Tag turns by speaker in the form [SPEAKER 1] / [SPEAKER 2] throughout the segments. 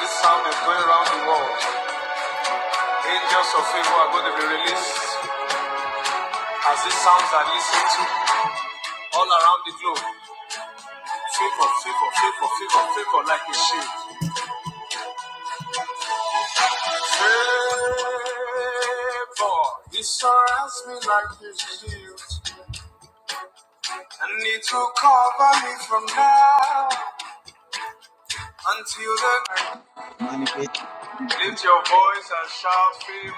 [SPEAKER 1] This sound is going around the world. Angels of favor are going to be released as these sounds are listened to all around the globe. Favor, favor, favor, favor, favor like a shield. Favor, it surrounds me like a shield. And it will cover me from now until the night.
[SPEAKER 2] Money, please.
[SPEAKER 1] Lift your voice and shout favor.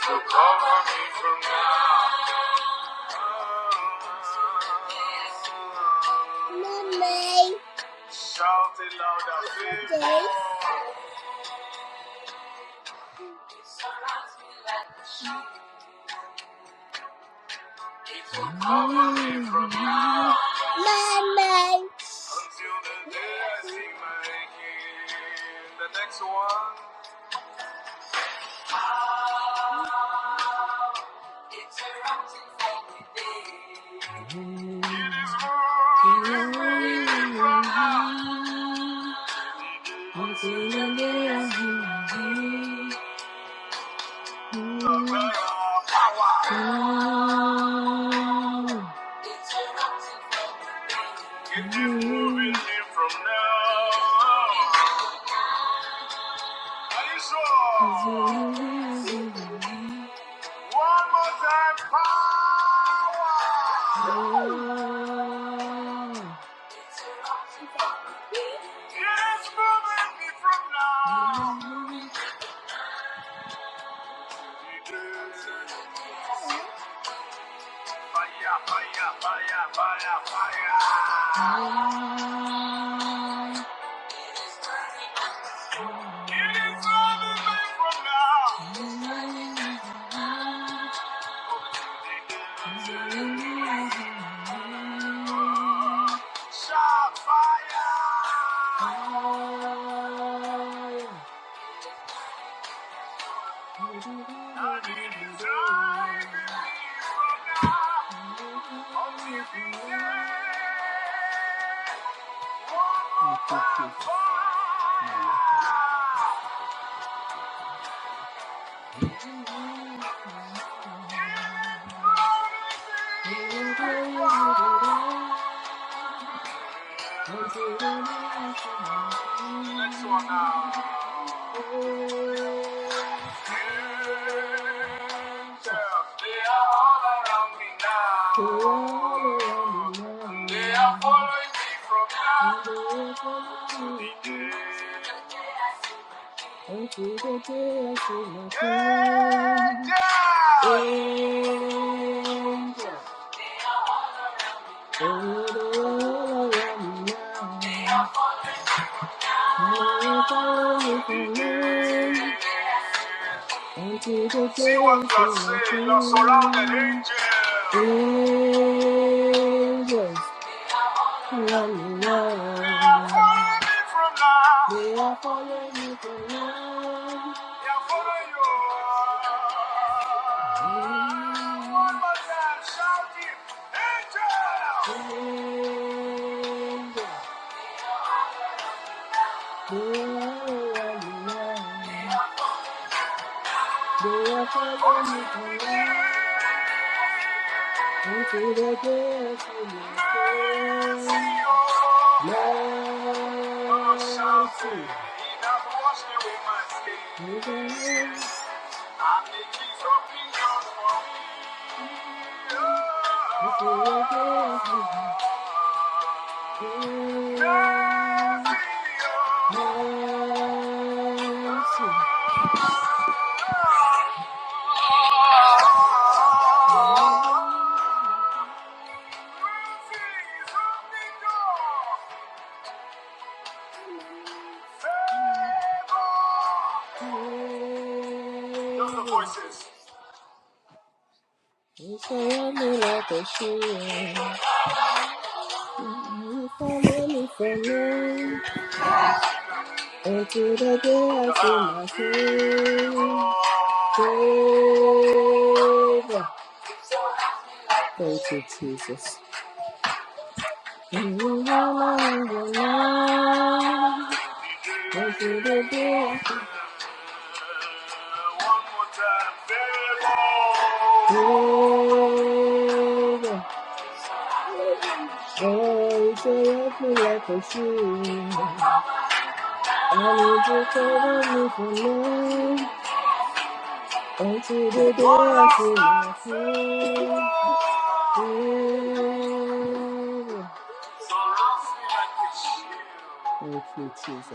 [SPEAKER 1] To cover me from now. Mommy. Shout it louder, baby. Mommy from now. Mommy. Until the day I see my king. The next one. It is rolling me from now. Until the day I see my king. Power. Power. If you move here from now, are you sure? One more time, power. It is moving it here from now. Fire, fire, fire, fire, fire. It is running away from now. Shot fire! Next one now. Angels, they are all around me now. They are following me from now to the day. Angels! Angels! they are all around me now. See what God said, you're surrounded, angels. Angels running They are round. from now. They are following me from now. Angels. Angels, they are running round. Mercy. Just the voices. You surround me like a shield. You cover me from rain. Until the day I see my Savior. Thank you, Jesus. You are my love. Yes, you do, dear. Baby, oh, you tear up me like a shoe. I need you to love me for me. Until the day I see my home. Thank you, Jesus.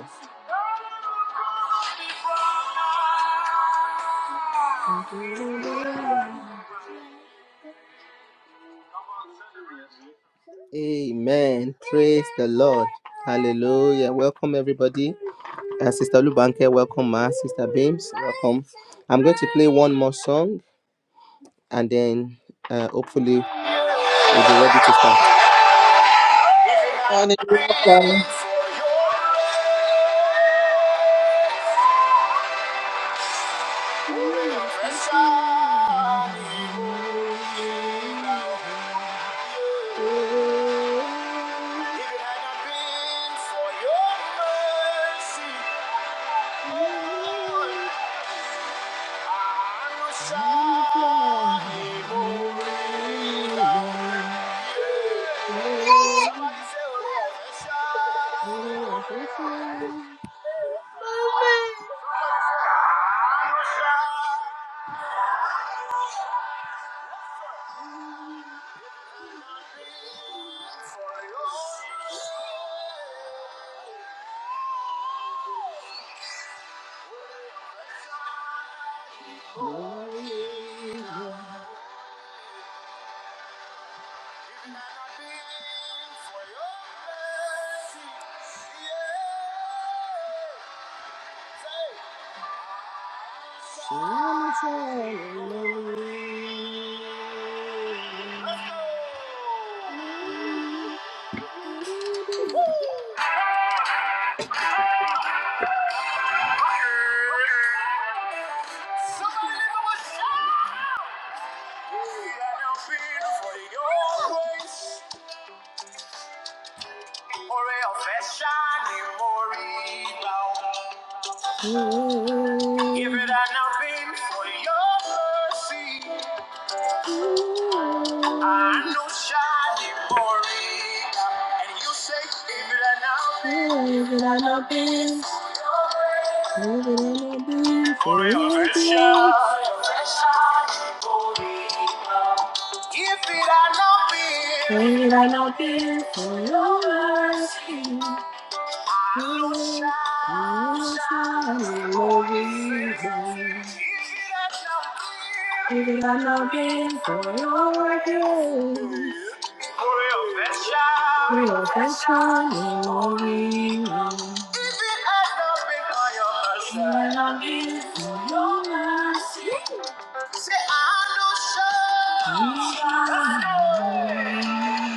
[SPEAKER 1] Amen. Praise the Lord. Hallelujah. Welcome, everybody. Uh, Sister Lubanke, welcome, Ma. Sister Beams, welcome. I'm going to play one more song and then uh, hopefully we'll be ready to start. If it had not been for your mercy, Lord, I know Shai Somebody say, Oh, yes, Shai. Somebody give him a shout! If it had not been for your mercy, I know shiny glory, and you say, "Give it had not been, if it had not been, if it had not been for your grace. Give it had not Give it had not for your mercy. Give it up, no your game. Real affection, no no your mercy. Say, I know sure. Somebody's angry.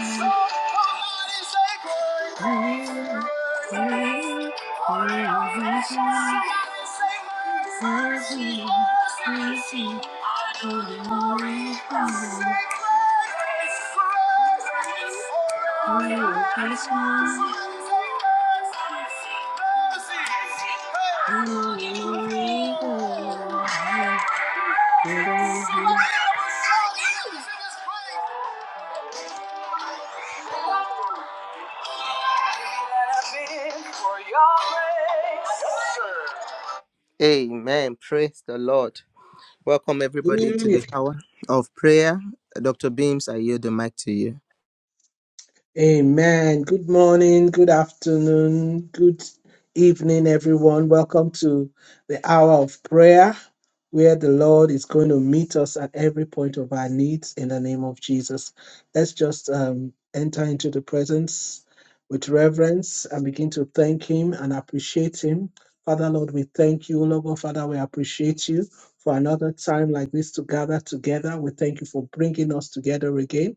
[SPEAKER 1] Somebody say, mercy, mercy. Say, grace, grace. Somebody say, mercy, mercy. Hey. Amen. Praise the Lord. Welcome everybody
[SPEAKER 2] Hallelujah.
[SPEAKER 1] to the hour of prayer. Dr. Beams, I yield the mic to you.
[SPEAKER 2] Amen. Good morning, good afternoon, good evening, everyone. Welcome to the hour of prayer where the Lord is going to meet us at every point of our needs in the name of Jesus. Let's just um, enter into the presence with reverence and begin to thank Him and appreciate Him. Father, Lord, we thank you. Lord, God, Father, we appreciate you for another time like this to gather together. We thank you for bringing us together again.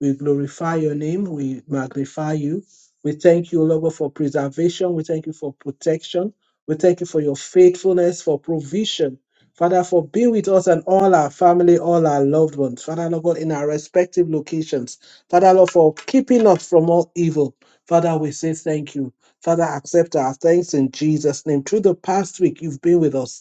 [SPEAKER 2] We glorify your name. We magnify you. We thank you, Lord, God, for preservation. We thank you for protection. We thank you for your faithfulness, for provision. Father, for being with us and all our family, all our loved ones. Father, Lord God, in our respective locations. Father, Lord, for keeping us from all evil. Father, we say thank you. Father, accept our thanks in Jesus' name. Through the past week, you've been with us.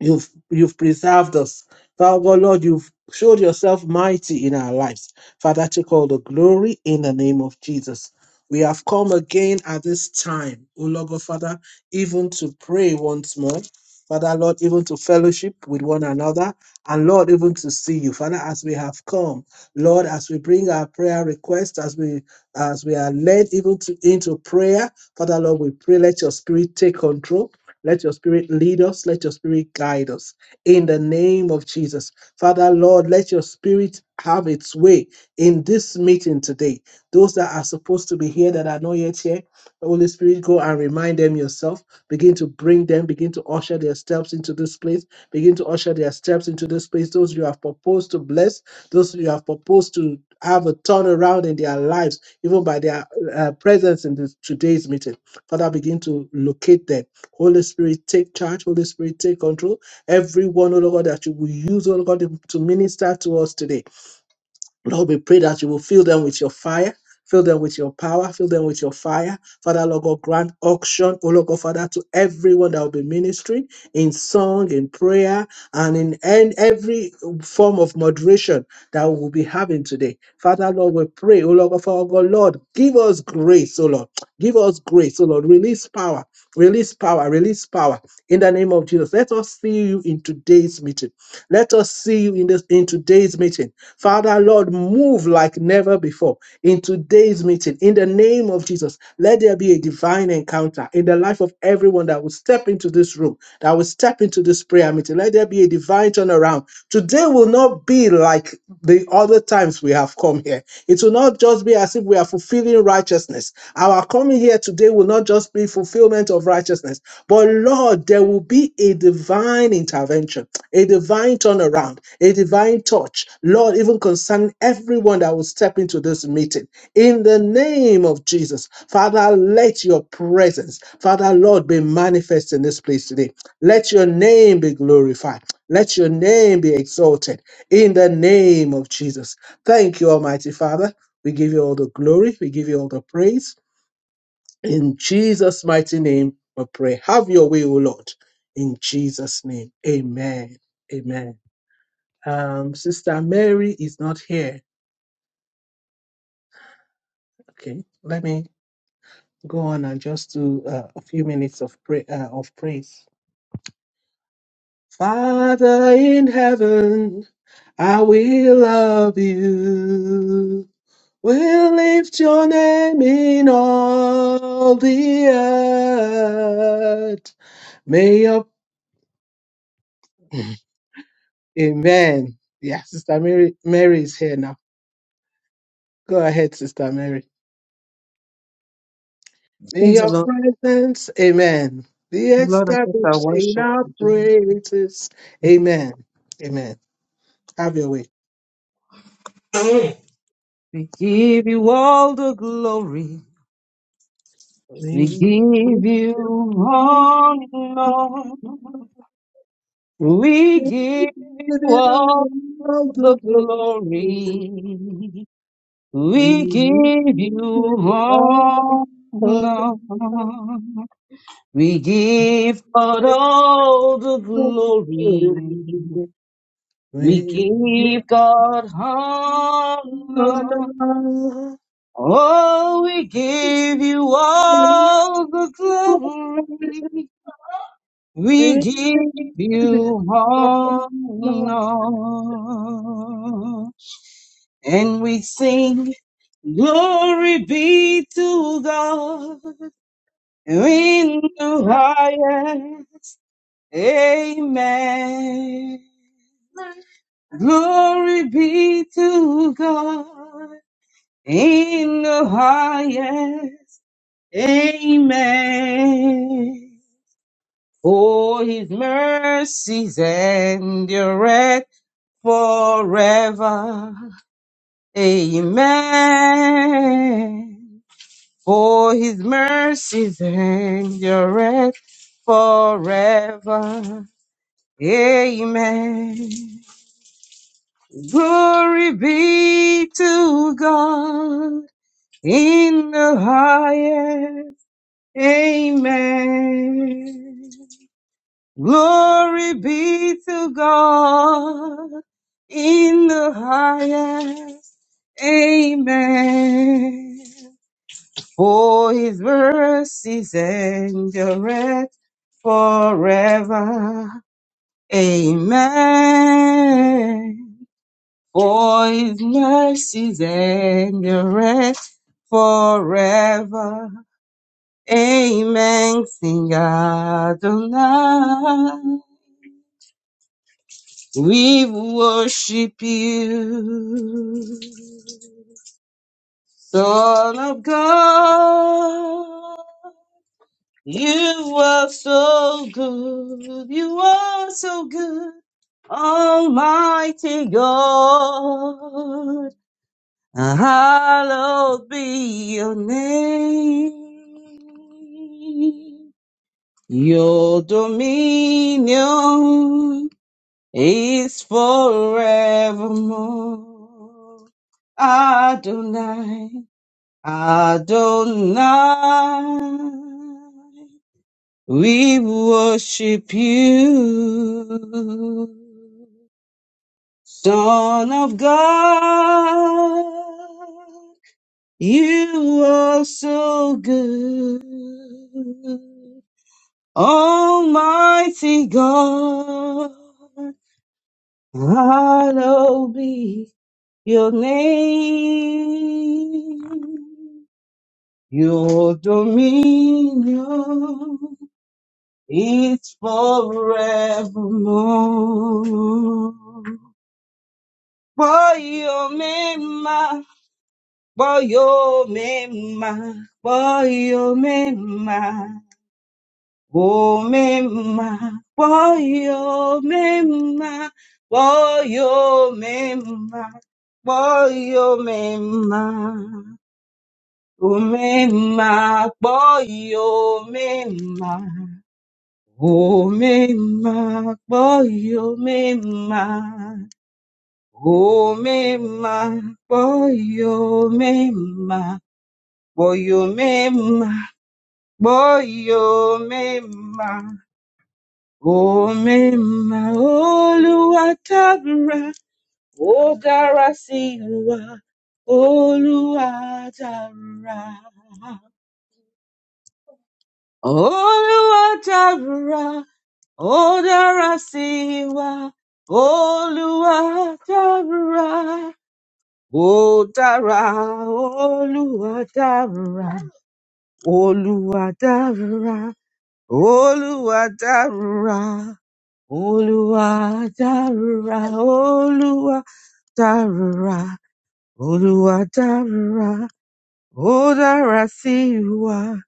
[SPEAKER 2] You've you've preserved us. Father God, Lord, you've showed yourself mighty in our lives. Father, take all the glory in the name of Jesus. We have come again at this time, O Lord God, Father, even to pray once more. Father, Lord, even to fellowship with one another, and Lord, even to see you. Father, as we have come, Lord, as we bring our prayer requests, as we as we are led even to, into prayer, Father, Lord, we pray, let your spirit take control. Let your spirit lead us. Let your spirit guide us in the name of Jesus. Father, Lord, let your spirit have its way in this meeting today. Those that are supposed to be here that are not yet here, Holy Spirit, go and remind them yourself. Begin to bring them, begin to usher their steps into this place. Begin to usher their steps into this place. Those you have proposed to bless, those you have proposed to have a turnaround in their lives, even by their uh, presence in this, today's meeting. Father, begin to locate them Holy Spirit, take charge. Holy Spirit, take control. Everyone, oh Lord God, that you will use, oh Lord God, to minister to us today. Lord, we pray that you will fill them with your fire, fill them with your power, fill them with your fire. Father, Lord God, grant auction, oh Lord God, Father, to everyone that will be ministering in song, in prayer, and in and every form of moderation that we will be having today. Father, Lord, we pray, oh Lord God, Father, God, Lord, give us grace, oh Lord. Give us grace, oh Lord. Release power, release power, release power in the name of Jesus. Let us see you in today's meeting. Let us see you in this in today's meeting. Father, Lord, move like never before in today's meeting. In the name of Jesus, let there be a divine encounter in the life of everyone that will step into this room, that will step into this prayer meeting. Let there be a divine turnaround. Today will not be like the other times we have come here. It will not just be as if we are fulfilling righteousness. Our coming here today will not just be fulfillment of righteousness. But Lord, there will be a divine intervention, a divine turnaround, a divine touch. Lord, even concerning everyone that will step into this meeting. In the name of Jesus, Father, let your presence, Father, Lord, be manifest in this place today. Let your name be glorified. Let your name be exalted in the name of Jesus. Thank you, Almighty Father. We give you all the glory. We give you all the praise. In Jesus' mighty name, we pray. Have your way, O Lord. In Jesus' name. Amen. Amen. Um, Sister Mary is not here. Okay. Let me go on and just do uh, a few minutes of pray- uh, of praise. Father in heaven, I will love you. We'll lift your name in all the earth. May your Amen. Yeah, Sister Mary, Mary is here now. Go ahead, Sister Mary. In
[SPEAKER 3] Praise the
[SPEAKER 2] your
[SPEAKER 3] Lord.
[SPEAKER 2] presence, amen. Be
[SPEAKER 3] Lord, I just I
[SPEAKER 2] established in
[SPEAKER 3] worship
[SPEAKER 2] our
[SPEAKER 3] you. Jesus.
[SPEAKER 2] praises. Amen. Amen. Have your way.
[SPEAKER 3] We give you all the glory. We give you honor. We give you
[SPEAKER 2] We lift up
[SPEAKER 3] all
[SPEAKER 2] all
[SPEAKER 3] the
[SPEAKER 2] the glory.
[SPEAKER 3] glory.
[SPEAKER 2] We
[SPEAKER 3] We
[SPEAKER 2] give
[SPEAKER 3] give you
[SPEAKER 2] you all the
[SPEAKER 3] honor.
[SPEAKER 2] honor.
[SPEAKER 3] We
[SPEAKER 2] We give you
[SPEAKER 3] give God all the
[SPEAKER 2] all the
[SPEAKER 3] glory.
[SPEAKER 2] glory.
[SPEAKER 3] We
[SPEAKER 2] We honor, we give
[SPEAKER 3] give God honor. Oh, we give you all the glory. We give
[SPEAKER 2] it
[SPEAKER 3] you
[SPEAKER 2] all.
[SPEAKER 3] honor. And we sing, glory be to God in the highest. Amen. Glory be to God in the highest. Amen. For his mercies endureth forever. Amen. For his mercies endureth forever. Amen. Glory be to God in the highest. Amen. Glory be to God in the highest. Amen. For his mercies endureth forever. Amen. For his mercies endureth forever. Amen. Sing Adonai. We worship you, Son of God. You are so good. You are so good, Almighty God. Hallowed be your name. Your dominion is forevermore. Adonai, Adonai, we worship you, Son of God. You are so good, Almighty God. Hallowed be Your name, your dominion, it's forevermore. Boyo mema, boyo mema, boyo mema, o mema, boyo mema, boyo mema, boyo mema. Omemma kpọọ omemma, omemma kpọọ omemma, omemma kpọọ omemma, kpọọ omemma kpọọ omemma, omemma Olúwa dára, ó dára sí wa, Olúwa dára. Oluwadara, Odara siwa, Oluwadara, Odara, Oluwadara, Oluwadara, Oluwadara, Oluwadara, Oluwadara, Oluwadara, Odara siwa.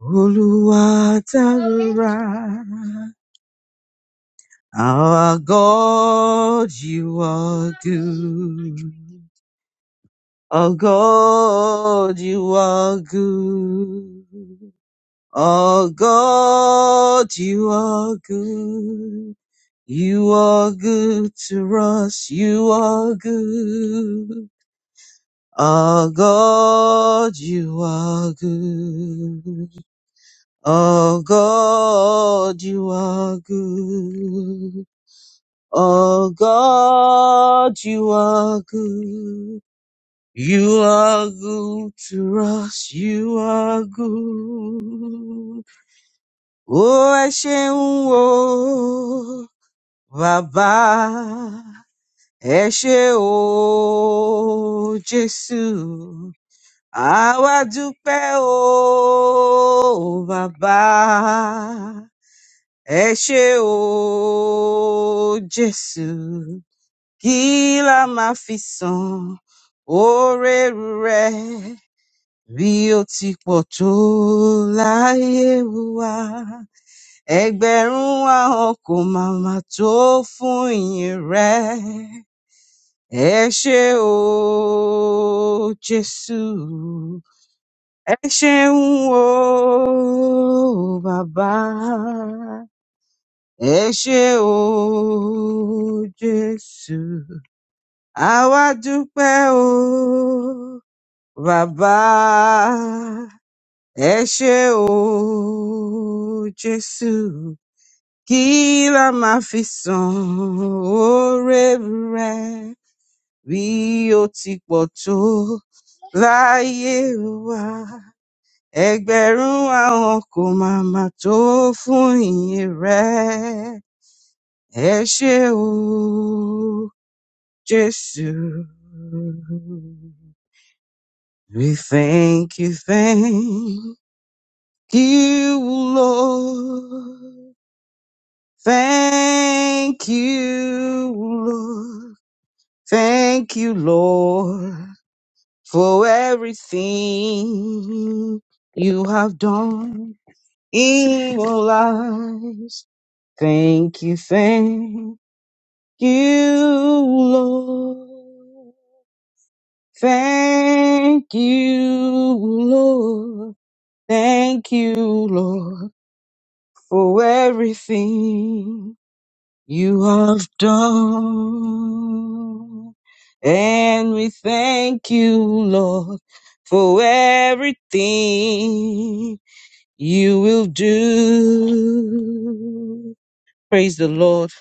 [SPEAKER 3] Oluwatara, our God, you are good. Our God, you are good. Our God, you are good. You are good to us. You are good. Our God, you are good. Oh God, you are good. Oh God, you are good. You are good to us. You are good. Oh, ẹ ṣeun o, Baba. Ẹ ṣé o, Jésù. Àwa dúpẹ́ o, Baba. Ẹ ṣé o, Jésù, kí la máa fi san oore rẹ̀ bí ó ti pọ̀ tó láyé wa. Ẹgbẹ̀rún ahọ́n kò máa máa tó fún ìyìn rẹ̀. Ẹ ṣé o, Jésù, ẹ ṣeun o, bàbá. ẹ ṣé o jésù àwa dúpẹ́ o bàbá ẹ ṣé o jésù kí la máa fi san oore rẹ bí ó ti pọ̀ tó láyé wa ẹgbẹ̀rún àwọn kò máa máa tó fún ìyìn rẹ ẹ ṣé o Just you. We thank you, thank you, Lord. Thank you, Lord. Thank you, Lord, for everything you have done in our lives. Thank you, thank you, Lord. Thank you, Lord. Thank you, Lord, for everything you have done. And we thank you, Lord, for everything you will do. Praise the Lord.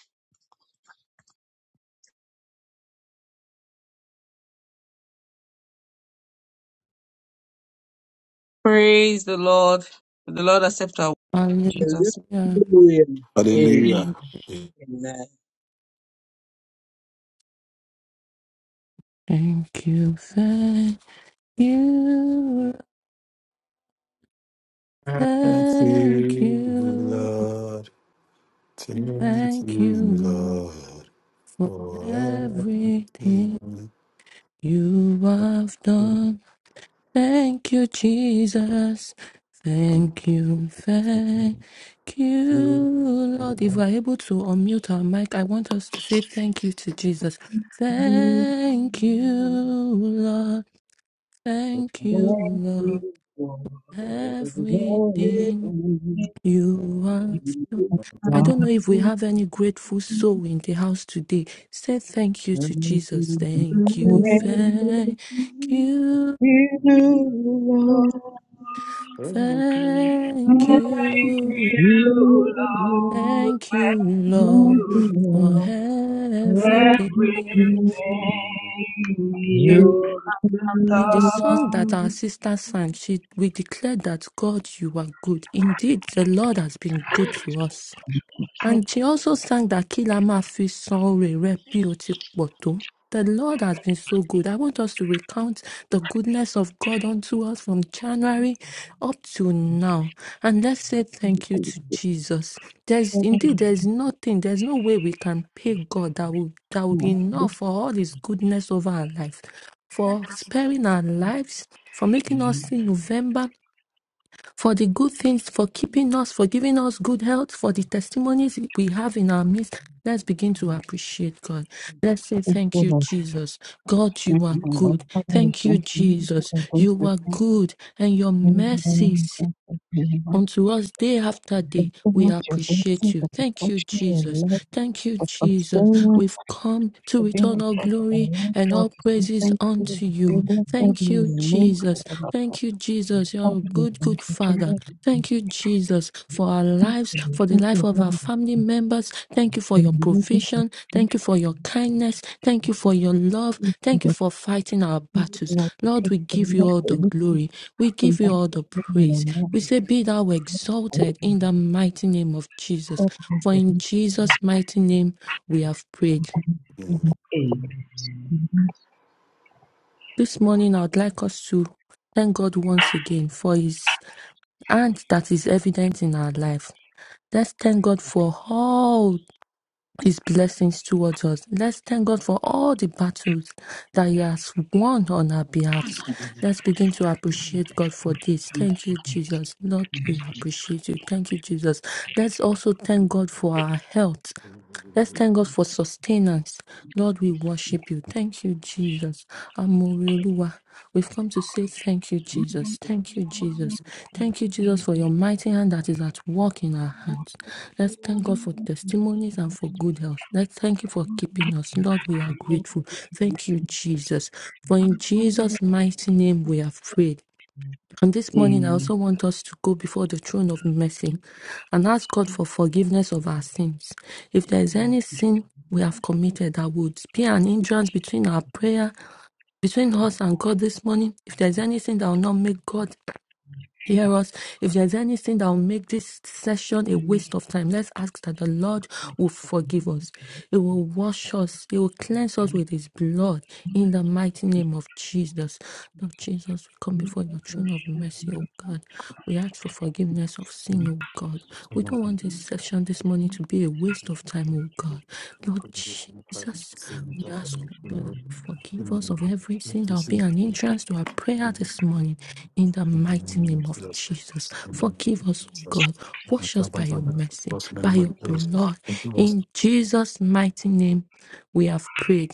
[SPEAKER 3] Praise the Lord. The Lord accept our Jesus.
[SPEAKER 4] Hallelujah.
[SPEAKER 2] Hallelujah.
[SPEAKER 5] Hallelujah.
[SPEAKER 2] Amen.
[SPEAKER 4] Thank you, thank you,
[SPEAKER 5] Thank
[SPEAKER 4] thank
[SPEAKER 5] you,
[SPEAKER 4] you,
[SPEAKER 5] Lord. Thank
[SPEAKER 4] thank
[SPEAKER 5] you,
[SPEAKER 4] you
[SPEAKER 5] Lord.
[SPEAKER 4] Lord, for
[SPEAKER 5] For everything.
[SPEAKER 4] everything
[SPEAKER 5] Thank
[SPEAKER 4] you have done. Thank you, Jesus. Thank you, thank you, Lord. If we're able to unmute our mic, I want us to say thank you to Jesus. Thank you, Lord. Thank
[SPEAKER 3] Thank
[SPEAKER 4] you, Lord.
[SPEAKER 3] you for the glory
[SPEAKER 4] Everything
[SPEAKER 3] from
[SPEAKER 4] you have done. I
[SPEAKER 3] God.
[SPEAKER 4] don't know if we have any grateful soul in the house today. Say thank you to Jesus. Thank
[SPEAKER 3] Thank you, Lord.
[SPEAKER 4] you,
[SPEAKER 3] Thank you,
[SPEAKER 4] thank you,
[SPEAKER 5] you,
[SPEAKER 3] Lord. Thank you, Lord.
[SPEAKER 6] Lord,
[SPEAKER 3] Thank
[SPEAKER 5] Lord.
[SPEAKER 6] I thank
[SPEAKER 4] thank
[SPEAKER 3] you.
[SPEAKER 6] you,
[SPEAKER 4] you,
[SPEAKER 3] You are
[SPEAKER 6] Lord,
[SPEAKER 3] the
[SPEAKER 4] thank you,
[SPEAKER 6] thank
[SPEAKER 4] Lord,
[SPEAKER 6] you,
[SPEAKER 4] for
[SPEAKER 3] Lord.
[SPEAKER 6] Lord, for
[SPEAKER 4] everything.
[SPEAKER 3] Thank
[SPEAKER 6] everything you
[SPEAKER 4] done.
[SPEAKER 6] have
[SPEAKER 4] In the
[SPEAKER 2] Thank
[SPEAKER 4] song
[SPEAKER 6] done.
[SPEAKER 4] that
[SPEAKER 2] you.
[SPEAKER 4] our sister sang, she we declared that God, you are good. Indeed, the Lord has been good to us. And she also sang that Kilama Poto. The Lord has been so good. I want us to recount the goodness of God unto us from January up to now. And let's say thank you to Jesus. There's indeed there's nothing, there's no way we can pay God that will that will be
[SPEAKER 3] you
[SPEAKER 4] enough for all his goodness over our life, for sparing our lives, for making us see November, for the good things, for keeping us, for giving us good health, for the testimonies we have in our midst. Let's begin to appreciate God. Let's say,
[SPEAKER 3] who
[SPEAKER 4] Thank you,
[SPEAKER 3] is
[SPEAKER 4] Jesus. God,
[SPEAKER 3] the
[SPEAKER 4] you
[SPEAKER 3] strength
[SPEAKER 4] are
[SPEAKER 3] of our
[SPEAKER 4] good.
[SPEAKER 3] Father. we
[SPEAKER 4] Thank you,
[SPEAKER 3] Thank you for
[SPEAKER 4] Jesus.
[SPEAKER 3] the grace
[SPEAKER 4] You
[SPEAKER 3] of
[SPEAKER 4] are
[SPEAKER 3] thank
[SPEAKER 4] good, and your mercies.
[SPEAKER 3] you, Lord.
[SPEAKER 4] Unto us day after
[SPEAKER 3] Thank
[SPEAKER 4] day,
[SPEAKER 3] you for
[SPEAKER 4] we
[SPEAKER 3] your mercy. Thank you for your
[SPEAKER 4] appreciate
[SPEAKER 3] blessings,
[SPEAKER 4] you.
[SPEAKER 3] the
[SPEAKER 4] Thank you,
[SPEAKER 3] protection, your
[SPEAKER 4] Jesus. Thank you,
[SPEAKER 3] love,
[SPEAKER 4] Jesus.
[SPEAKER 3] the
[SPEAKER 4] We've come to
[SPEAKER 3] The being
[SPEAKER 4] return
[SPEAKER 3] of
[SPEAKER 4] all
[SPEAKER 3] God of our
[SPEAKER 4] glory
[SPEAKER 3] lives,
[SPEAKER 4] and
[SPEAKER 3] God,
[SPEAKER 4] all
[SPEAKER 3] is we
[SPEAKER 4] praises
[SPEAKER 3] thank you
[SPEAKER 4] unto
[SPEAKER 3] and we
[SPEAKER 4] you. Thank
[SPEAKER 3] every
[SPEAKER 4] you,
[SPEAKER 3] name for
[SPEAKER 4] Jesus.
[SPEAKER 3] our
[SPEAKER 4] Thank you, Jesus.
[SPEAKER 3] Father,
[SPEAKER 4] You're a
[SPEAKER 3] we
[SPEAKER 4] good,
[SPEAKER 3] thank
[SPEAKER 4] good
[SPEAKER 3] you,
[SPEAKER 4] Father.
[SPEAKER 3] We thank
[SPEAKER 4] Thank you, Jesus, for our lives,
[SPEAKER 3] we
[SPEAKER 4] for the
[SPEAKER 3] thank
[SPEAKER 4] life
[SPEAKER 3] you,
[SPEAKER 4] of our
[SPEAKER 3] Holy
[SPEAKER 4] family members. Thank you for
[SPEAKER 3] Spirit,
[SPEAKER 4] your provision.
[SPEAKER 3] the King of
[SPEAKER 4] Thank you for your kindness. Thank you for your love. Thank you
[SPEAKER 3] Kings,
[SPEAKER 4] for fighting our battles.
[SPEAKER 3] let
[SPEAKER 4] Lord, we give you all the
[SPEAKER 3] the weak
[SPEAKER 4] glory. We
[SPEAKER 3] come
[SPEAKER 4] give you
[SPEAKER 3] back
[SPEAKER 4] all
[SPEAKER 3] to
[SPEAKER 4] the
[SPEAKER 3] the Lord
[SPEAKER 4] praise.
[SPEAKER 3] and
[SPEAKER 4] We say, Be thou exalted in the mighty name of Jesus. For in Jesus' mighty name we have prayed.
[SPEAKER 6] Amen,
[SPEAKER 4] This morning, I would like us to thank God once again for his hand that is evident in our life Let's thank God for all His blessings towards us. Let's thank God for all the battles that He has won on our behalf. Let's begin to appreciate God for this. Thank you, Jesus. Lord, we appreciate you. Thank you, Jesus. Let's also thank God for our health. Let's thank God for sustenance. Lord, we worship you. Thank you, Jesus. Amorioluwa. We've come to say thank you, Jesus. Thank you, Jesus. Thank you, Jesus, for your mighty hand that is at work in our hands. Let's thank God for testimonies and for good health. Let's thank you for keeping us. Lord, we are grateful. Thank you, Jesus. For in Jesus' mighty name we have prayed. And this morning, I
[SPEAKER 6] amen,
[SPEAKER 4] also want us to go before the throne of mercy and ask God for forgiveness of our sins. If there is any sin we have committed that would be an hindrance between our prayer, between us and God this morning, if there is anything that will not make God Hear us. If there's anything that will make this session a waste of time, let's ask that the Lord will forgive us. He will wash us. He will cleanse us with His blood in the mighty name of Jesus. Lord Jesus, we come before your throne of mercy, O God. We ask for forgiveness of sin, O God. We don't want this session this morning to be a waste of time, O God. Lord Jesus, we ask, O God, that you forgive us of everything that will
[SPEAKER 5] Thank
[SPEAKER 4] be
[SPEAKER 5] you,
[SPEAKER 4] an
[SPEAKER 5] Lord.
[SPEAKER 4] hindrance to our prayer this morning in the
[SPEAKER 5] In the
[SPEAKER 4] mighty
[SPEAKER 5] name
[SPEAKER 4] name
[SPEAKER 5] of
[SPEAKER 4] of
[SPEAKER 5] Jesus.
[SPEAKER 4] Jesus.
[SPEAKER 5] In the name
[SPEAKER 4] Forgive us,
[SPEAKER 5] of
[SPEAKER 4] O
[SPEAKER 5] Jesus.
[SPEAKER 4] God. Wash us by your mercy,
[SPEAKER 5] Forgive us in the
[SPEAKER 4] by
[SPEAKER 5] name
[SPEAKER 4] your
[SPEAKER 5] of Jesus.
[SPEAKER 4] blood.
[SPEAKER 5] Forgive us.
[SPEAKER 4] In Jesus' mighty name, we have prayed.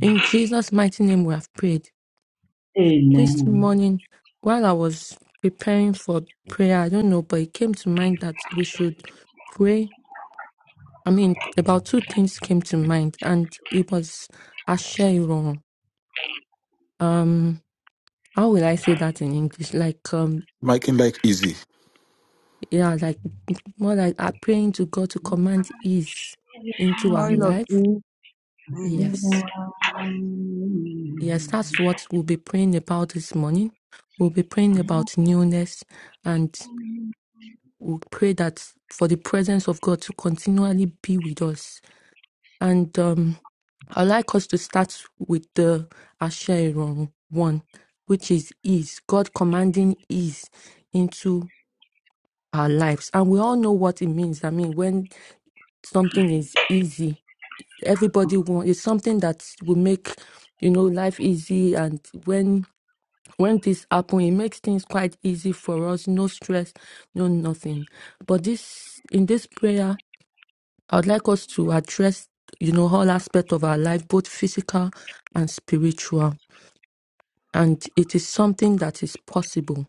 [SPEAKER 4] In Jesus' mighty name, we have prayed.
[SPEAKER 6] amen,
[SPEAKER 4] This morning, while I was preparing for prayer, I don't know, but it came to mind that we should pray. I mean, about two things came to mind, and it was Asherah. Um, how will I say that in English? Like, um,
[SPEAKER 5] Making life easy.
[SPEAKER 4] yeah, like. More like are praying to God to command ease
[SPEAKER 6] amen.
[SPEAKER 4] into our
[SPEAKER 3] Oil of
[SPEAKER 4] life.
[SPEAKER 3] you. Um,
[SPEAKER 4] Yes. Yes, that's what we'll be praying about this morning. We'll be praying about newness and we'll pray that for the presence of God to continually be with us. And um, I'd like us to start with the Asher Iron one, which is ease, God commanding ease into our lives. And we all know what it means. I mean, when something is easy, everybody wants it's something that will make you know life easy and when when this happen it makes things quite easy for us no stress no nothing but this in this prayer i would like us to address you know all aspect of our life both physical and spiritual and it is something that is possible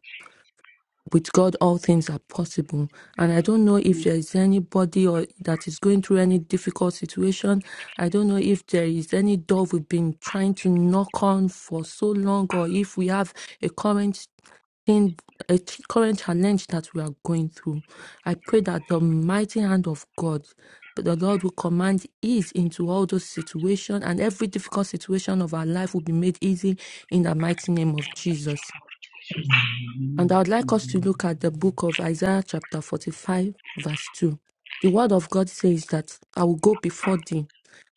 [SPEAKER 4] with God, all things are possible. And I don't know if there is anybody or that is going through any difficult situation. I don't know if there is any door we've been trying to knock on for so long, or if we have a current thing, a ch- current challenge that we are going through. I pray that the mighty hand of God. The Lord will command ease into all those situations, and every difficult situation of our life will be made easy in the mighty name of Jesus.
[SPEAKER 6] Amen.
[SPEAKER 4] And I would like us to look at the book of Isaiah, chapter 45, verse 2. The word of God says that I will go before thee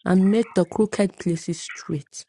[SPEAKER 4] and make the crooked places straight.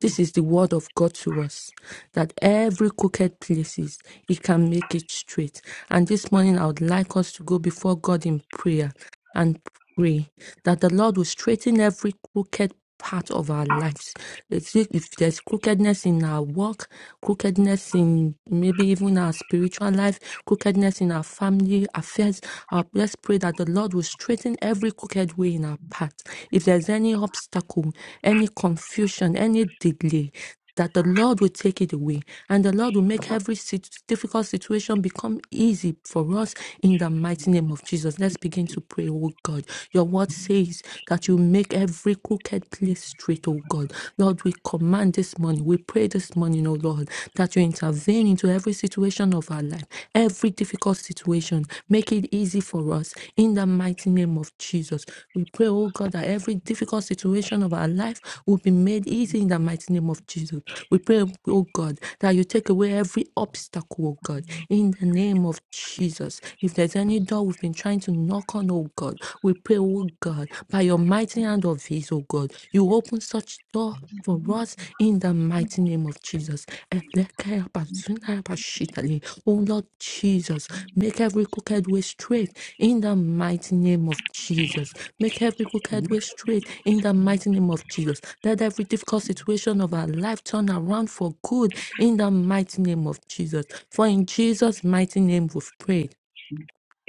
[SPEAKER 4] This is the word of God to us that every crooked places, He can make it straight. And this morning, I would like us to go before God in prayer and pray that the Lord will straighten every crooked part of our lives. If if there's crookedness in our work, crookedness in maybe even our spiritual life, crookedness in our family affairs, uh, let's pray that the Lord will straighten every crooked way in our path. If there's any obstacle, any confusion, any delay, that the Lord will take it away and the Lord will make every sit- difficult situation become easy for us in the mighty name of Jesus. Let's begin to pray, oh God. Your word says that you make every crooked place straight, oh God. Lord, we command this morning, we pray this morning, oh Lord, that you intervene into every situation of our life, every difficult situation. Make it easy easy for us. In the mighty name of Jesus, we pray, oh God, that every difficult situation of our life will be made easy in the mighty name of Jesus. We pray, oh God, that you take away every obstacle, oh God, in the name of Jesus. If there's any door we've been trying to knock on, oh God, we pray, oh God, by your mighty hand of his, oh God, you open such door for us in the mighty name of Jesus. Elekeyabazunayabashitali. Oh Lord Jesus, make every crooked way straight in the mighty name of Jesus. Make every crooked way straight in the mighty name of Jesus. Let every difficult situation of our life turn around for good in the mighty name of Jesus. For in Jesus' mighty name we've prayed.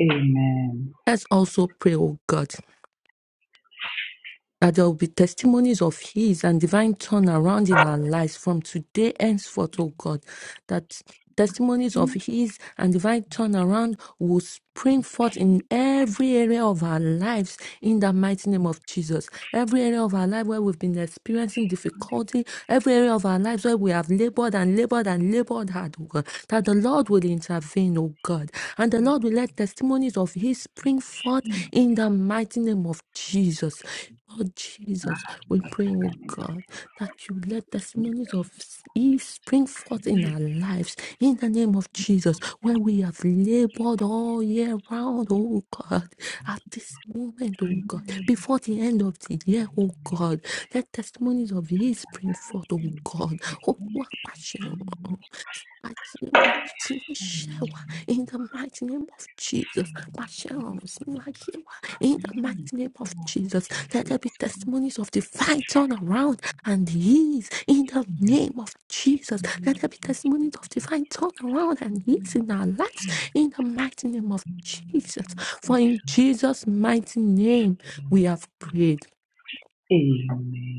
[SPEAKER 6] Amen.
[SPEAKER 4] Let's also pray, oh God. that there will be testimonies of His and divine turnaround in our lives from today henceforth, oh God, that testimonies of His and divine turnaround will spring forth in every area of our lives in the mighty name of Jesus. Every area of our life where we've been experiencing difficulty, every area of our lives where we have labored and labored and labored hard, oh God, that the Lord will intervene, oh God, and the Lord will let testimonies of His spring forth in the mighty name of Jesus. Lord Jesus, we pray, oh God, that you let testimonies of ease spring forth in our lives in the name of Jesus, where we have labored all year round, oh God, at this moment, oh God, before the end of the year, oh God, let testimonies of ease spring forth, oh God. Oh, Àṣewà sínú iṣẹ́ wa in the mighty name of Jesus. Pàṣẹ ọ̀run sínú ayé in the mighty name of Jesus. Let there be testimonies of divine turnaround and ease in the name of Jesus. Let there be testimonies of divine turnaround and ease in our lives in the mighty name of Jesus. For in Jesus' mighty name we have prayed.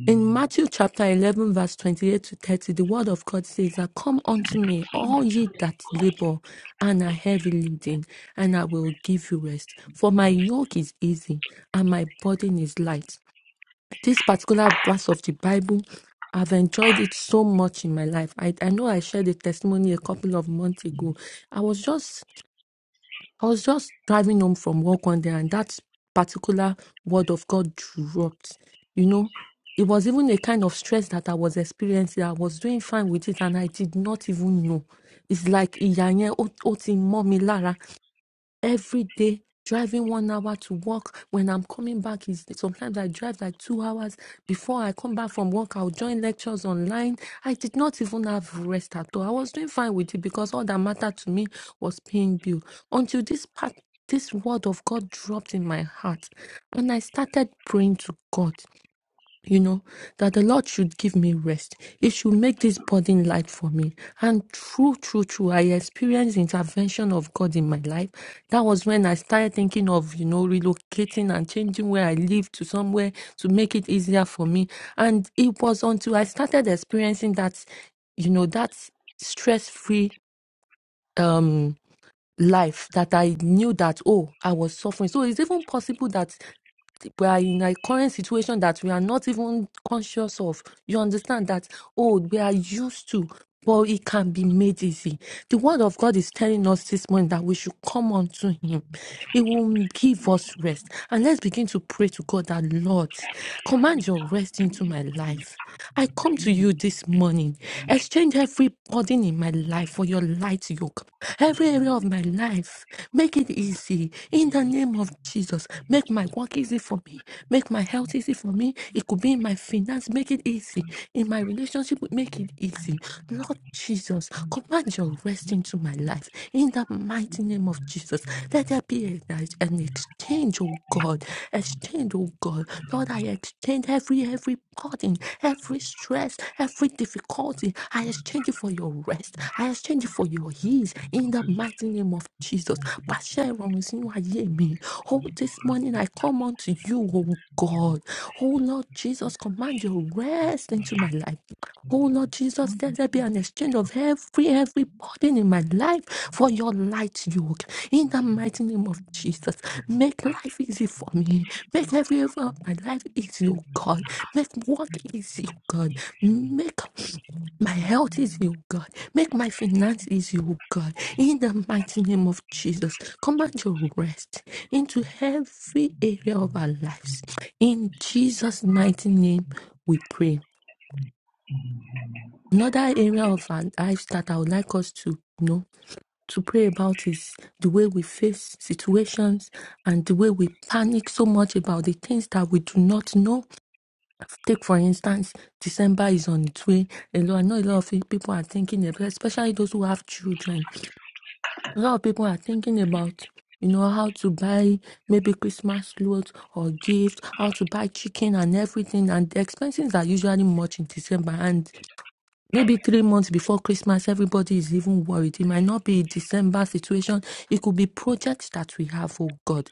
[SPEAKER 4] In Matthew chapter 11, verse 28 to 30, the word of God says that, Come unto me, all ye that labor and are heavy laden, and I will give you rest. For my yoke is easy and my burden is light. This particular verse of the Bible, I've enjoyed it so much in my life. I, I know I shared a testimony a couple of months ago. I was just I was just driving home from work one day, and that particular word of God dropped. You know, it was even a kind of stress that I was experiencing. I was doing fine with it, and I did not even know. It's like ìyà yẹn ó ó ti mọ́ mi lára every day driving one hour to work when i'm coming back is sometimes i drive like two hours before i come back from work i'll join lectures online i did not even have rest at all i was doing fine with it because all that mattered to me was paying bill until this part this word of god dropped in my heart and i started praying to god you know, that the Lord should give me rest. He should make this burden light for me. And true, true, true, I experienced intervention of God in my life. That was when I started thinking of, you know, relocating and changing where I live to somewhere to make it easier for me. And it was until I started experiencing that, you know, that stress-free. Um, life that I knew that, oh, I was suffering. So it's even possible that we are in a current situation that we are not even conscious of. You understand that, oh, we are used to, but it can be made easy. The word of God is telling us this morning that we should come unto Him. It will give us rest. And let's begin to pray to God that, Lord, command your rest into my life. I come to you this morning. Exchange every burden in my life for your light yoke. Every area of my life, make it easy. In the name of Jesus, make my work easy for me. Make my health easy for me. It could be in my finance, make it easy. In my relationship, make it easy. Lord Jesus, command your rest into my life in the mighty name of Jesus. Let there be a, night- an exchange, oh God. Exchange, oh God. Lord, I exchange every every burden, every stress, every difficulty. I exchange it for your rest. I exchange it for your ease in the mighty name of Jesus. Pàṣẹ ìrọ̀rùn sínú ayé mi. Oh, this morning I come unto you, oh God. Oh Lord Jesus, command your rest into my life. Oh Lord Jesus, let there be an exchange of every every burden in my life for your light yoke. In the mighty name of Jesus, make life easy for me. Make every area of my life easy, oh God. Make work easy, oh God. Make my health is you, God. Make my finance is you, God. In the mighty name of Jesus, command your rest into every area of our lives. In Jesus' mighty name, we pray. Another area of our lives that I would like us to you know to pray about is the way we face situations and the way we panic so much about the things that we do not know. Take for instance, December is on its way. A lot, I know a lot of people are thinking about, especially those who have children. A lot of people are thinking about you know how to buy maybe christmas clothes or gifts how to buy chicken and everything and the expenses are usually much in december and Maybe three months before Christmas, everybody is even worried. It might not be a December situation. It could be projects that we have, oh God.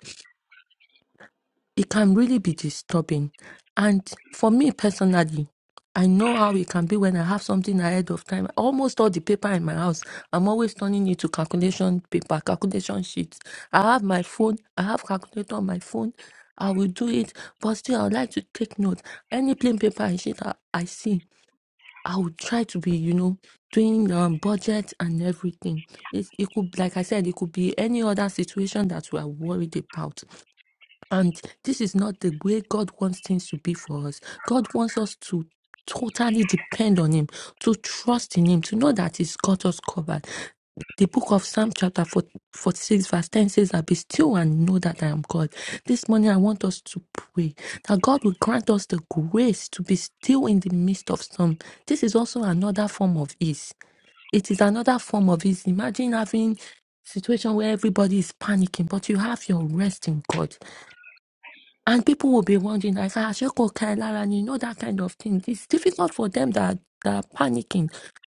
[SPEAKER 4] It can really be disturbing. And for me personally, I know how it can be when I have something ahead of time. Almost all the paper in my house, I'm always turning it to calculation paper, calculation sheets. I have my phone, I have calculator on my phone. I will do it, but still, I would like to take note. Any plain paper and sheet I, I see, I would try to be, you know, doing um, budget and everything. It, it could, like I said, it could be any other situation that we are worried about. And this is not the way God wants things to be for us. God wants us to totally depend on Him, to trust in Him, to know that He's got us covered. The book of Psalm chapter 46 verse 10 says that be still and know that I am God. This morning I want us to pray that God will grant us the grace to be still in the midst of storm. This is also another form of ease. It is another form of ease. Imagine having situation where everybody is panicking, but you have your rest in God. And people will be wondering, like, ah, Sheko Kailara, and you know that kind of thing. It's difficult for them that, that are panicking.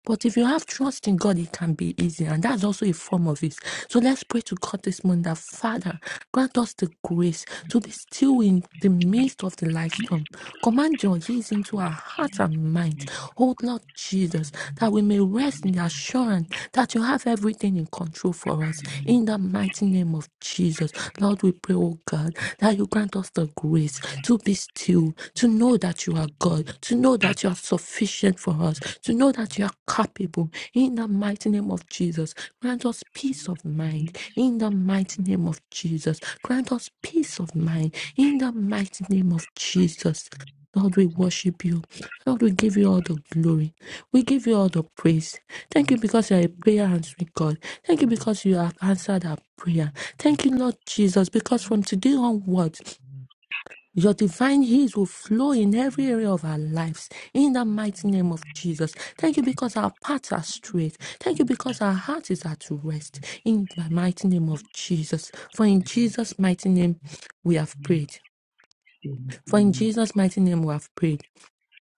[SPEAKER 4] But if you have trust in God, it can be easy. And that's also a form of it. So let's pray to God this morning that, Father, grant us the grace to be still in the midst of the life storm. Command your ease into our heart and mind. Oh, Lord Jesus, that we may rest in the assurance that you have everything in control for us. In the mighty name of name of Jesus. Lord, we pray, oh God, that you grant us the grace to be still, to know that you are God, to know that you are sufficient for us, to know that you are capable. In the mighty name of Jesus, grant us peace of mind. In the mighty name of Jesus, grant us peace of mind. In the mighty name of Jesus. Lord, we worship you. Lord, we give you all the glory. We give you all the praise. Thank you because you are a prayer answering God. Thank you because you have answered our prayer. Thank you, Lord Jesus, because from today onwards, your divine heals will flow in every area of our lives in the mighty name of Jesus. Thank you because our paths are straight. Thank you because our heart is at rest in the mighty name of Jesus. For in Jesus' mighty name we have prayed. For in Jesus' mighty name we have prayed.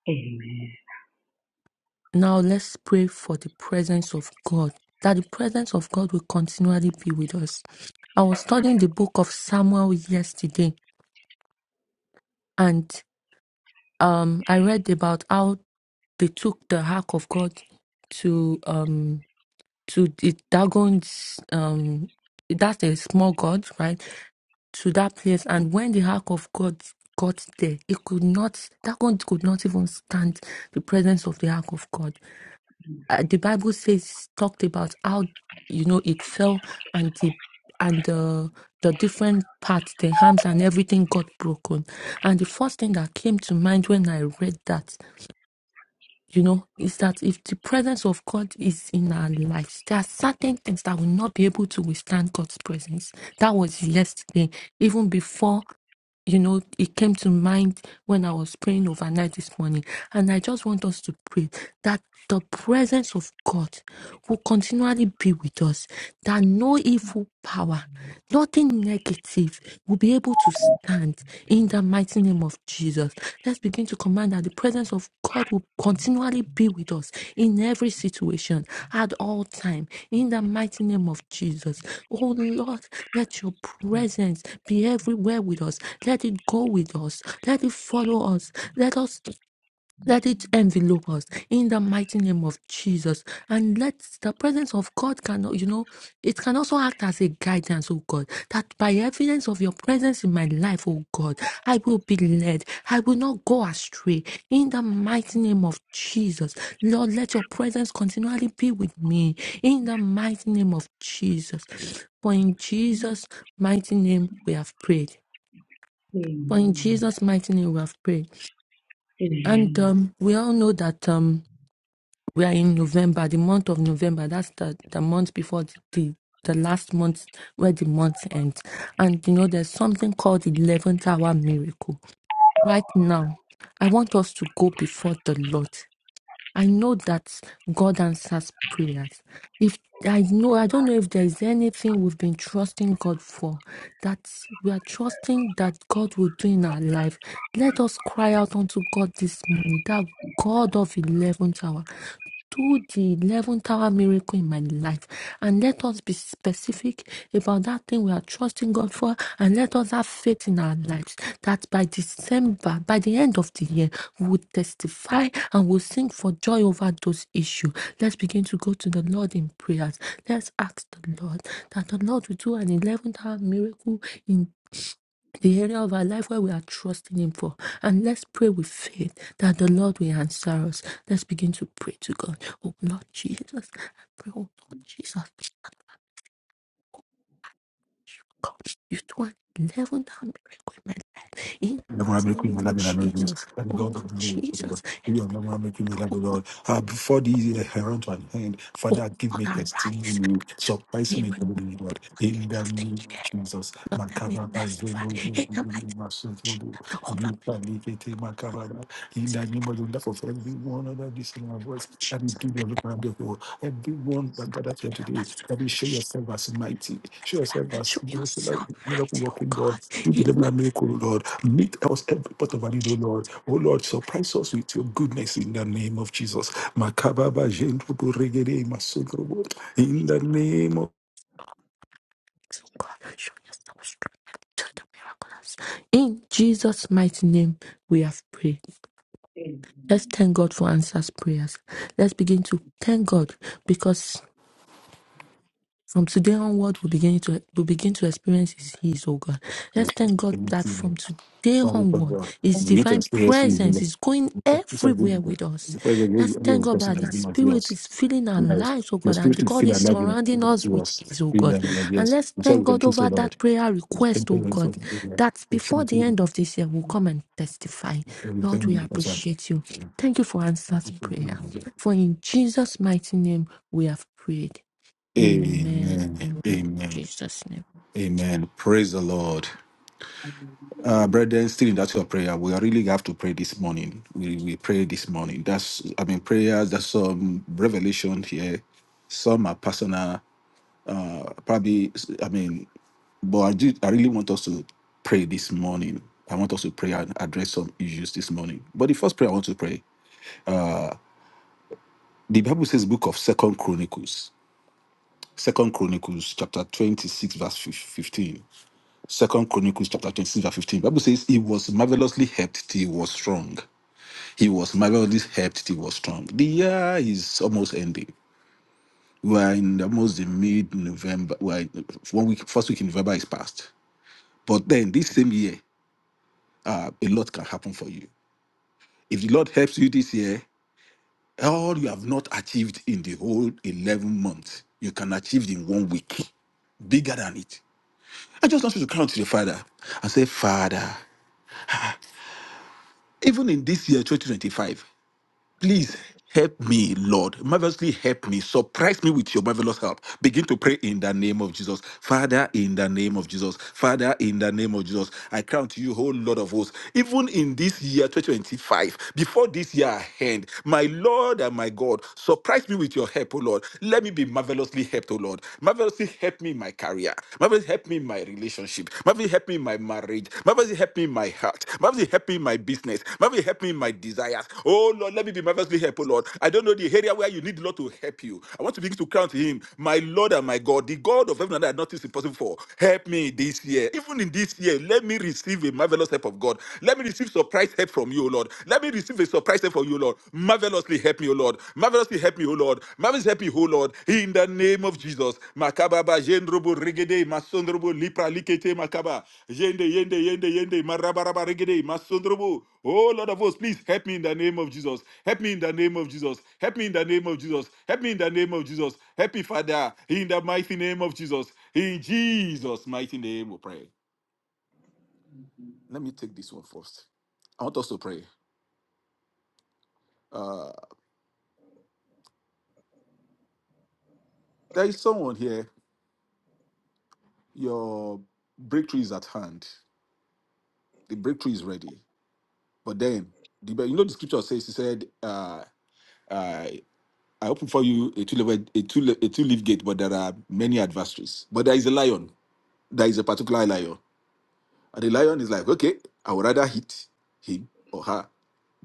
[SPEAKER 6] Amen. Amen.
[SPEAKER 4] Now let's pray for the presence of God, that the presence of God will continually be with us. I was studying the book of Samuel yesterday, and um, I read about how they took the ark of God to um to the Dagon's um that's a small god, right? To that place, and when the ark of God got there, it could not Dagon could not even stand the presence of the ark of God. uh, the Bible says talked about how you know it fell and the and the the different parts, the arms and everything got broken. And the first thing that came to mind when I read that you know, is that if the presence of God is in our lives, there are certain things that will not be able to withstand God's presence. That was yesterday, even before, you know, it came to mind when I was praying overnight this morning. And I just want us to pray that the presence of God will continually be with us, that no evil power, nothing negative will be able to stand in the mighty name of Jesus. Let's begin to command that the presence of God will continually be with us in every situation at all time in the mighty name of Jesus. Oh Lord, let your presence be everywhere with us. Let it go with us. Let it follow us. Let us let it envelope us in the mighty name of Jesus. And let the presence of God can, you know, it can also act as a guidance, oh God, that by evidence of your presence in my life, oh God, I will be led. I will not go astray in the mighty name of Jesus. Lord, let your presence continually be with me in the mighty name of Jesus. For in Jesus' mighty name we have prayed. For in
[SPEAKER 6] Amen.
[SPEAKER 4] Jesus' mighty name we have prayed. And
[SPEAKER 6] Amen.
[SPEAKER 4] um, we all know that. Um, we are in November, the month of November. That's the, the month before the, the the last month where the month ends. And you know, there's something called the 11th hour miracle. Right now, I want us to go before the Lord. I know that God answers prayers. If I know, I don't know if there is anything we've been trusting God for, that we are trusting that God will do in our life. Let us cry out unto God this morning, that God of 11th hour, do the 11th hour miracle in my life. And let us be specific about that thing we are trusting God for. And let us have faith in our lives that by December, by the end of the year, we will testify and will sing for joy over those issues. Let's begin to go to the Lord in prayers. Let's ask the Lord that the Lord will do an 11th hour miracle in the area of our life where we are trusting Him for. And let's pray with faith that the Lord will answer us. Let's begin to pray to God. Oh Lord Jesus, I pray, oh Lord Jesus, God, you do an 11th hour miracle in my life. In
[SPEAKER 5] The one
[SPEAKER 4] the
[SPEAKER 5] making
[SPEAKER 4] name of
[SPEAKER 5] me love in
[SPEAKER 4] Jesus,
[SPEAKER 5] Americans, and
[SPEAKER 4] oh Lord
[SPEAKER 5] God of me,
[SPEAKER 4] Jesus,
[SPEAKER 5] Lord. You are the one making me love, the Lord. Uh, before this, year I run to an end,
[SPEAKER 4] oh
[SPEAKER 5] Father, give
[SPEAKER 4] Lord,
[SPEAKER 5] me
[SPEAKER 4] arise.
[SPEAKER 5] testimony.
[SPEAKER 4] Do a
[SPEAKER 5] Surprise me,
[SPEAKER 4] miracle by
[SPEAKER 5] glory, Lord.
[SPEAKER 4] the
[SPEAKER 5] In
[SPEAKER 4] end
[SPEAKER 5] the
[SPEAKER 4] of the
[SPEAKER 5] name of
[SPEAKER 4] year.
[SPEAKER 5] Jesus,
[SPEAKER 4] Lord, let me
[SPEAKER 5] Makababa,
[SPEAKER 4] testify
[SPEAKER 5] Zolo,
[SPEAKER 4] in the mighty name of Jesus.
[SPEAKER 5] Masoto,
[SPEAKER 4] Hold
[SPEAKER 5] Lukalikete, Makababa. In the name
[SPEAKER 4] Let me
[SPEAKER 5] of the Lord, for every one of this in my
[SPEAKER 4] testify
[SPEAKER 5] voice, and do
[SPEAKER 4] Jesus.
[SPEAKER 5] the look of the Lord. Everyone that gathered here
[SPEAKER 4] Help
[SPEAKER 5] today,
[SPEAKER 4] us to
[SPEAKER 5] that you
[SPEAKER 4] remember
[SPEAKER 5] show
[SPEAKER 4] she
[SPEAKER 5] yourself as mighty, show
[SPEAKER 4] testify.
[SPEAKER 5] yourself as
[SPEAKER 4] Show yourself
[SPEAKER 5] miracle
[SPEAKER 4] mighty, O
[SPEAKER 5] working God.
[SPEAKER 4] God.
[SPEAKER 5] Do the
[SPEAKER 4] In
[SPEAKER 5] devil
[SPEAKER 4] my
[SPEAKER 5] a miracle, O Lord. Meet us every part of our need, O Lord. O Lord, surprise
[SPEAKER 4] feelings,
[SPEAKER 5] us with your goodness in the name of Jesus. Makababa jendrubu regede masodrobo. In the name
[SPEAKER 4] oh God. Show yourself strong and do the miracles. In Jesus' mighty name, we have prayed.
[SPEAKER 6] Amen.
[SPEAKER 4] Let's thank God for answers prayers. Let's begin to thank God because. From today onward, we begin to we begin to experience His His, oh God. Let's thank God that from today onward, His divine presence is going everywhere with us. Let's thank God that His
[SPEAKER 5] of
[SPEAKER 4] Spirit
[SPEAKER 5] Jesus.
[SPEAKER 4] is filling our
[SPEAKER 5] Yes.
[SPEAKER 4] lives, oh
[SPEAKER 5] Your
[SPEAKER 4] God,
[SPEAKER 5] spirit
[SPEAKER 4] and
[SPEAKER 5] to
[SPEAKER 4] God
[SPEAKER 5] feel
[SPEAKER 4] is
[SPEAKER 5] alive in
[SPEAKER 4] surrounding us
[SPEAKER 5] to
[SPEAKER 4] with
[SPEAKER 5] us
[SPEAKER 4] His, oh
[SPEAKER 5] in
[SPEAKER 4] God.
[SPEAKER 5] the like
[SPEAKER 4] And
[SPEAKER 5] yes.
[SPEAKER 4] let's
[SPEAKER 5] We say we
[SPEAKER 4] thank
[SPEAKER 5] can
[SPEAKER 4] God
[SPEAKER 5] choose the
[SPEAKER 4] over
[SPEAKER 5] Lord.
[SPEAKER 4] that prayer
[SPEAKER 5] It's been
[SPEAKER 4] request, oh
[SPEAKER 5] going for
[SPEAKER 4] God,
[SPEAKER 5] the good.
[SPEAKER 4] that
[SPEAKER 5] It's trying
[SPEAKER 4] before the
[SPEAKER 5] to
[SPEAKER 4] end of this year, we'll come and testify. Lord, we
[SPEAKER 5] everything we can say.
[SPEAKER 4] appreciate you. Thank you for answers prayer. For in Jesus' mighty name, we have prayed.
[SPEAKER 6] Amen.
[SPEAKER 4] Amen.
[SPEAKER 5] Amen.
[SPEAKER 4] Amen.
[SPEAKER 5] Amen.
[SPEAKER 4] Jesus' name.
[SPEAKER 5] Amen. Praise the Lord. Uh,
[SPEAKER 6] Hallelujah.
[SPEAKER 5] brethren, still in that your prayer. We really have to pray this morning. We, we pray this morning. That's, I mean, prayers, there's some revelation here. Some are personal. Uh, probably, I mean, But I do. I really want us to pray this morning. I want us to pray and address some issues this morning. But the first prayer I want to pray, the Bible says, Book of Second Chronicles, Second Chronicles, chapter twenty-six, verse fif- fifteen. Second Chronicles, chapter twenty-six, verse fifteen. Bible says, He was marvelously helped till he was strong. He was marvelously helped till he was strong. The year is almost ending. We are in almost the mid-November. We are in- one week, first week in November is past. But then this same year, uh, a lot can happen for you. If the Lord helps you this year, all you have not achieved in the whole 11 months, you can achieve in one week. Bigger than it. I just want you to count to the Father and say, Father, even in this year, 2025, Please help me, Lord. Marvelously help me. Surprise me with your marvelous help. Begin to pray in the name of Jesus. Father, in the name of Jesus. Father, in the name of Jesus. I count you, whole Lord of hosts. Even in this year, 2025, before this year end, my Lord and my God, surprise me with your help, O Lord. Let me be marvelously helped, O Lord. Marvelously help me in my career. Marvelously help me in my relationship. Marvelous help me in my marriage. Marvelous help me in my heart. Marvelous help me in my business. Marvelous help me in my desires. Oh Lord, let me be marvelously helpful, Lord. I don't know the area where you need the Lord to help you. I want to begin to count Him, my Lord and my God, the God of heaven and earth. Nothing is impossible for. Help me this year, even in this year. Let me receive a marvelous help of God. Let me receive surprise help from you, Lord. Let me receive a surprise help from you, Lord. Marvelously help me, O Lord. Marvelously help me, O Lord. Marvelously help me, O Lord. In the name of Jesus. Makababa, Jendrobo, Regede, Masondrobo, Lipra, Likete, Makaba. Yende, Yende, Yende, Yende, Marabaraba, Regede, Masondrobo. Oh, Lord of hosts, please help me in the name of Jesus. Help me in the name of Jesus. Help me in the name of Jesus. Help me in the name of Jesus. Happy Father, in the mighty name of Jesus. In Jesus' mighty name, we pray. Let me take this one first. I want us to pray. Uh, there is someone here. Your breakthrough is at hand. the breakthrough is ready. But then, the, but you know, the scripture says, he said, uh, uh, I open for you a two-leaf a two a two-leaf gate, but there are many adversaries. But there is a lion. There is a particular lion, and the lion is like, okay, I would rather hit him or her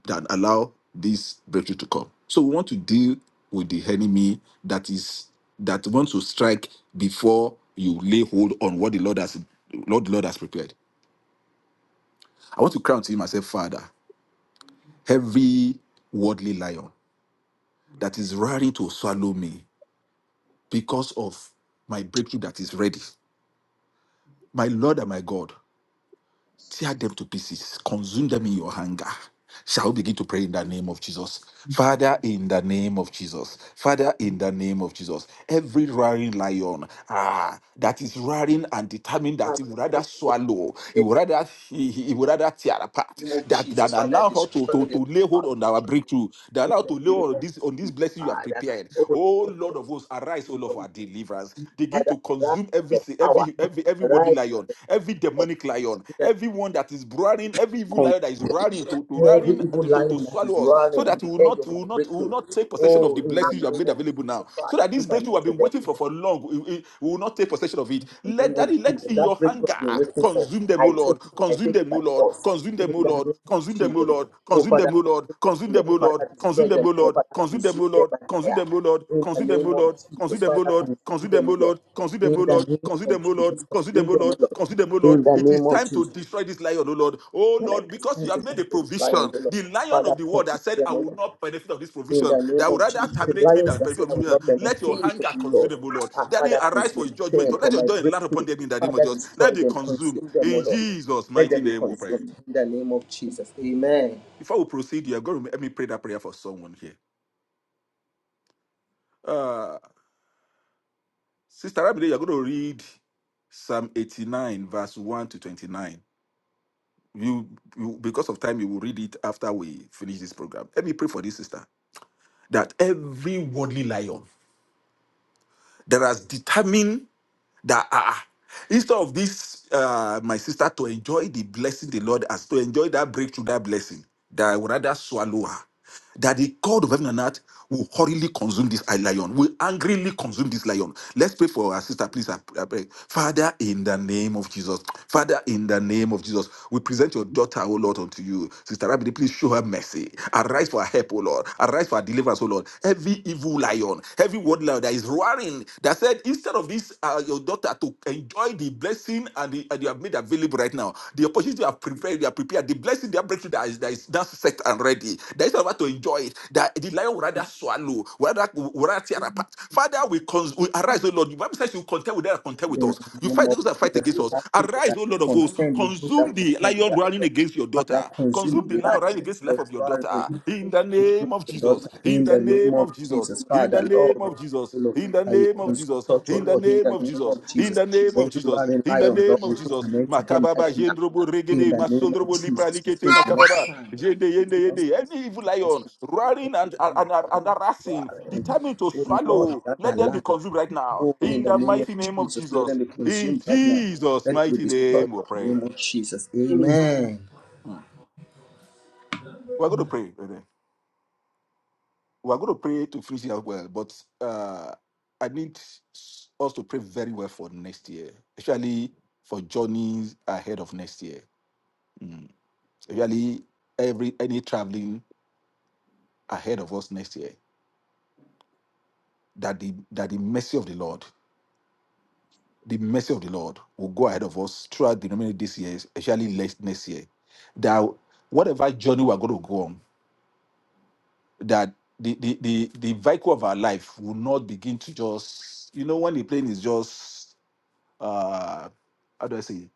[SPEAKER 5] than allow this breakthrough to come. So we want to deal with the enemy that is that wants to strike before you lay hold on what the Lord has Lord, Lord has prepared. I want to crown to him and say, Father, every worldly lion that is ready to swallow me because of my breakthrough that is ready. My Lord and my God, tear them to pieces, consume them in your anger. Shall we begin to pray in the name of Jesus? Father, in the name of Jesus. Father, in the name of Jesus. Every roaring lion ah, that is roaring and determined that it would rather swallow, it would rather, it would rather tear apart, that, that allow her to, to, to lay hold on our breakthrough, that allow to lay hold on this, on this blessing you have prepared. Oh, Lord of hosts, arise, O Lord, for our deliverance begin to consume every si- every every every worldly lion, every demonic lion, everyone that is roaring, every evil lion that is roaring to to roaring uh, to, to, to swallow us, so that we will not we will not we will not take possession of the blessings you have made available now, so that this breakthrough we have been waiting for for long, we- we will not take possession of it. Let that let in your hunger consume them, O Lord, consume them, O Lord, consume them, O Lord, consume them, O Lord, consume them, O Lord, consume them, O Lord, consume them, O Lord, Lord. Consume them, O Lord. Consume them, O Lord. Consume them, O Lord. Consume them, O Lord. Consume them, O Lord. Consume them, O Lord. Consume them, O Lord. Consume them, O Lord. Consume them, O Lord. It is time to destroy this lion, O Lord. O Lord, because you have made a provision. The lion of the world that said, I will not benefit of this provision. That would rather terminate me than benefit of this provision.
[SPEAKER 6] Amen.
[SPEAKER 5] Let your anger consume them, O Lord. That they arise for his judgment. Or Let your joy land upon them in the name of
[SPEAKER 1] Father,
[SPEAKER 5] Jesus. Let
[SPEAKER 1] destroy
[SPEAKER 5] they
[SPEAKER 1] them,
[SPEAKER 5] consume.
[SPEAKER 1] consume them, O
[SPEAKER 5] In
[SPEAKER 1] Lord.
[SPEAKER 5] Jesus'
[SPEAKER 1] Let
[SPEAKER 5] mighty
[SPEAKER 1] them be
[SPEAKER 5] name we pray.
[SPEAKER 1] consumed in the name of Jesus. Amen.
[SPEAKER 5] Before we proceed, you are going to help me pray that prayer for someone here. Uh, Sister Abide, you're going to read Psalm 89, verse 1 to 29. You, you, because of time, you will read it after we finish this program. Let me pray for this sister that every worldly lion that has determined that ah, ah, instead of this, uh, my sister to enjoy the blessing the Lord has to enjoy that breakthrough, that blessing, that I would rather swallow her. that the God of heaven and earth will hurriedly consume this lion, will angrily consume this lion. Let's pray for our sister, please. I I pray. Father, in the name of Jesus. Father, in the name of Jesus, we present your daughter, O Lord, unto you. Sister Rabbi, please show her mercy. Arise for her help, O Lord. Arise for her deliverance, O Lord. Every evil lion, every word lion that is roaring, that said, instead of this, uh, your daughter to enjoy the blessing and, the, and you have made available right now, the opportunity you have prepared, you have prepared, the blessing, the breakthrough that is, that is now set and ready already. There is no one to enjoy it. That the lion would rather swallow, would rather, would rather tear
[SPEAKER 6] Amen.
[SPEAKER 5] apart. Father, we, cons- we arise, O Lord. The Bible says you contend with them that contend with us. You fight those that fight against us. Arise, O Lord of hosts. Consume the lion running against your daughter.
[SPEAKER 6] In
[SPEAKER 5] Consume the lion running against the life of your daughter. In the name of Jesus. In the name of Jesus. In the name of Jesus. In the name of Jesus. In the name of Jesus. In the name of Jesus. In the name of Jesus. Makababa jendrobo regede masondrobo lipra likete makababa. Yende, yende, yende. Any evil lion roaring and, and, and, and harassing, determined to swallow, let them be consumed right now. In the mighty name of Jesus. In Jesus' mighty name, we pray. Hmm. We're going to pray. brethren. We're going to pray to finish it as well, but uh, I need s- us to pray very well for next year, especially for journeys ahead of next year. Hmm. Especially every any traveling ahead of us next year that the that the mercy of the Lord the mercy of the Lord will go ahead of us throughout the remaining this year, especially next next year. That whatever journey we're going to go on, that the the the, the vehicle of our life will not begin to just you know when the plane is just uh how do I say it?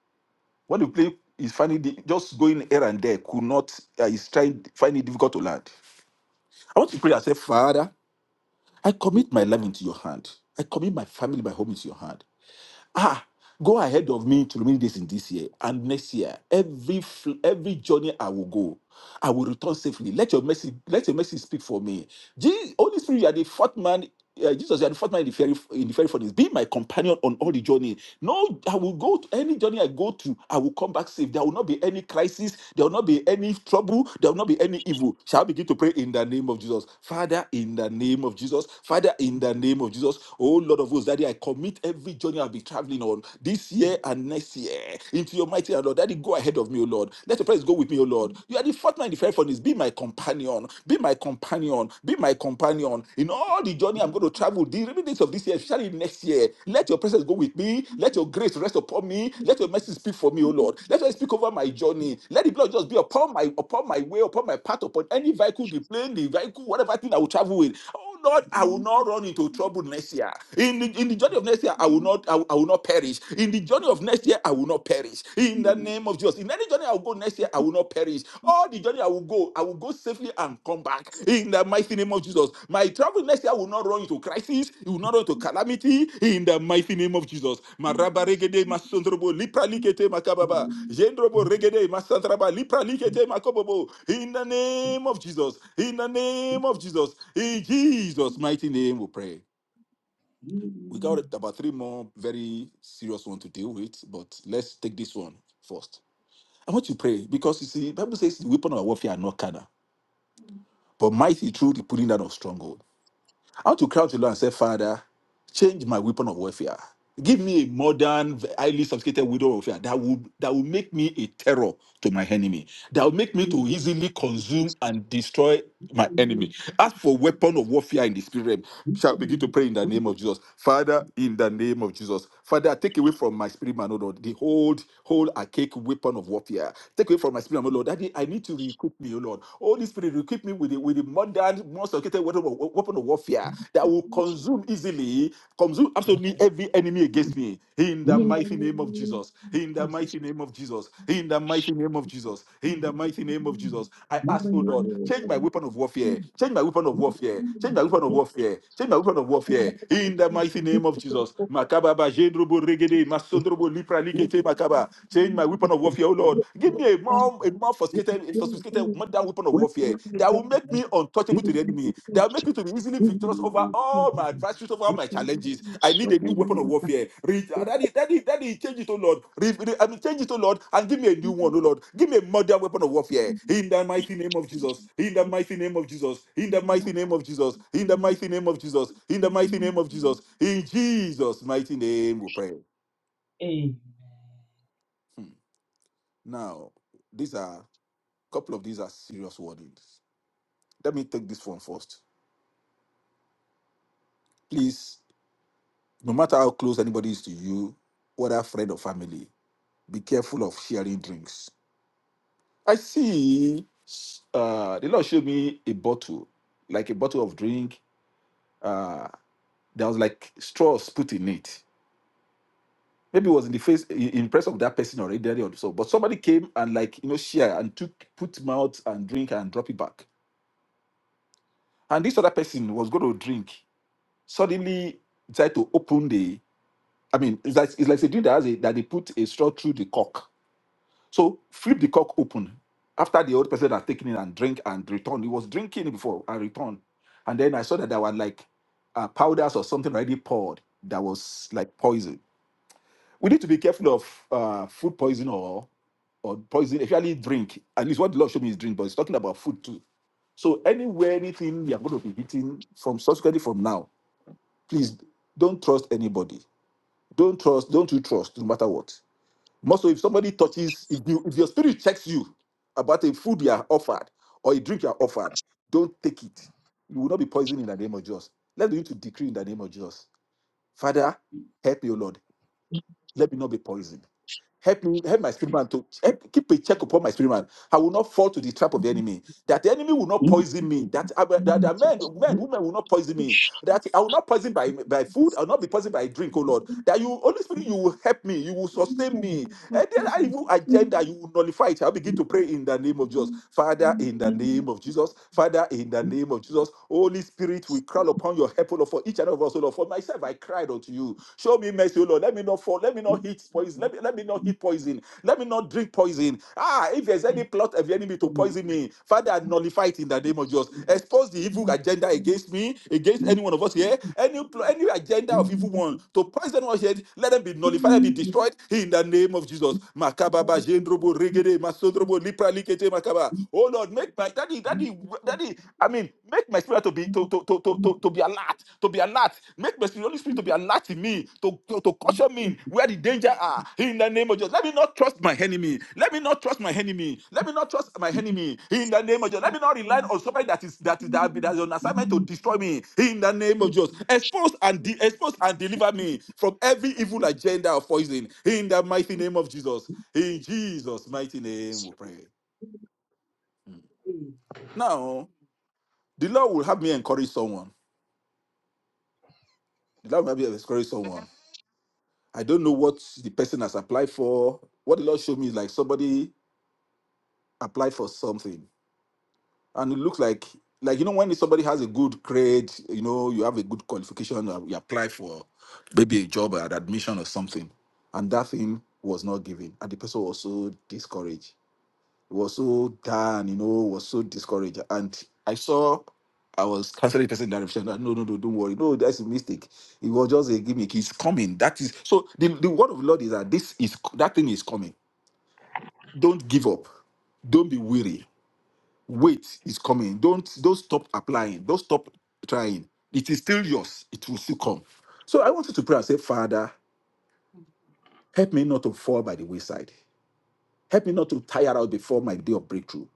[SPEAKER 5] when the plane is finding the, just going here and there could not uh, is trying finding it difficult to land. I want to pray and say, Father, I commit my life into your hand. I commit my family, my home into your hand. ah go ahead of me to remove this in this year and next year every fl- every journey i will go I will return safely. Let your mercy, let your mercy speak for me. Je- Holy Spirit, you are the fourth man. uh, Jesus, you are the fourth man in the fairy in the fairy furnace. Be my companion on all the journey. No, I will go to any journey I go to. I will come back safe. There will not be any crisis. There will not be any trouble. There will not be any evil. Shall I begin to pray in the name of Jesus, Father? In the name of Jesus, Father. In the name of Jesus, Oh Lord of hosts, Daddy, I commit every journey I'll be traveling on this year and next year into Your mighty hand. Lord. Daddy, go ahead of me, O Lord. Let your presence go with me, O Lord. You are the fourth man in the fiery furnace. Be my companion. Be my companion. Be my companion. In all the journey I'm going to travel, the remaining days of this year, especially next year, let your presence go with me. Let your grace rest upon me. Let your mercy speak for me, O Lord. Let us speak over my journey. Let the blood just be upon my upon my way, upon my path, upon any vehicle, the plane, the vehicle, whatever thing I will travel with Oh, Oh Lord, I will not run into trouble next year. In the, in the journey of next year, I will not I will, I will not perish. In the journey of next year, I will not perish. In the name of Jesus. In any journey I will go next year, I will not perish. All the journey I will go, I will go safely and come back. In the mighty name of Jesus. My travel next year will not run into crisis. You will not run into calamity in the mighty name of Jesus. Maraba regede masondrobo lipra likete makababa. Jendrobo regede masantraba lipra likete makobobo. In the name of Jesus. In the name of Jesus. In Jesus' mighty name we pray. We got about three more very serious ones to deal with, but let's take this one first. I want you to pray because you see, the Bible says the weapon of our warfare are not carnal, but mighty through the pulling down of stronghold. I want to cry out to the Lord and say, Father, change my weapon of warfare. Give me a modern, highly sophisticated weapon of warfare that would that will make me a terror to my enemy. That will make me to easily consume and destroy my enemy. As for weapon of warfare in the spirit realm, shall we begin to pray in the name of Jesus. Father, in the name of Jesus. Father, take away from my spirit, man, O Lord, the whole, whole archaic weapon of warfare. Take away from my spirit, man, O Lord. Daddy, I need to equip me, O Lord. Holy Spirit, equip me with the, with the modern, most sophisticated weapon of weapon of warfare that will consume easily, consume absolutely every enemy against me. In the mighty name of Jesus. In the mighty name of Jesus. In the mighty name of Jesus. Jesus. In the mighty name of Jesus. I ask, oh Lord, change my weapon of warfare. Change my weapon of warfare. Change my weapon of warfare. Change my weapon of warfare. In the mighty name of Jesus. Makaba ba jendrobo regede masondrobo lipra likete makaba. Change my weapon of warfare, oh Lord. Give me a more, a more sophisticated, sophisticated modern weapon of warfare that will make me untouchable to the enemy. That will make me to be easily victorious over all my adversaries, over all my challenges. I need a new weapon of warfare. Re- Daddy, daddy, daddy, change it, oh Lord. Re- re- I mean, change it, oh Lord, and give me a new one, oh Lord. Give me a modern weapon of warfare. In the mighty name of Jesus. In the mighty name of Jesus. In the mighty name of Jesus. In the mighty name of Jesus. In the mighty name of Jesus. In Jesus' mighty name, we pray. Hmm. Now, these are couple of these are serious warnings. Let me take this one first, please. No matter how close anybody is to you, whether friend or family, be careful of sharing drinks. I see uh, the Lord showed me a bottle, like a bottle of drink. Uh, there was like straws put in it. Maybe it was in the face, in in presence of that person already or so. But somebody came and like you know share and took put mouth and drink and drop it back. And this other person was going to drink. Suddenly decided to open the. I mean, it's like it's like a drink that has a, that they put a straw through the cork So flip the cork open after the old person had taken it and drink and returned. He was drinking it before and returned. And then I saw that there were like uh, powders or something already poured that was like poison. We need to be careful of uh, food poison or or poison, especially drink. At least what the Lord showed me is drink, but it's talking about food too. So anywhere, anything you are going to be eating from subsequently from now, please don't trust anybody. Don't trust, don't you trust, no matter what. Most of if somebody touches, if, you, if your spirit checks you about a food you are offered or a drink you are offered, don't take it. You will not be poisoned in the name of Jesus. Let's begin to decree in the name of Jesus. Father, help me, O Lord. Let me not be poisoned. Help me, help my spirit man to help, keep a check upon my spirit man. I will not fall to the trap of the enemy. That the enemy will not poison me. That, I that, that men, men, women will not poison me.
[SPEAKER 6] Thank
[SPEAKER 5] That I will not poison by, by food. I will not be poisoned by drink, oh Lord. That you, Holy Spirit, you will help me. You will sustain me and then I evil agenda, you will nullify it. I begin to pray in the name of Jesus. Father, in the name of Jesus. Father, in the name of Jesus. Holy Spirit, we call upon your help, O Lord, for each and every one of us, O Lord. For myself, I cried unto you. Show me mercy, O Lord. Let me not fall. Let me not eat poison. Let me, let me not eat poison. Let me not drink poison. Ah, if there's any plot of the enemy to poison me, Father, nullify nullify it in the name of Jesus. Expose the evil agenda against me, against any one of us here, any any agenda of evil one to poison us here, let them be nullified, let them be destroyed in the name of Jesus. Makababa, jendrobo, regede, masodrobo, lipra, likete, makaba. Oh Lord, make my daddy, daddy,
[SPEAKER 6] you.
[SPEAKER 5] daddy, I mean, make my spirit to be to to to to, to, to be alert, to be alert. Make my but the Holy Spirit to be alert in me, to, to, to caution me where the danger are. In the name of Jesus. Let me not trust my enemy. Let me not trust my enemy. Let me not trust my enemy. In the name of Jesus. Let me not rely on somebody that is that is that, that is on assignment to destroy me. In the name of Jesus. Expose and de- expose and deliver me from every evil agenda of poison. In the mighty name of Jesus. In Jesus' mighty name we pray. Now, the Lord will have me encourage someone. The Lord will have me encourage someone. I don't know what the person has applied for. What the Lord showed me is like somebody applied for something, and it looks like like you know when somebody has a good grade, you know you have a good qualification, uh, you apply for maybe a job or an admission or something, and that thing was not given, and the person was so discouraged was so down, you know, was so discouraged. And I saw I was canceling the person in that direction. No, no, no, don't worry. No, that's a mistake. It was just a gimmick. It's coming. That is so the, the word of the Lord is that this is that thing is coming. Don't give up. Don't be weary. Wait it's coming. Don't don't stop applying. Don't stop trying. It is still yours. It will still come. So I wanted to pray and say, Father, help me not to fall by the wayside. Help me not to tire out before my day of breakthrough.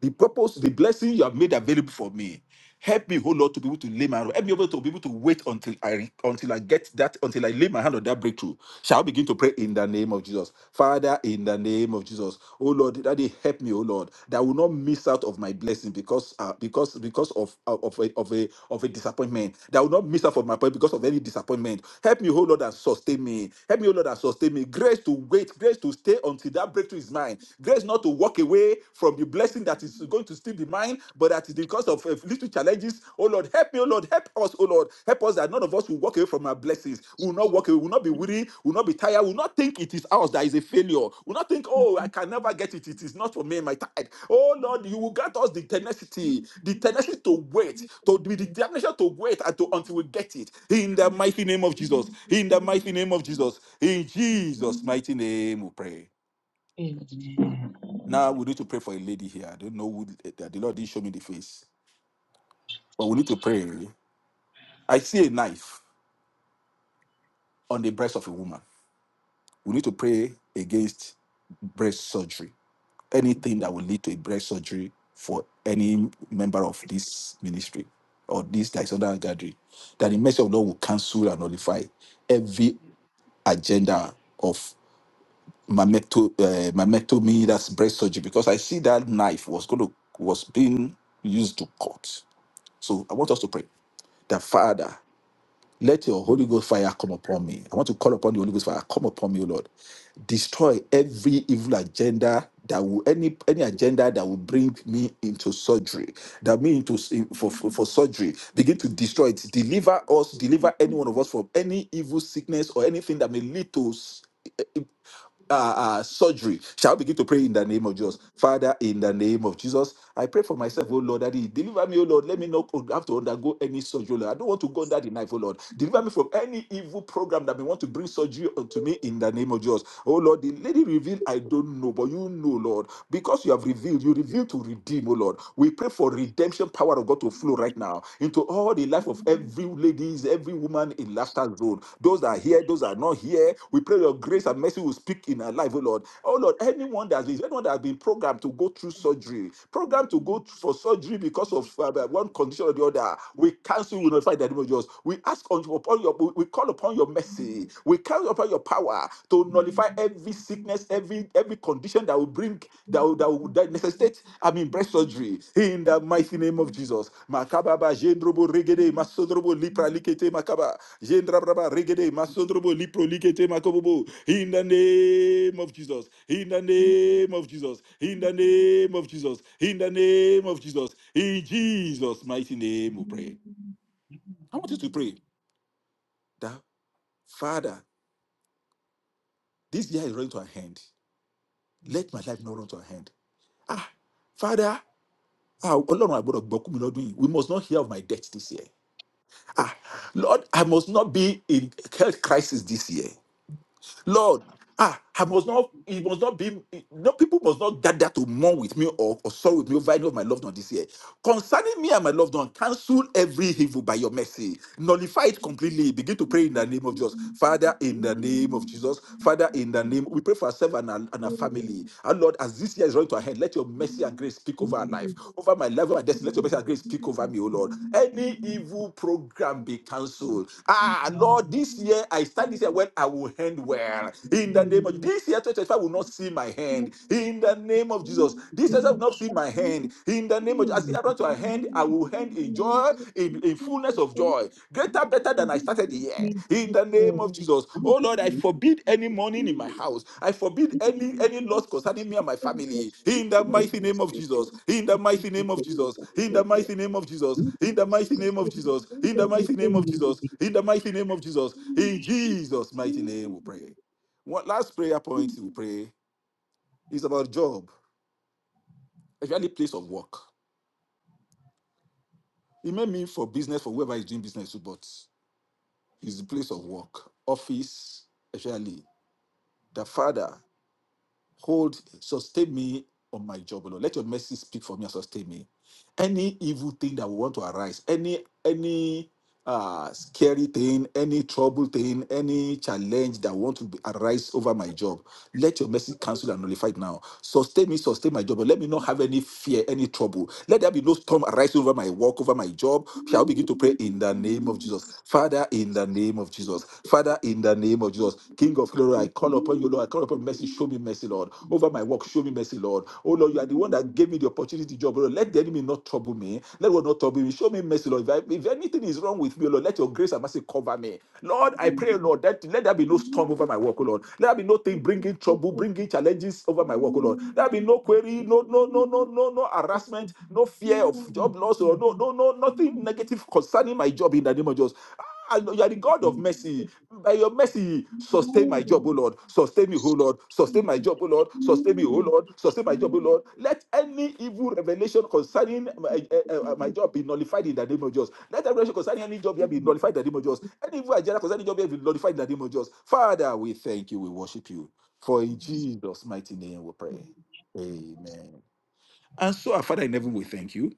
[SPEAKER 5] the purpose, the blessing you have made available for me. Help me, oh Lord, to be able to lay my hand. help me able to be able to wait until I until I get that until I lay my hand on that breakthrough. Shall I begin to pray in the name of Jesus, Father, in the name of Jesus, oh Lord, Daddy, help me, oh Lord, that I will not miss out of my blessing because uh, because because of of of a, of a of a disappointment. That I will not miss out of my point because of any disappointment. Help me, oh Lord, and sustain me. Help me, oh Lord, and sustain me. Grace to wait, grace to stay until that breakthrough is mine. Grace not to walk away from the blessing blessing that is going to steal the mind, but that is because of uh, little challenges. Oh Lord, help me, oh Lord, help us, oh Lord, help us that none of us will walk away from our blessings. We will not walk away, we will not be weary, we will not be tired, we will not think it is ours that is a failure. We will not think, oh, I can never get it, it is not for me, and my tithe. Oh Lord, you will grant us the tenacity, the tenacity to wait, to be the determination to wait and to until we get it. In the mighty name of Jesus, in the mighty name of Jesus, in Jesus' mighty name we pray.
[SPEAKER 6] Amen.
[SPEAKER 5] Now we need to pray for a lady here. I don't know who eh, that the Lord didn't show me the face, but we need to pray. I see a knife on the breast of a woman. We need to pray against breast surgery. Anything that will lead to a breast surgery for any member of this ministry or this that is under our gathering, that the mercy of the Lord will cancel and nullify every agenda of mammecto, uh, mammectomy, that's breast surgery, because I see that knife was going to was being used to cut. So I want us to pray that Father, let your Holy Ghost fire come upon me. I want to call upon the Holy Ghost fire. Come upon me, O Lord. Destroy every evil agenda that will any any agenda that will bring me into surgery, that me into for, for, for surgery. Begin to destroy it. Deliver us, deliver any one of us from any evil sickness or anything that may lead to s- uh, uh, surgery. Shall we begin to pray in the name of Jesus? Father, in the name of Jesus, I pray for myself, oh Lord, that He deliver me, oh Lord. Let me not have to undergo any surgery, oh Lord. I don't want to go under the knife, oh Lord. Deliver me from any evil program that may want to bring surgery unto me in the name of Jesus. Oh Lord, the lady revealed, I don't know, but you know, Lord, because you have revealed, you revealed to redeem, oh Lord. We pray for redemption power of God to flow right now into all the life life of every ladies, every woman in laughter zone. Those that are here, those that are not here. We pray your grace and mercy will speak in our life, oh Lord. Oh Lord, anyone that is anyone that has been programmed to go through surgery, programmed to go for surgery because of uh, uh, one condition or the other, we cancel, we notify the name of Jesus. We ask upon your, we call upon your mercy, we call upon your power to nullify every sickness, every every condition that will bring that will, that will that necessitate, I mean, breast surgery in the mighty name of Jesus. Makababa, Jendrobo, Regede, Masodrobo, Lipra, Likete, Makaba, Jendrabraba, Regede, Masodrobo, Lipro, Likete, Makobobo, in the name of Jesus, in the name of Jesus, in the name of Jesus, in the name of Jesus, in Jesus' mighty name we pray. I want you to pray that, Father, this year is running to an end. Let my life not run to an end. Ah, Father, ah ọlọ́run àgbọ̀dọ̀ gbọ́kú mi lọ́dún yìí we must not hear of my death this year ah lord i must not be in health crisis this year Lord, ah, I must not, it must not be, no people must not gather to mourn with me or, or sorrow with me over any of my loved one this year. Concerning me and my loved one, cancel every evil by your mercy. Nullify it completely. Begin to pray in the name of Jesus. Father, in the name of Jesus. Father, in the name, we pray for ourselves and our, and our family. And Lord, as this year is running to a hand, let your mercy and grace speak over our life, over my life, over my destiny. Let your mercy and grace speak over me, O Lord. Any evil program be cancelled. Ah, Lord, this year I start this year when I will end well prayer. In the name of this year, 2025 will not see my
[SPEAKER 6] Thank
[SPEAKER 5] hand.
[SPEAKER 6] you.
[SPEAKER 5] In the name of Jesus, this year I will not see my hand. In the name of as I run to a hand, I will hand in joy, in, in fullness of joy, greater, better than I started the year. In the name of Jesus, oh Lord, I forbid any mourning in my house. I forbid any any loss concerning me and my family. In the mighty name of Jesus. In the mighty name of Jesus. In the mighty name of Jesus. In the mighty name of Jesus. In the mighty name of Jesus. In the mighty name of Jesus. In Jesus' mighty name, we pray. One last prayer point we pray is about job, especially place of work. It may mean for business for whoever is doing business to, but it's the place of work, office, especially. The Father, hold, sustain me on my job, Lord. Let your mercy speak for me and sustain me. Any evil thing that will want to arise, any any uh scary thing, any trouble thing, any challenge that want to be, arise over my job, Let your mercy cancel and nullify it now. Sustain me, sustain my job. Let me not have any fear, any trouble. Let there be no storm arising over my work, over my job. Shall we begin to pray in the name of Jesus? Father, in the name of Jesus. Father, in the name of Jesus. King of glory, I call upon you, Lord. I call upon mercy. Show me mercy, Lord. Over my work, show me mercy, Lord. Oh, Lord, you are the one that gave me the opportunity job, Lord. Let the enemy not trouble me. Let what not trouble me. Show me mercy, Lord. If, I, if anything is wrong with me, oh, Lord, let your grace and mercy cover me. Lord, I pray, Lord, that let there be no storm over my work, oh Lord. Let there be no thing bring bringing trouble, bringing challenges over my work, oh Lord. There be no query, no, no, no, no, no, no harassment, no fear of job loss, or no, no, no, nothing negative concerning my job in the name of Jesus. Ah, Lord, You are the God of mercy. By your mercy, sustain my job, O Lord. Sustain me, O Lord. Sustain my job, O Lord. Sustain me, O Lord. Sustain my job, O Lord. Let any evil revelation concerning my, eh, eh, eh, my job be nullified in the name of Jesus. Let every revelation concerning any job here be nullified in the name of Jesus. Any evil agenda concerning any job here be nullified in the name of Jesus. Father, we thank you. We worship you. For in Jesus' mighty name we pray. Amen. And so, our Father in heaven, we thank you.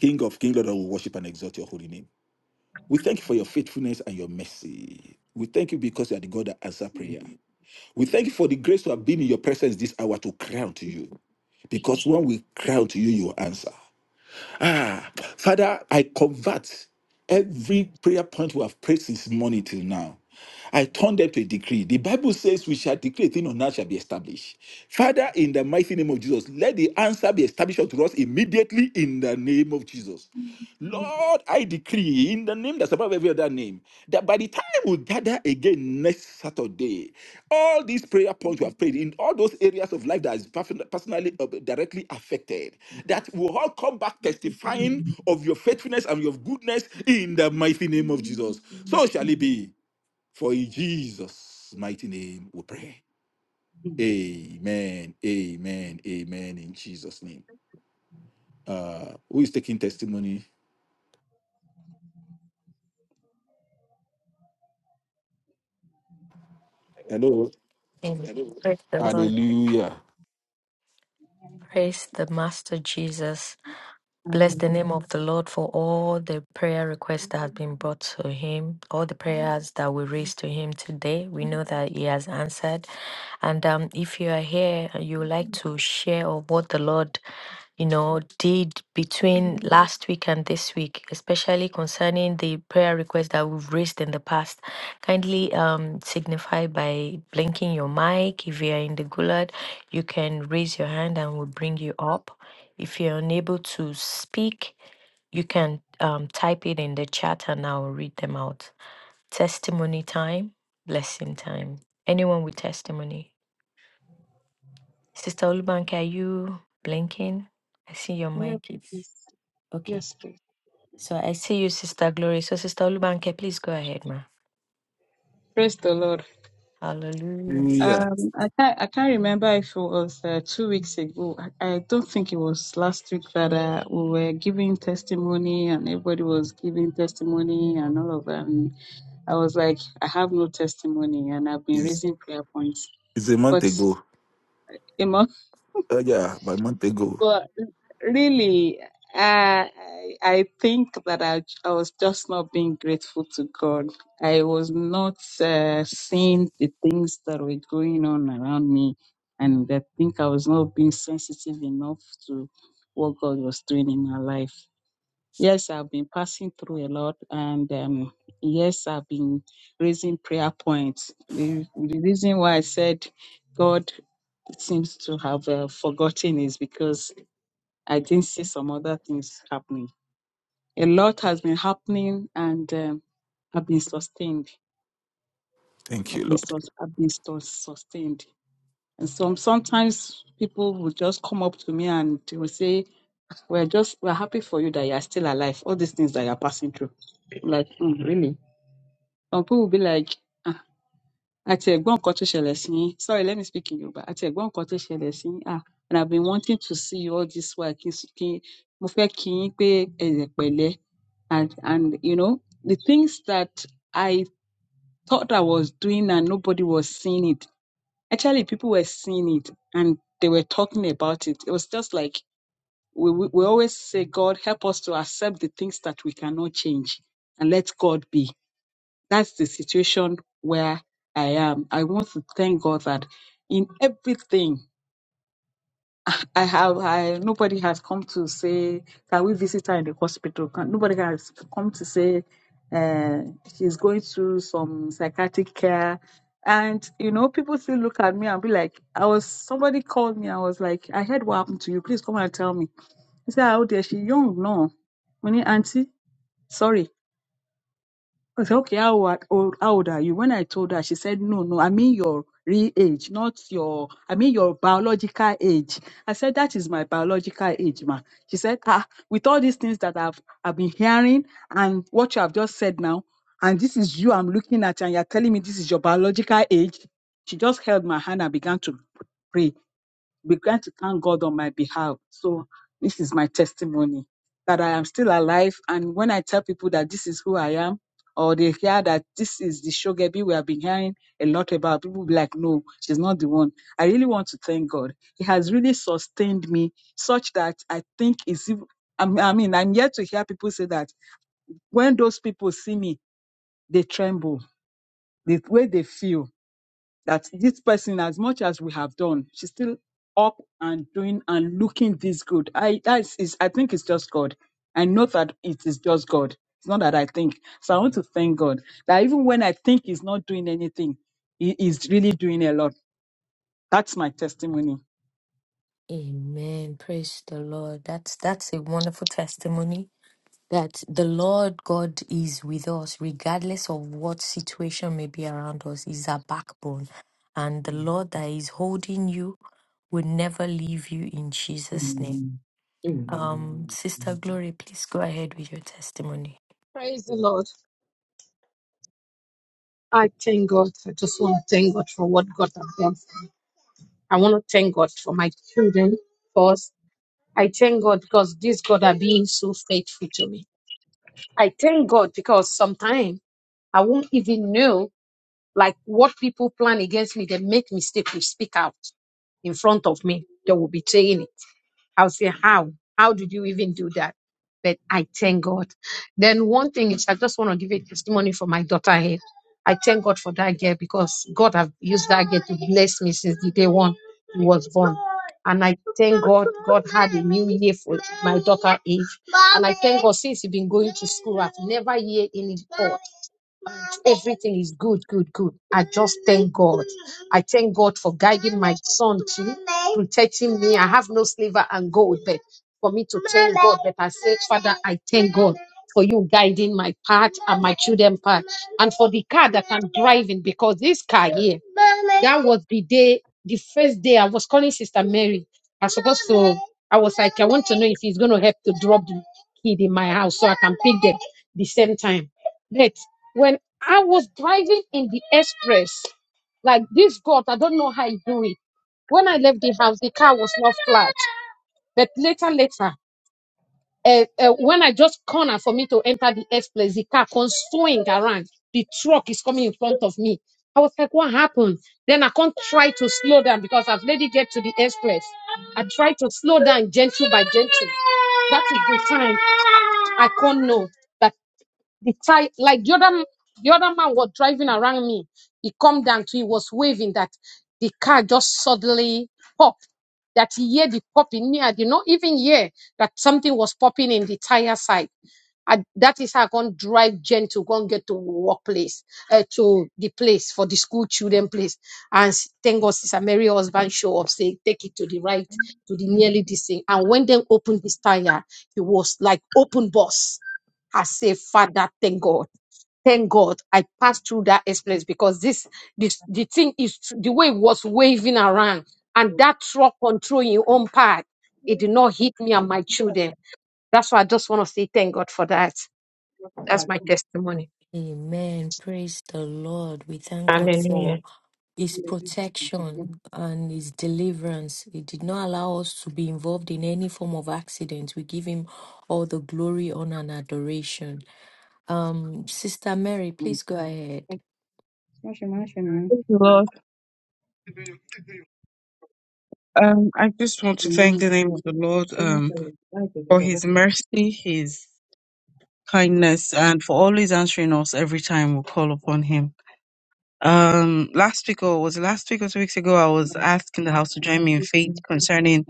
[SPEAKER 5] King of kings, Lord, we worship and exalt your holy name. We thank you for your faithfulness and your mercy. We thank you because you are the God that answers prayer. We thank you for the grace to have been in your presence this hour to cry out to you. Because when we cry out to you, you will answer. Ah, Father, I convert every prayer point we have prayed since morning till now. I turn them to a decree. The Bible says we shall decree a thing on earth shall be established. Father, in the mighty name of Jesus, let the answer be established unto us immediately in the name of Jesus. Lord, I decree in the name that's above every other name that by the time we gather again next Saturday, all these prayer points we have prayed in all those areas of life that is perf- personally uh, directly affected that will all come back testifying of your faithfulness and your goodness in the mighty name of Jesus. So shall it be. For in Jesus' mighty name we pray. Amen. Amen. Amen. In Jesus' name. Uh who is taking testimony? Hello.
[SPEAKER 7] Amen. Praise the Lord.
[SPEAKER 5] Hallelujah.
[SPEAKER 7] Praise the Master Jesus. Bless the name of the Lord for all the prayer requests that has been brought to him, all the prayers that we raised to him today. We know that he has answered. And um, if you are here and you would like to share of what the Lord, you know, did between last week and this week, especially concerning the prayer requests that we've raised in the past, kindly um, signify by blinking your mic. If you are in the gulag, you can raise your hand and we'll bring you up. If you're unable to speak, you can um, type it in the chat and I'll read them out. Testimony time, blessing time. Anyone with testimony? Sister Olubanke, are you blinking? I see your mic is
[SPEAKER 6] Yes,
[SPEAKER 7] okay.
[SPEAKER 6] yes, please.
[SPEAKER 7] So I see you, Sister Glory. So, Sister Olubanke, please go ahead, ma.
[SPEAKER 6] Praise the Lord.
[SPEAKER 7] Hallelujah.
[SPEAKER 5] Hallelujah.
[SPEAKER 6] Um, I can't, I can't remember if it was uh, two weeks ago. I, I don't think it was last week that uh, we were giving testimony and everybody was giving testimony and all of that. And I was like, I have no testimony and I've been
[SPEAKER 5] It's,
[SPEAKER 6] raising prayer points.
[SPEAKER 5] it's a month
[SPEAKER 6] But
[SPEAKER 5] ago. Uh, yeah, but a month ago.
[SPEAKER 6] but really, I I I think that I, I was just not being grateful to God. I was not uh, seeing the things that were going on around me, and I think I was not being sensitive enough to what God was doing in my life. Yes, I've been passing through a lot, and um, yes, I've been raising prayer points. The, the reason why I said God seems to have uh, forgotten is because I didn't see some other things happening. A lot has been happening, and um, I've been sustained.
[SPEAKER 5] Thank
[SPEAKER 6] I've
[SPEAKER 5] you,
[SPEAKER 6] been
[SPEAKER 5] Lord.
[SPEAKER 6] sus- I've been sus- sustained. And some sometimes people will just come up to me and they will say, "We're just we're happy for you that you are still alive. All these things that you are passing through." I'm like, "Mm, really? Some people will be like. "Ah, àti ẹ̀gbọ́n nǹkan tó ṣẹlẹ̀ sí yín sorry let me speak in Yorùbá àti ẹ̀gbọ́n nǹkan tó ṣẹlẹ̀ sí yín ah and I've been wanting to see you all this while kí n s- kí n- mo fẹ́ kí yín pé ẹ̀rẹ̀ pẹ̀lẹ́ and and you know the things that I thought I was doing and nobody was seeing it actually people were seeing it and they were talking about it it was just like we we, we always say God help us to accept the things that we cannot change and let God be that's the situation where I am. I want to thank God that in everything I have, I nobody has come to say, can we visit her in the hospital? Can, nobody has come to say uh, she's going through some psychiatric care. And you know, people still look at me and be like, I was somebody called me. I was like, I heard what happened to you. Please come and tell me. He said, "Oh dear, she young no." Meaning, auntie, sorry. I said, okay, how, wa- old, how old are you? When I told her, she said, no, no, I mean your real age, not your, I mean your biological age. I said, that is my biological age, ma. She said, ah, with all these things that I've, I've been hearing and what you have just said now, and this is you I'm looking at, and you're telling me this is your biological age. She just held my hand and began to pray began to thank God on my behalf. So this is my testimony that I am still alive. And when I tell people that this is who I am, or they hear that this is the Shogebi we have been hearing a lot about, people will be like, no, she's not the one. I really want to thank God. He has really sustained me such that I think it's, ev- I'm- I mean, I'm yet to hear people say that when those people see me, they tremble, the way they feel that this person, as much as we have done, she's still up and doing and looking this good. I that is, I think it's just God. I know that it is just God. It's not that I think. So I want to thank God that even when I think He's not doing anything, He is really doing a lot. That's my testimony.
[SPEAKER 7] Amen. Praise the Lord. That's that's a wonderful testimony that the Lord God is with us, regardless of what situation may be around us, is our backbone. And the Lord that is holding you will never leave you in Jesus' name. Um, Sister Glory, please go ahead with your testimony.
[SPEAKER 8] Praise the Lord. I thank God. I just want to thank God for what God has done. I want to thank God for my children first. I thank God because this God are being so faithful to me. I thank God because sometimes I won't even know like what people plan against me. They make mistake to speak out in front of me. They will betray me. I'll say, How? How did you even do that? But I thank God. Then one thing is I just want to give a testimony for my daughter here. I thank God for that girl because God have used that girl to bless me since the day one he was born. And I thank God God had a new year for my daughter age. And I thank God since he been going to school, I've never heard any report. Everything is good, good, good. I just thank God. I thank God for guiding my son to protecting me. I have no silver and gold, but for me to thank God that I said, Father, I thank God for you guiding my path and my children' path and for the car that I'm driving because this car here, that was the day, the first day I was calling Sister Mary. I was supposed to, I was like, I want to know if he's going to help to drop the kid in my house so I can pick them the same time. But when I was driving in the express, like this God, I don't know how he do it. When I left the house, the car was not flat. But later, later, uh, uh, when I just corner for me to enter the express, the car can swing around. The truck is coming in front of me. I was like, what happened? Then I can't try to slow down because I've let it get to the express. I try to slow down gentle by gentle. That is the time I can't know. that the tie, like the other, the other man was driving around me. He come down to, he was waving that the car just suddenly popped. That he hear the popping. Me, I did not even hear that something was popping in the tire side. I, that is how I can drive Jen to go and get to workplace, uh, to the place for the school children place. And s- thank God, Sister Mary husband show up, say, take it to the right, to the nearly this thing. And when they opened this tire, it was like open bus. I say, Father, thank God thank God I passed through that experience because this this the thing is tr- the way it was waving around and that truck control your own path, it did not hit me and my children. That's why I just want to say thank God for that.
[SPEAKER 7] Amen. Praise the Lord. We thank God for His protection and His deliverance. He did not allow us to be involved in any form of accident. We give Him all the glory, honor, and adoration. Um, Sister Mary, please go ahead.
[SPEAKER 3] Thank you, Lord. Um, I just want to thank the name of the Lord um, for his mercy, his kindness, and for always answering us every time we call upon him. Um, last week or was it last week or two weeks ago, I was asking the house to join me in faith concerning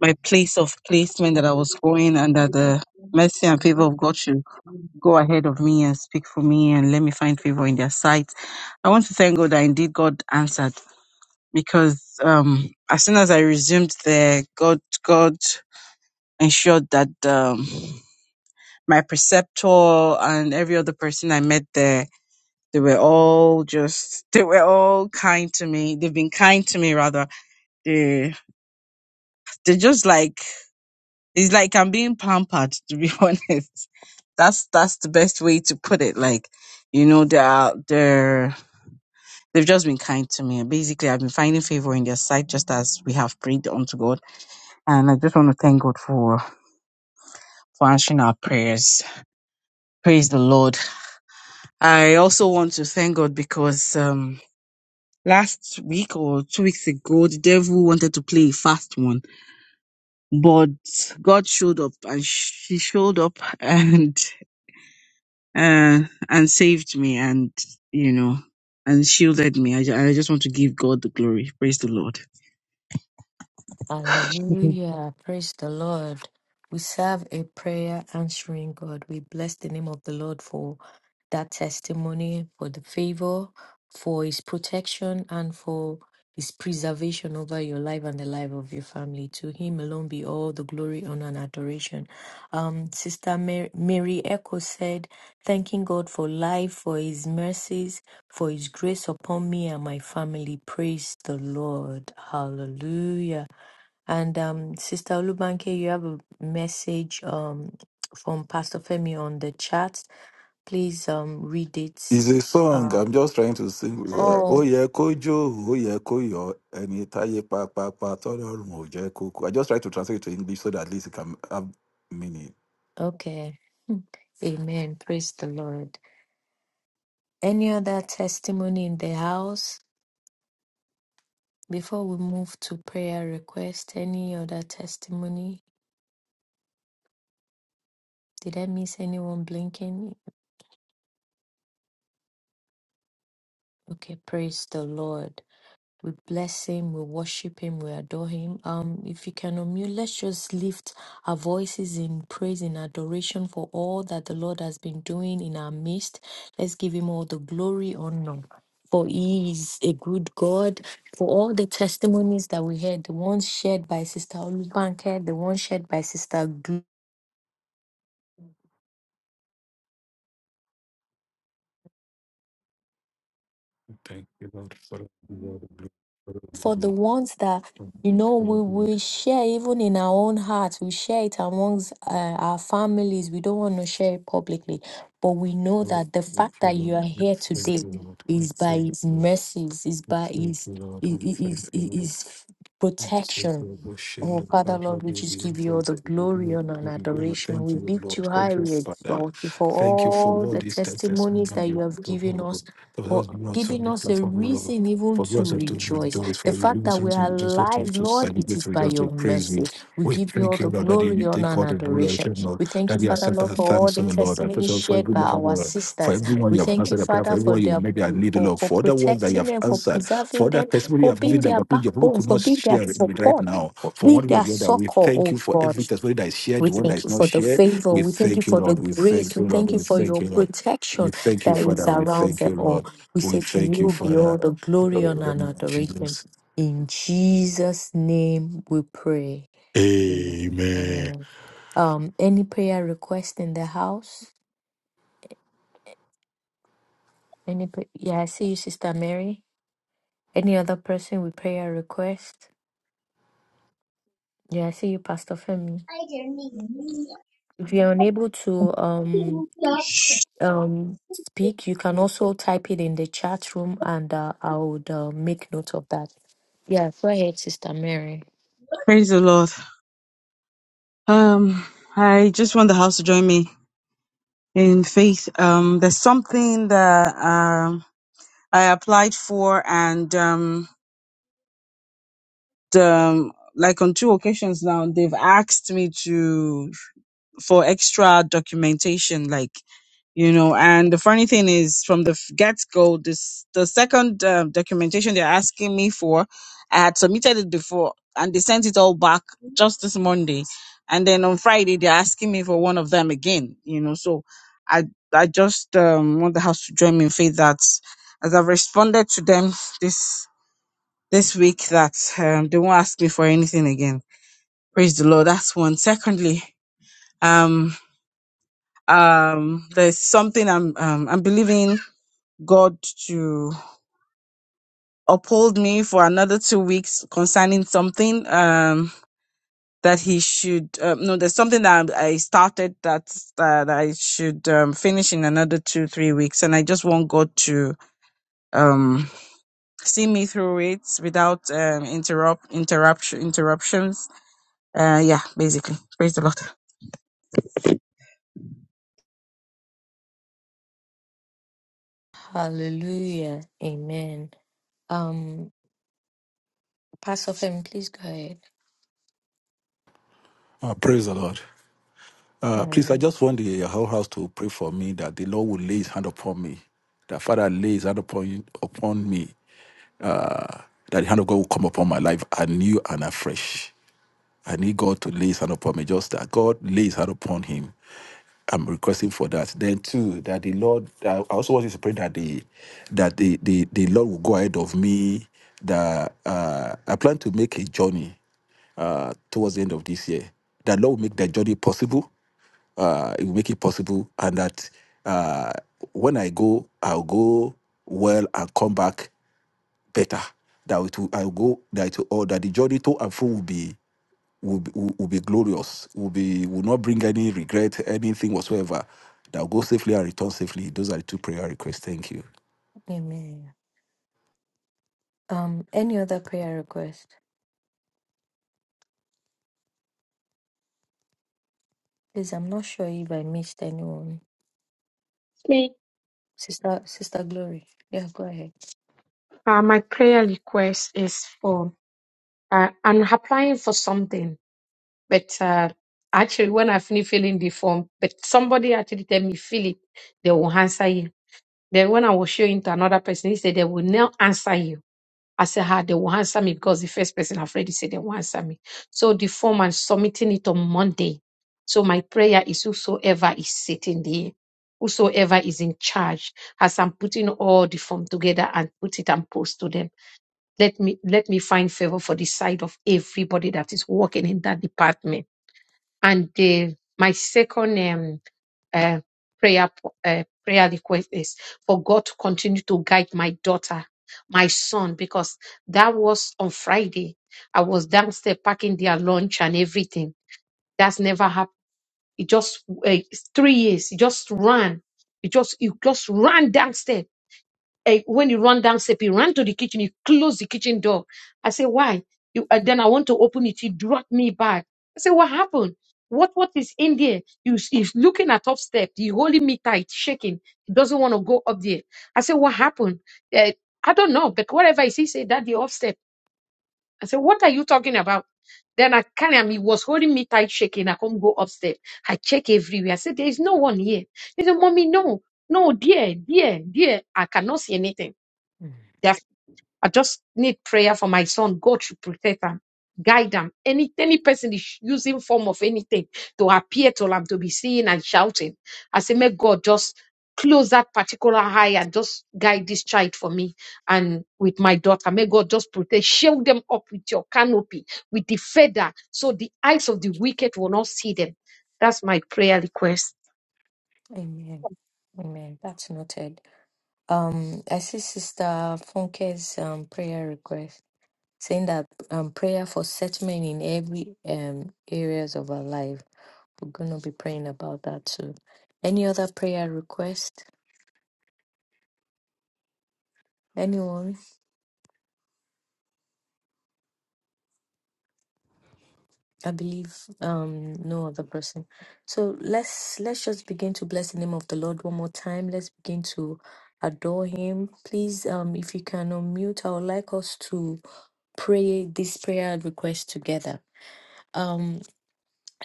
[SPEAKER 3] my place of placement that I was going, and that the mercy and favor of God
[SPEAKER 6] Thank
[SPEAKER 3] should
[SPEAKER 6] you.
[SPEAKER 3] go ahead of me and speak for me and let me find favor in their sight. I want to thank God that indeed God answered because um, as soon as I resumed there, God God ensured that um, my preceptor and every other person I met there they were all just, they were all kind to me. They've been kind to me rather. They, they just like, it's like I'm being pampered to be honest. That's, that's the best way to put it. Like, you know, they're, out- they're, they've just been kind to me. Basically, I've been finding favor in their sight just as we have prayed unto God. And I just want to thank God for, for answering our prayers. Praise the Lord. I also want to thank God because, um, last week or two weeks ago, the devil wanted to play a fast one, but God showed up and she showed up and uh, and saved me and you know and shielded me. I, ju- I just want to give God the glory. Praise the Lord. Mhm.
[SPEAKER 7] Hallelujah. Praise the Lord. We serve a prayer answering God. We bless the name of the Lord for that testimony, for the favor, for his protection, and for his preservation over your life and the life of your family. To him alone be all the glory, honor, and adoration. Um, Sister Mary, Mary Echo said, Thanking God for life, for his mercies, for his grace upon me and my family. Praise the Lord. Hallelujah. And um, Sister Olubanke, you have a message um, from Pastor Femi on the chat. Please um, read it.
[SPEAKER 5] It's a song.
[SPEAKER 7] Uh,
[SPEAKER 5] I'm just trying to sing with her.
[SPEAKER 7] oh,
[SPEAKER 5] Ó yẹ kó jó, ó yẹ kó yọ, ẹni táyé pápápá tọ́lọ́run ò jẹ́ kó kú. I just try to translate it to English so that at least it can have meaning.
[SPEAKER 7] okay. Amen. Praise the Lord. Any other testimony in the house before we move to prayer request? Any other testimony? Did I miss anyone blinking? Okay, praise the Lord. We bless him, we worship him, we adore him. Um, if you can unmute, let's just lift our voices in praise and adoration for all that the Lord has been doing in our midst. Let's give him all the glory, honor. For he is a good God. For all the testimonies that we heard, the ones shared by Sister Olubanke, the ones shared by Sister Glo.
[SPEAKER 5] Thank you, Lord, for the Lord.
[SPEAKER 7] for the ones that you know we,
[SPEAKER 5] Thank
[SPEAKER 7] we share even in our own hearts we share it amongst uh, our families we don't want to share it publicly but we know that the fact
[SPEAKER 5] you,
[SPEAKER 7] that you are
[SPEAKER 5] Lord.
[SPEAKER 7] here today
[SPEAKER 5] Thank you, Lord. We
[SPEAKER 7] is by
[SPEAKER 5] Thank
[SPEAKER 7] his
[SPEAKER 5] you, Lord.
[SPEAKER 7] mercies is
[SPEAKER 5] We
[SPEAKER 7] by
[SPEAKER 5] Thank you, Lord. We Thank
[SPEAKER 7] his
[SPEAKER 5] you, Lord. We
[SPEAKER 7] his, his,
[SPEAKER 5] Thank you, Lord.
[SPEAKER 7] his
[SPEAKER 5] Thank
[SPEAKER 7] protection Oh, Father, Lord, we just give you all the glory, honor, and adoration. We
[SPEAKER 5] you,
[SPEAKER 7] lift
[SPEAKER 5] Lord.
[SPEAKER 7] you high,
[SPEAKER 5] Thank you,
[SPEAKER 7] we
[SPEAKER 5] Father.
[SPEAKER 7] exalt you for
[SPEAKER 5] Thank you for
[SPEAKER 7] all
[SPEAKER 5] all
[SPEAKER 7] the
[SPEAKER 5] these text testimony
[SPEAKER 7] testimonies
[SPEAKER 5] of
[SPEAKER 7] that you
[SPEAKER 5] your
[SPEAKER 7] have
[SPEAKER 5] people,
[SPEAKER 7] given
[SPEAKER 5] O Lord.
[SPEAKER 7] us,
[SPEAKER 5] For those
[SPEAKER 7] for
[SPEAKER 5] who are on
[SPEAKER 7] giving
[SPEAKER 5] the
[SPEAKER 7] us a
[SPEAKER 5] platform, O Lord.
[SPEAKER 7] reason even
[SPEAKER 5] For
[SPEAKER 7] to
[SPEAKER 5] those who are to
[SPEAKER 7] rejoice.
[SPEAKER 5] rejoice, for
[SPEAKER 7] The
[SPEAKER 5] you, we
[SPEAKER 7] fact
[SPEAKER 5] want
[SPEAKER 7] that
[SPEAKER 5] to
[SPEAKER 7] we are
[SPEAKER 5] rejoice, for those who are
[SPEAKER 7] alive,
[SPEAKER 5] to
[SPEAKER 7] Lord, it is
[SPEAKER 5] celebrate, we
[SPEAKER 7] by
[SPEAKER 5] just
[SPEAKER 7] your
[SPEAKER 5] to praise you.
[SPEAKER 7] mercy. We
[SPEAKER 5] We
[SPEAKER 7] give you all
[SPEAKER 5] thank you,
[SPEAKER 7] the
[SPEAKER 5] Lord, that
[SPEAKER 7] glory,
[SPEAKER 5] you
[SPEAKER 7] honor,
[SPEAKER 5] take
[SPEAKER 7] and
[SPEAKER 5] all the glory,
[SPEAKER 7] adoration.
[SPEAKER 5] Lord,
[SPEAKER 7] We thank you,
[SPEAKER 5] that you
[SPEAKER 7] Father,
[SPEAKER 5] accept our
[SPEAKER 7] Lord, for all
[SPEAKER 5] thanks,
[SPEAKER 7] the
[SPEAKER 5] O Lord. I thank
[SPEAKER 7] testimonies
[SPEAKER 5] you for
[SPEAKER 7] shared
[SPEAKER 5] every
[SPEAKER 7] by
[SPEAKER 5] level,
[SPEAKER 7] our
[SPEAKER 5] Lord. For
[SPEAKER 7] sisters.
[SPEAKER 5] everyone
[SPEAKER 7] We
[SPEAKER 5] you have
[SPEAKER 7] thank you,
[SPEAKER 5] answered the prayer, for
[SPEAKER 7] Father, for
[SPEAKER 5] everyone you have
[SPEAKER 7] their
[SPEAKER 5] made their need,
[SPEAKER 7] for,
[SPEAKER 5] Lord.
[SPEAKER 7] for
[SPEAKER 5] For other ones that you
[SPEAKER 7] protecting
[SPEAKER 5] have
[SPEAKER 7] them, for
[SPEAKER 5] answered for
[SPEAKER 7] preserving them,
[SPEAKER 5] that testimony you
[SPEAKER 7] for
[SPEAKER 5] have
[SPEAKER 7] being
[SPEAKER 5] given the
[SPEAKER 7] their
[SPEAKER 5] opportunity your people
[SPEAKER 7] backbone,
[SPEAKER 5] could
[SPEAKER 7] for
[SPEAKER 5] not
[SPEAKER 7] being their
[SPEAKER 5] share it with
[SPEAKER 7] support.
[SPEAKER 5] right now for
[SPEAKER 7] With
[SPEAKER 5] one way or
[SPEAKER 7] their
[SPEAKER 5] the other we
[SPEAKER 7] succor,
[SPEAKER 5] thank
[SPEAKER 7] oh
[SPEAKER 5] you for
[SPEAKER 7] God.
[SPEAKER 5] every testimony that is shared
[SPEAKER 7] We
[SPEAKER 5] the one that
[SPEAKER 7] thank you
[SPEAKER 5] is not
[SPEAKER 7] for the
[SPEAKER 5] shared
[SPEAKER 7] favor.
[SPEAKER 5] we
[SPEAKER 7] We thank you
[SPEAKER 5] thank you
[SPEAKER 7] for the
[SPEAKER 5] lord we
[SPEAKER 7] grace.
[SPEAKER 5] thank you
[SPEAKER 7] We
[SPEAKER 5] lord
[SPEAKER 7] thank you
[SPEAKER 5] we
[SPEAKER 7] for
[SPEAKER 5] thank
[SPEAKER 7] your
[SPEAKER 5] you lord we
[SPEAKER 7] protection
[SPEAKER 5] thank you
[SPEAKER 7] that is
[SPEAKER 5] father we
[SPEAKER 7] around
[SPEAKER 5] thank
[SPEAKER 7] them
[SPEAKER 5] you
[SPEAKER 7] all.
[SPEAKER 5] lord
[SPEAKER 7] We
[SPEAKER 5] we
[SPEAKER 7] say to
[SPEAKER 5] thank you
[SPEAKER 7] you be all
[SPEAKER 5] father
[SPEAKER 7] the
[SPEAKER 5] In
[SPEAKER 7] glory honor,
[SPEAKER 5] the
[SPEAKER 7] and
[SPEAKER 5] name of
[SPEAKER 7] adoration.
[SPEAKER 5] jesus
[SPEAKER 7] In Jesus' name we pray.
[SPEAKER 5] amen
[SPEAKER 7] Amen. Um, any prayer request in the house? Any pray- yeah, I see you, Sister Mary. Any other person with prayer request? Yeah, I see you, Pastor Femi. If you're unable to um um, speak, you can also type it in the chat room and uh, I would uh, make note of that. Yeah, go ahead, Sister Mary.
[SPEAKER 3] Praise the Lord. Um, I just want the house to join me in faith. Um, there's something that um I applied for and um the like on two occasions now they've asked me to for extra documentation like you know and the funny thing is from the f- get-go this the second um, documentation they're asking me for i had submitted it before and they sent it all back just this monday and then on friday they're asking me for one of them again you know so i i just um, want the house to join me in faith that as i've responded to them this this week that um, they won't ask me for anything again praise the lord that's one secondly um, um there's something i'm um, i'm believing god to uphold me for another two weeks concerning something um that he should uh, no there's something that i started that that i should um, finish in another two three weeks and i just want god to um see me through it without um interrupt interruption interruptions uh yeah basically praise the lord
[SPEAKER 7] Hallelujah. Amen. Um, Pastor Femi, please go ahead.
[SPEAKER 5] Ah, praise the lord Uh, please, I
[SPEAKER 7] Hallelujah.
[SPEAKER 5] just want the whole house to pray for me that the Lord will lay his hand upon me, that Father lay his hand upon, you, upon me, uh, that the hand of God will come upon my life anew and afresh. I need God to lay his hand upon me. Just that God lay his hand upon him. I'm requesting for that. Then too, that the Lord I also want you to pray that the that the the, the Lord will go ahead of me. That uh, I plan to make a journey uh, towards the end of this year. That Lord will make that journey possible uh, it will make it possible, and that uh, when I go, I'll go well and come back better. That it will, I'll go that it will, or that the journey to and fro will be will be, will, will be glorious, will be will not bring any regret, anything whatsoever. That will go safely and return safely. Those are the two prayer requests. Thank you.
[SPEAKER 7] Amen. Um, any other prayer request? Please, I'm not sure if I missed anyone.
[SPEAKER 8] Me,
[SPEAKER 7] Sister, Sister Glory. Yeah, go ahead.
[SPEAKER 8] uh, my prayer request is for uh, I'm applying for something, but uh, actually, when I finish filling the form, but somebody actually tell me fill it, they will answer you. Then when I will show it to another person, he said they will now answer you. I said, ah, they will answer me because the first person I've already said they will answer me. So the form I'm submitting it on Monday. So my prayer is whosoever is sitting there, whosoever is in charge, as I'm putting all the form together and put it and post to them, let me let me find favor for the side of everybody that is working in that department. And the, my second um, uh, prayer uh, prayer request is for God to continue to guide my daughter, my son, because that was on Friday. I was downstairs packing their lunch and everything. That's never happened. It just uh, it's three years. It just ran. It just it just ran downstairs eh, when you run downstairs, you run to the kitchen, you close the kitchen door. I say, why? You, uh, then I want to open it. You drop me back. I say, what happened? What what is in there? You is looking at top step. You holding me tight, shaking. He doesn't want to go up there. I say, what happened? Eh, I don't know, but whatever I see, say that the off step. I say, what are you talking about? Then I carry him. He was holding me tight, shaking. I come go upstairs. I check everywhere. I said, there is no one here. He said, mommy, no, no, dear, dear, dear. I cannot see anything.
[SPEAKER 7] Mm.
[SPEAKER 8] Def- I just need prayer for my son. God should protect him, guide him. Any any person is using form of anything to appear to him to be seen and shouting. I say, may God just close that particular eye and just guide this child for me and with my daughter. May God just protect, shield them up with your canopy, with the feather, so the eyes of the wicked will not see them. That's my prayer request.
[SPEAKER 7] Amen. Amen. That's noted. Um, I see Sister Funke's um prayer request. saying that um, prayer for settlement in every um, areas of our life. We're gonna be praying about that too. Any other prayer request? Anyone? I believe um, no other person. So let's let's just begin to bless the name of the Lord one more time. Let's begin to adore Him. Please, um, if you can unmute, I would like us to pray this prayer request together. Um.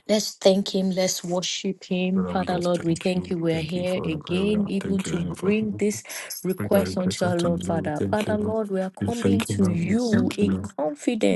[SPEAKER 7] Let's thank Him. Let's worship Him.
[SPEAKER 5] Father, we
[SPEAKER 7] Father,
[SPEAKER 5] just
[SPEAKER 7] Lord, we
[SPEAKER 5] thank
[SPEAKER 7] thank
[SPEAKER 5] you.
[SPEAKER 7] you. We're
[SPEAKER 5] Thank you
[SPEAKER 7] here
[SPEAKER 5] for the prayer.
[SPEAKER 7] again, even
[SPEAKER 5] Thank you
[SPEAKER 7] to
[SPEAKER 5] Lord, for
[SPEAKER 7] bring this
[SPEAKER 5] prayer
[SPEAKER 7] request
[SPEAKER 5] request.
[SPEAKER 7] unto our
[SPEAKER 5] Thank you,
[SPEAKER 7] Lord,
[SPEAKER 5] Lord. We
[SPEAKER 7] Father.
[SPEAKER 5] Thank
[SPEAKER 7] Father,
[SPEAKER 5] you, Lord.
[SPEAKER 7] Lord, we are
[SPEAKER 5] We
[SPEAKER 7] coming
[SPEAKER 5] Thank you,
[SPEAKER 7] to
[SPEAKER 5] Lord. We
[SPEAKER 7] you
[SPEAKER 5] Thank you,
[SPEAKER 7] in
[SPEAKER 5] Lord.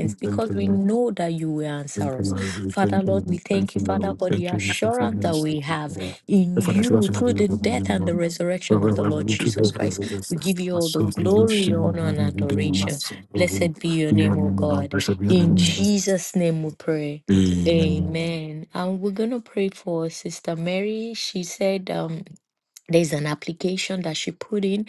[SPEAKER 5] We thank
[SPEAKER 7] because
[SPEAKER 5] you,
[SPEAKER 7] we
[SPEAKER 5] Lord.
[SPEAKER 7] know that you will
[SPEAKER 5] Thank
[SPEAKER 7] answer
[SPEAKER 5] you,
[SPEAKER 7] us.
[SPEAKER 5] Lord. We
[SPEAKER 7] Father,
[SPEAKER 5] thank you.
[SPEAKER 7] Lord,
[SPEAKER 5] We
[SPEAKER 7] we thank
[SPEAKER 5] thank you,
[SPEAKER 7] you,
[SPEAKER 5] Lord.
[SPEAKER 7] Father,
[SPEAKER 5] We
[SPEAKER 7] for the
[SPEAKER 5] thank you for
[SPEAKER 7] assurance
[SPEAKER 5] feeding
[SPEAKER 7] that
[SPEAKER 5] us.
[SPEAKER 7] we have in
[SPEAKER 5] The Father, should
[SPEAKER 7] you
[SPEAKER 5] also have
[SPEAKER 7] through
[SPEAKER 5] been
[SPEAKER 7] the
[SPEAKER 5] able to be
[SPEAKER 7] death and the
[SPEAKER 5] one. But
[SPEAKER 7] resurrection of
[SPEAKER 5] when
[SPEAKER 7] the Lord
[SPEAKER 5] we need to go
[SPEAKER 7] Jesus Christ.
[SPEAKER 5] through this,
[SPEAKER 7] We give you
[SPEAKER 5] my
[SPEAKER 7] all the
[SPEAKER 5] soul is in
[SPEAKER 7] glory,
[SPEAKER 5] shame.
[SPEAKER 7] honor,
[SPEAKER 5] What
[SPEAKER 7] and
[SPEAKER 5] did you My
[SPEAKER 7] adoration.
[SPEAKER 5] soul is in
[SPEAKER 7] Blessed be your
[SPEAKER 5] We are
[SPEAKER 7] name, O
[SPEAKER 5] in the Lord.
[SPEAKER 7] God.
[SPEAKER 5] We shall be in the
[SPEAKER 7] In
[SPEAKER 5] Lord.
[SPEAKER 7] Jesus' name we pray.
[SPEAKER 5] Amen.
[SPEAKER 7] Amen. And we're going to pray for Sister Mary. She said um, there's an application that she put in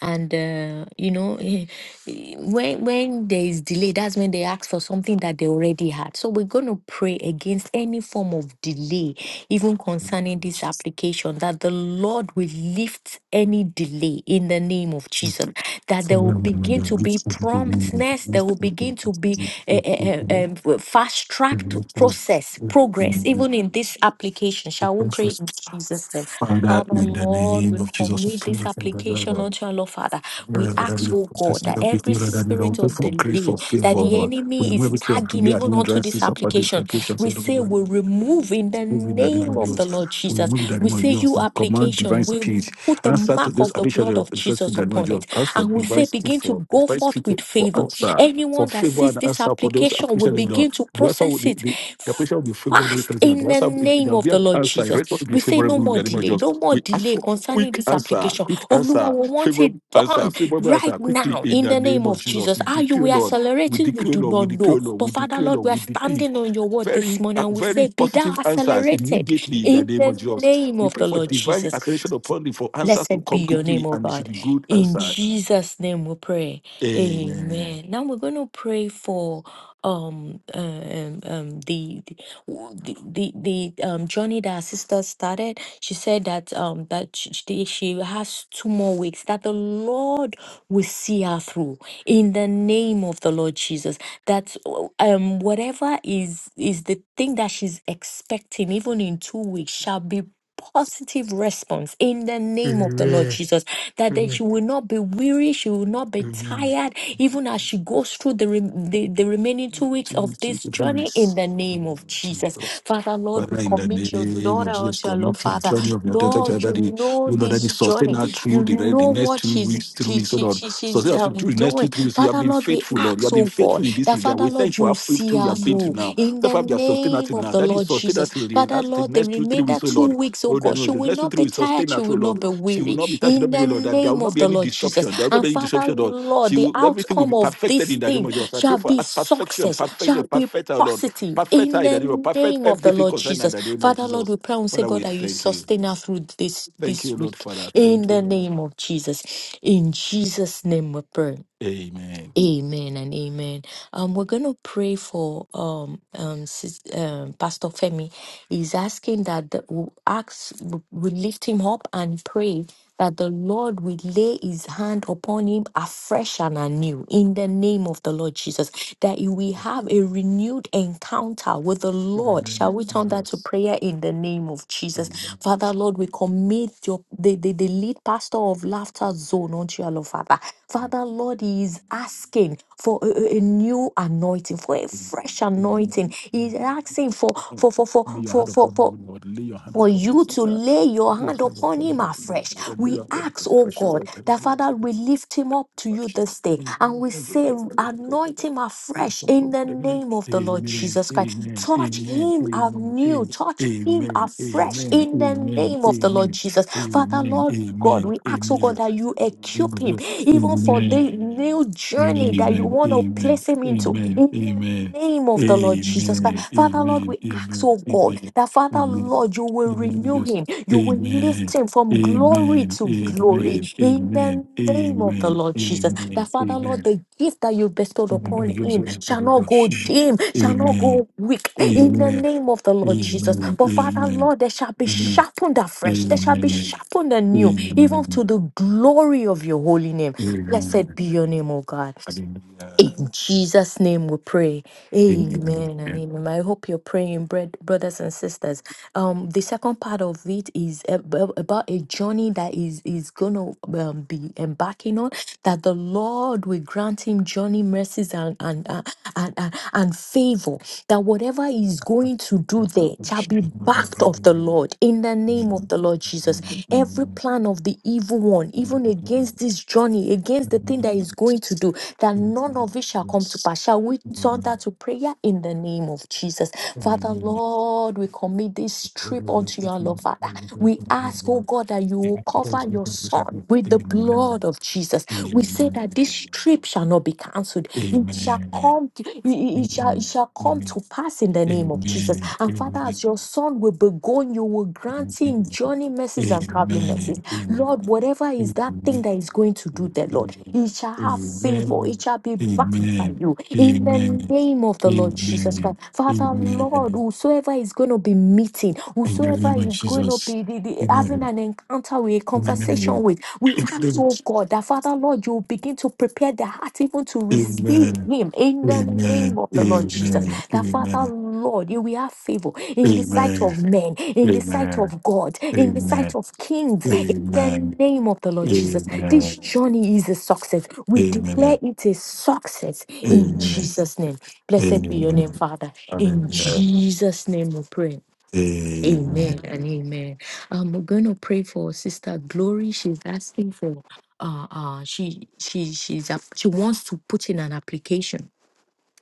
[SPEAKER 7] and uh, you know eh, eh, when when there is delay that's when they ask for something that they already had so we're going to pray against any form of delay even concerning this application that the lord will lift any delay in the name of jesus that
[SPEAKER 5] Father,
[SPEAKER 7] there
[SPEAKER 5] we
[SPEAKER 7] will
[SPEAKER 5] are in the name of the
[SPEAKER 7] begin to
[SPEAKER 5] Lord, we
[SPEAKER 7] be
[SPEAKER 5] shall be in the
[SPEAKER 7] promptness there will begin to be a,
[SPEAKER 5] Lord.
[SPEAKER 7] fast tracked process progress even in this application shall we pray in jesus name
[SPEAKER 5] Father,
[SPEAKER 7] Father,
[SPEAKER 5] in the
[SPEAKER 7] Lord,
[SPEAKER 5] name
[SPEAKER 7] we
[SPEAKER 5] of Jesus, we
[SPEAKER 7] commit this
[SPEAKER 5] pray for the Lord.
[SPEAKER 7] application unto our Lord, Father.
[SPEAKER 5] Lord,
[SPEAKER 7] We
[SPEAKER 5] I know that we
[SPEAKER 7] ask,
[SPEAKER 5] are
[SPEAKER 7] oh God,
[SPEAKER 5] processing
[SPEAKER 7] that
[SPEAKER 5] that with you,
[SPEAKER 7] every
[SPEAKER 5] Lord, and Lord,
[SPEAKER 7] spirit
[SPEAKER 5] pray
[SPEAKER 7] of
[SPEAKER 5] for grace,
[SPEAKER 7] delay
[SPEAKER 5] for
[SPEAKER 7] that
[SPEAKER 5] favor,
[SPEAKER 7] the
[SPEAKER 5] Lord. We
[SPEAKER 7] enemy
[SPEAKER 5] remember
[SPEAKER 7] is
[SPEAKER 5] the spirit of
[SPEAKER 7] tagging
[SPEAKER 5] delay and
[SPEAKER 7] even onto this
[SPEAKER 5] hindrances of our
[SPEAKER 7] application,
[SPEAKER 5] dislocations,
[SPEAKER 7] we
[SPEAKER 5] so don't
[SPEAKER 7] say
[SPEAKER 5] worry
[SPEAKER 7] we remove in the
[SPEAKER 5] move in the name
[SPEAKER 7] name
[SPEAKER 5] of
[SPEAKER 7] of the
[SPEAKER 5] Jesus.
[SPEAKER 7] Lord
[SPEAKER 5] We will
[SPEAKER 7] Jesus.
[SPEAKER 5] move in the
[SPEAKER 7] We
[SPEAKER 5] name of
[SPEAKER 7] say,
[SPEAKER 5] Jesus.
[SPEAKER 7] you
[SPEAKER 5] We Command
[SPEAKER 7] application,
[SPEAKER 5] divine
[SPEAKER 7] we
[SPEAKER 5] speed.
[SPEAKER 7] put the
[SPEAKER 5] Answer to
[SPEAKER 7] mark
[SPEAKER 5] this
[SPEAKER 7] of the
[SPEAKER 5] application
[SPEAKER 7] blood
[SPEAKER 5] of
[SPEAKER 7] of
[SPEAKER 5] express in
[SPEAKER 7] Jesus
[SPEAKER 5] the name of
[SPEAKER 7] upon it.
[SPEAKER 5] Jesus. Ask for
[SPEAKER 7] And we
[SPEAKER 5] divine
[SPEAKER 7] say,
[SPEAKER 5] speed
[SPEAKER 7] begin to
[SPEAKER 5] for
[SPEAKER 7] go
[SPEAKER 5] divine
[SPEAKER 7] forth
[SPEAKER 5] speed for
[SPEAKER 7] with
[SPEAKER 5] for
[SPEAKER 7] favor.
[SPEAKER 5] answer, for
[SPEAKER 7] Anyone that
[SPEAKER 5] favor
[SPEAKER 7] sees
[SPEAKER 5] and
[SPEAKER 7] this
[SPEAKER 5] answer for those
[SPEAKER 7] application will
[SPEAKER 5] appreciation. of
[SPEAKER 7] begin
[SPEAKER 5] God.
[SPEAKER 7] to
[SPEAKER 5] The answer will
[SPEAKER 7] process
[SPEAKER 5] the,
[SPEAKER 7] it.
[SPEAKER 5] the, the application will be favored the
[SPEAKER 7] Fast in the
[SPEAKER 5] presence of God. The answer there
[SPEAKER 7] name
[SPEAKER 5] will
[SPEAKER 7] of
[SPEAKER 5] be
[SPEAKER 7] the
[SPEAKER 5] an
[SPEAKER 7] Lord
[SPEAKER 5] answer.
[SPEAKER 7] Jesus.
[SPEAKER 5] The response will be
[SPEAKER 7] We say no
[SPEAKER 5] favorable in
[SPEAKER 7] more
[SPEAKER 5] the name of
[SPEAKER 7] delay,
[SPEAKER 5] Jesus.
[SPEAKER 7] no more
[SPEAKER 5] We ask
[SPEAKER 7] delay
[SPEAKER 5] for
[SPEAKER 7] concerning
[SPEAKER 5] quick
[SPEAKER 7] this
[SPEAKER 5] answer,
[SPEAKER 7] application.
[SPEAKER 5] quick
[SPEAKER 7] Oluwa,
[SPEAKER 5] answer,
[SPEAKER 7] we want it
[SPEAKER 5] favorable answer,
[SPEAKER 7] done
[SPEAKER 5] favorable
[SPEAKER 7] right
[SPEAKER 5] answer quickly
[SPEAKER 7] now
[SPEAKER 5] in
[SPEAKER 7] in
[SPEAKER 5] the
[SPEAKER 7] the
[SPEAKER 5] name
[SPEAKER 7] name
[SPEAKER 5] of
[SPEAKER 7] of
[SPEAKER 5] Jesus.
[SPEAKER 7] Jesus.
[SPEAKER 5] We
[SPEAKER 7] How you
[SPEAKER 5] declare,
[SPEAKER 7] we
[SPEAKER 5] Lord. We
[SPEAKER 7] accelerated, we
[SPEAKER 5] declare,
[SPEAKER 7] do
[SPEAKER 5] Lord. We
[SPEAKER 7] not know.
[SPEAKER 5] declare, Lord.
[SPEAKER 7] But
[SPEAKER 5] We
[SPEAKER 7] Father
[SPEAKER 5] declare,
[SPEAKER 7] Lord, we
[SPEAKER 5] Lord.
[SPEAKER 7] are
[SPEAKER 5] We declare
[SPEAKER 7] standing on your word this
[SPEAKER 5] very
[SPEAKER 7] morning
[SPEAKER 5] uh,
[SPEAKER 7] and we
[SPEAKER 5] very
[SPEAKER 7] say, Be thou
[SPEAKER 5] positive answers
[SPEAKER 7] accelerated
[SPEAKER 5] immediately in the
[SPEAKER 7] in
[SPEAKER 5] name
[SPEAKER 7] the
[SPEAKER 5] of Jesus.
[SPEAKER 7] name
[SPEAKER 5] We
[SPEAKER 7] of
[SPEAKER 5] pray
[SPEAKER 7] the
[SPEAKER 5] for
[SPEAKER 7] Lord
[SPEAKER 5] divine
[SPEAKER 7] Jesus.
[SPEAKER 5] acceleration upon thee for answers to
[SPEAKER 7] Blessed be
[SPEAKER 5] come
[SPEAKER 7] your name,
[SPEAKER 5] quickly
[SPEAKER 7] oh
[SPEAKER 5] and it should
[SPEAKER 7] God.
[SPEAKER 5] be good
[SPEAKER 7] In
[SPEAKER 5] answer.
[SPEAKER 7] Jesus' name we pray.
[SPEAKER 5] Amen.
[SPEAKER 7] Amen. Now we're going to pray for um uh, um, um the the w- the, the the, um journey that our sister started. She said that um that sh- she, she has two more weeks that the Lord will see her through in the name of the Lord Jesus. That um whatever is is the thing that she's expecting even in two weeks shall be positive response in the name of the Lord
[SPEAKER 5] Amen.
[SPEAKER 7] Jesus. That,
[SPEAKER 5] Amen.
[SPEAKER 7] that she will not be weary, she will not be
[SPEAKER 5] Amen.
[SPEAKER 7] tired, even as she goes through the, rem the, the remaining two weeks
[SPEAKER 5] Two,
[SPEAKER 7] of
[SPEAKER 5] two,
[SPEAKER 7] this
[SPEAKER 5] two, three
[SPEAKER 7] journey in
[SPEAKER 5] minutes.
[SPEAKER 7] the name of Jesus. Father, Lord, we
[SPEAKER 5] Father, in the
[SPEAKER 7] commit your
[SPEAKER 5] name
[SPEAKER 7] daughter
[SPEAKER 5] of Jesus,
[SPEAKER 7] unto your Lord,
[SPEAKER 5] commit to the
[SPEAKER 7] Father.
[SPEAKER 5] journey of your daughter, to
[SPEAKER 7] Lord, you
[SPEAKER 5] that he
[SPEAKER 7] know
[SPEAKER 5] will not daddy,
[SPEAKER 7] this
[SPEAKER 5] sustain
[SPEAKER 7] journey,
[SPEAKER 5] her through
[SPEAKER 7] you
[SPEAKER 5] the, the
[SPEAKER 7] know
[SPEAKER 5] next
[SPEAKER 7] what
[SPEAKER 5] two
[SPEAKER 7] she's.
[SPEAKER 5] weeks, three
[SPEAKER 7] She,
[SPEAKER 5] weeks, oh
[SPEAKER 7] she,
[SPEAKER 5] Lord.
[SPEAKER 7] she,
[SPEAKER 5] Sustain
[SPEAKER 7] she's
[SPEAKER 5] her through
[SPEAKER 7] um,
[SPEAKER 5] through the next
[SPEAKER 7] doing.
[SPEAKER 5] two, three weeks. You have
[SPEAKER 7] Father
[SPEAKER 5] been
[SPEAKER 7] Lord, we
[SPEAKER 5] faithful, Lord. You
[SPEAKER 7] ask,
[SPEAKER 5] have
[SPEAKER 7] oh
[SPEAKER 5] been
[SPEAKER 7] God,
[SPEAKER 5] faithful in this
[SPEAKER 7] that
[SPEAKER 5] regard.
[SPEAKER 7] Father
[SPEAKER 5] We thank you
[SPEAKER 7] Lord,
[SPEAKER 5] for
[SPEAKER 7] you
[SPEAKER 5] how
[SPEAKER 7] see
[SPEAKER 5] faithful you
[SPEAKER 7] her
[SPEAKER 5] have been to
[SPEAKER 7] through
[SPEAKER 5] now.
[SPEAKER 7] in the
[SPEAKER 5] Therefore, you have sustained her
[SPEAKER 7] name
[SPEAKER 5] till
[SPEAKER 7] of
[SPEAKER 5] now.
[SPEAKER 7] the
[SPEAKER 5] That is
[SPEAKER 7] Lord
[SPEAKER 5] sustain
[SPEAKER 7] Jesus.
[SPEAKER 5] her till the end.
[SPEAKER 7] Father,
[SPEAKER 5] That's the
[SPEAKER 7] Lord, the
[SPEAKER 5] next two, three
[SPEAKER 7] remainder
[SPEAKER 5] weeks, oh Lord.
[SPEAKER 7] two weeks, oh
[SPEAKER 5] Oh,
[SPEAKER 7] God,
[SPEAKER 5] daddy, oh,
[SPEAKER 7] she
[SPEAKER 5] the
[SPEAKER 7] will
[SPEAKER 5] next two,
[SPEAKER 7] not be
[SPEAKER 5] three weeks,
[SPEAKER 7] tired,
[SPEAKER 5] sustain
[SPEAKER 7] she
[SPEAKER 5] her, oh
[SPEAKER 7] will not
[SPEAKER 5] Lord.
[SPEAKER 7] be
[SPEAKER 5] She will
[SPEAKER 7] weary.
[SPEAKER 5] not be touched, she will
[SPEAKER 7] In
[SPEAKER 5] not be, oh
[SPEAKER 7] the
[SPEAKER 5] Lord. That there will
[SPEAKER 7] name
[SPEAKER 5] not
[SPEAKER 7] of
[SPEAKER 5] be
[SPEAKER 7] the
[SPEAKER 5] any
[SPEAKER 7] Lord Jesus.
[SPEAKER 5] disruption. There will not
[SPEAKER 7] And
[SPEAKER 5] be any
[SPEAKER 7] Father,
[SPEAKER 5] disruption, Lord.
[SPEAKER 7] Lord,
[SPEAKER 5] She
[SPEAKER 7] the
[SPEAKER 5] will, everything will be
[SPEAKER 7] outcome of
[SPEAKER 5] perfected
[SPEAKER 7] this
[SPEAKER 5] in the name
[SPEAKER 7] thing
[SPEAKER 5] of Jesus. I pray
[SPEAKER 7] shall
[SPEAKER 5] for
[SPEAKER 7] be
[SPEAKER 5] perfection,
[SPEAKER 7] success,
[SPEAKER 5] perfection,
[SPEAKER 7] shall be
[SPEAKER 5] perfect, oh Lord.
[SPEAKER 7] positive
[SPEAKER 5] Perfect her
[SPEAKER 7] in
[SPEAKER 5] in
[SPEAKER 7] the
[SPEAKER 5] the name of perfect
[SPEAKER 7] name of the
[SPEAKER 5] everything
[SPEAKER 7] Lord
[SPEAKER 5] concerning her in
[SPEAKER 7] Jesus.
[SPEAKER 5] the name of
[SPEAKER 7] Father, Lord,
[SPEAKER 5] Jesus.
[SPEAKER 7] we pray and say,
[SPEAKER 5] Father,
[SPEAKER 7] God,
[SPEAKER 5] we
[SPEAKER 7] that you
[SPEAKER 5] thank you.
[SPEAKER 7] sustain us through this
[SPEAKER 5] Thank
[SPEAKER 7] this
[SPEAKER 5] you, Lord
[SPEAKER 7] week
[SPEAKER 5] Father.
[SPEAKER 7] in
[SPEAKER 5] Thank you,
[SPEAKER 7] the
[SPEAKER 5] Lord.
[SPEAKER 7] name of Jesus. In Jesus' name we pray.
[SPEAKER 5] Amen.
[SPEAKER 7] Amen and amen. Um, we're going to pray for um, um, sis, um, Pastor Femi. He's asking that the, we ask, we lift him up and pray that the Lord will lay his hand upon him afresh and anew in the name of the Lord Jesus, that you will have a renewed encounter with the
[SPEAKER 5] In the
[SPEAKER 7] Lord.
[SPEAKER 5] name of
[SPEAKER 7] Shall we turn that to
[SPEAKER 5] Jesus.
[SPEAKER 7] prayer? prayer in the name of Jesus. Father, Lord, we commit your the, the, the lead pastor of Laughter Zone unto your Lord, Father. Father, Lord, he is asking for a, a- a new anointing, for a fresh
[SPEAKER 5] Amen.
[SPEAKER 7] anointing. He's asking for
[SPEAKER 5] Lord,
[SPEAKER 7] for for for
[SPEAKER 5] Lay your
[SPEAKER 7] for
[SPEAKER 5] hand
[SPEAKER 7] for
[SPEAKER 5] upon
[SPEAKER 7] for,
[SPEAKER 5] me, Lord. Lay your hand
[SPEAKER 7] for
[SPEAKER 5] upon me,
[SPEAKER 7] you to
[SPEAKER 5] Father.
[SPEAKER 7] lay your
[SPEAKER 5] Lay your
[SPEAKER 7] hand
[SPEAKER 5] hand
[SPEAKER 7] upon
[SPEAKER 5] upon
[SPEAKER 7] him
[SPEAKER 5] me, Lord.
[SPEAKER 7] afresh.
[SPEAKER 5] Lay
[SPEAKER 7] We
[SPEAKER 5] your hand upon
[SPEAKER 7] ask,
[SPEAKER 5] me,
[SPEAKER 7] oh
[SPEAKER 5] precious
[SPEAKER 7] God,
[SPEAKER 5] Lord.
[SPEAKER 7] that Father, we lift him up to you
[SPEAKER 5] Bathsheba.
[SPEAKER 7] this day
[SPEAKER 5] In the
[SPEAKER 7] and
[SPEAKER 5] name
[SPEAKER 7] we
[SPEAKER 5] of God,
[SPEAKER 7] say,
[SPEAKER 5] Father, Lord, we pray
[SPEAKER 7] anoint
[SPEAKER 5] that
[SPEAKER 7] him
[SPEAKER 5] we are
[SPEAKER 7] afresh
[SPEAKER 5] not
[SPEAKER 7] in
[SPEAKER 5] from
[SPEAKER 7] the
[SPEAKER 5] the enemy.
[SPEAKER 7] name of the Lord
[SPEAKER 5] Amen.
[SPEAKER 7] Jesus Christ.
[SPEAKER 5] Amen.
[SPEAKER 7] Touch
[SPEAKER 5] Amen.
[SPEAKER 7] him anew,
[SPEAKER 5] Amen.
[SPEAKER 7] touch him
[SPEAKER 5] Amen. Amen.
[SPEAKER 7] afresh
[SPEAKER 5] Amen.
[SPEAKER 7] in the
[SPEAKER 5] Amen.
[SPEAKER 7] name of the Lord
[SPEAKER 5] Amen.
[SPEAKER 7] Jesus. Father, Lord. God,
[SPEAKER 5] Amen.
[SPEAKER 7] we
[SPEAKER 5] Amen.
[SPEAKER 7] ask, oh God,
[SPEAKER 5] Amen.
[SPEAKER 7] that you
[SPEAKER 5] In the name
[SPEAKER 7] equip
[SPEAKER 5] of
[SPEAKER 7] him
[SPEAKER 5] Jesus.
[SPEAKER 7] even for the
[SPEAKER 5] Amen.
[SPEAKER 7] new
[SPEAKER 5] Amen.
[SPEAKER 7] journey that you
[SPEAKER 5] Amen. Amen.
[SPEAKER 7] want to
[SPEAKER 5] Amen.
[SPEAKER 7] place him into.
[SPEAKER 5] Amen.
[SPEAKER 7] In the
[SPEAKER 5] Amen.
[SPEAKER 7] name of the Lord Jesus Christ. Father, Lord, we ask,
[SPEAKER 5] Amen.
[SPEAKER 7] oh God,
[SPEAKER 5] Amen.
[SPEAKER 7] that Father,
[SPEAKER 5] Amen.
[SPEAKER 7] Lord, you will
[SPEAKER 5] In the name of
[SPEAKER 7] renew him. You will
[SPEAKER 5] Jesus.
[SPEAKER 7] lift him from glory
[SPEAKER 5] Amen.
[SPEAKER 7] to glory.
[SPEAKER 5] Amen.
[SPEAKER 7] In
[SPEAKER 5] Amen.
[SPEAKER 7] the name of the
[SPEAKER 5] Amen.
[SPEAKER 7] Lord Jesus. That
[SPEAKER 5] Amen.
[SPEAKER 7] Father, Lord,
[SPEAKER 5] Amen.
[SPEAKER 7] the gift that you bestowed
[SPEAKER 5] In the name of
[SPEAKER 7] upon
[SPEAKER 5] Jesus,
[SPEAKER 7] him
[SPEAKER 5] we
[SPEAKER 7] shall
[SPEAKER 5] pray
[SPEAKER 7] not
[SPEAKER 5] that
[SPEAKER 7] go
[SPEAKER 5] she-
[SPEAKER 7] dim, shall not
[SPEAKER 5] Amen.
[SPEAKER 7] go weak. In the
[SPEAKER 5] Amen.
[SPEAKER 7] name of the Lord
[SPEAKER 5] Amen.
[SPEAKER 7] Jesus.
[SPEAKER 5] Amen.
[SPEAKER 7] But Father, Lord, they shall be
[SPEAKER 5] Amen.
[SPEAKER 7] sharpened afresh. They shall be
[SPEAKER 5] Amen.
[SPEAKER 7] sharpened anew even to
[SPEAKER 5] Amen.
[SPEAKER 7] the glory of your holy name. Blessed
[SPEAKER 5] Amen.
[SPEAKER 7] be your name, O God.
[SPEAKER 5] Hallelujah.
[SPEAKER 7] In Jesus' name we pray. Amen and
[SPEAKER 5] Amen.
[SPEAKER 7] amen. I hope you're praying, bread, brothers and sisters. Um, the second part of it is ab- about a journey that is is gonna um, be embarking on. That the Lord will grant him journey mercies and and uh, and, and and favor. That whatever he's going to do there shall be backed of the Lord in the name of the Lord Jesus. Every plan of the evil one, even against this journey, against the thing that he's
[SPEAKER 5] Amen.
[SPEAKER 7] going to do that none of it shall come to
[SPEAKER 5] Yes.
[SPEAKER 7] pass. Shall we turn that
[SPEAKER 5] Amen.
[SPEAKER 7] to prayer in the name of Jesus? Father,
[SPEAKER 5] Amen.
[SPEAKER 7] Lord, we commit this trip unto
[SPEAKER 5] Revelation
[SPEAKER 7] your Lord,
[SPEAKER 5] from
[SPEAKER 7] Father.
[SPEAKER 5] the Lord,
[SPEAKER 7] We
[SPEAKER 5] from
[SPEAKER 7] ask,
[SPEAKER 5] the
[SPEAKER 7] oh God, that you will cover your son
[SPEAKER 5] Lord.
[SPEAKER 7] with the blood
[SPEAKER 5] Amen.
[SPEAKER 7] of Jesus. We say that
[SPEAKER 5] Amen.
[SPEAKER 7] this trip shall not be cancelled. It shall
[SPEAKER 5] Amen. Amen.
[SPEAKER 7] come, to- it, it- it shall, it
[SPEAKER 5] Amen.
[SPEAKER 7] shall come to
[SPEAKER 5] Amen.
[SPEAKER 7] pass in the name
[SPEAKER 5] Amen.
[SPEAKER 7] of Jesus.
[SPEAKER 5] Amen.
[SPEAKER 7] And
[SPEAKER 5] Amen.
[SPEAKER 7] Father,
[SPEAKER 5] Amen.
[SPEAKER 7] as your son will be going, you will grant him
[SPEAKER 5] Amen.
[SPEAKER 7] journey
[SPEAKER 5] Amen.
[SPEAKER 7] mercies and traveling mercies.
[SPEAKER 5] Amen.
[SPEAKER 7] Lord, whatever is that thing that is going to do there, Lord, he shall have favor.
[SPEAKER 5] Amen.
[SPEAKER 7] It shall be backed by you. In
[SPEAKER 5] Amen.
[SPEAKER 7] the name of the Lord Jesus
[SPEAKER 5] Amen.
[SPEAKER 7] Christ. Father, Lord,
[SPEAKER 5] Amen.
[SPEAKER 7] whosoever is going to be meeting,
[SPEAKER 5] In the
[SPEAKER 7] whosoever
[SPEAKER 5] name of
[SPEAKER 7] is going to
[SPEAKER 5] Jesus.
[SPEAKER 7] be the- the- having
[SPEAKER 5] Amen.
[SPEAKER 7] an encounter with, a
[SPEAKER 5] In the name
[SPEAKER 7] conversation
[SPEAKER 5] of
[SPEAKER 7] with, we ask, oh
[SPEAKER 5] Jesus.
[SPEAKER 7] God, that Father, Lord, you will begin to prepare their heart even to receive
[SPEAKER 5] Amen.
[SPEAKER 7] him in
[SPEAKER 5] Amen.
[SPEAKER 7] the name
[SPEAKER 5] Amen.
[SPEAKER 7] of the Lord
[SPEAKER 5] Amen.
[SPEAKER 7] Jesus.
[SPEAKER 5] Amen. Amen.
[SPEAKER 7] That Father, Lord, you will have favor in the sight
[SPEAKER 5] Amen.
[SPEAKER 7] of men, in the
[SPEAKER 5] Amen.
[SPEAKER 7] sight of God, in the sight of kings, in the name of the Lord Jesus. This journey is a success. We declare it a success in Jesus' name. Blessed
[SPEAKER 5] Amen.
[SPEAKER 7] be your name, Father.
[SPEAKER 5] Amen. Amen.
[SPEAKER 7] In
[SPEAKER 5] Amen.
[SPEAKER 7] Jesus' name we pray.
[SPEAKER 5] Amen.
[SPEAKER 7] Amen and amen. Um, we're gonna pray for Sister Glory. She's asking for uh uh she she she's up she wants to put in an application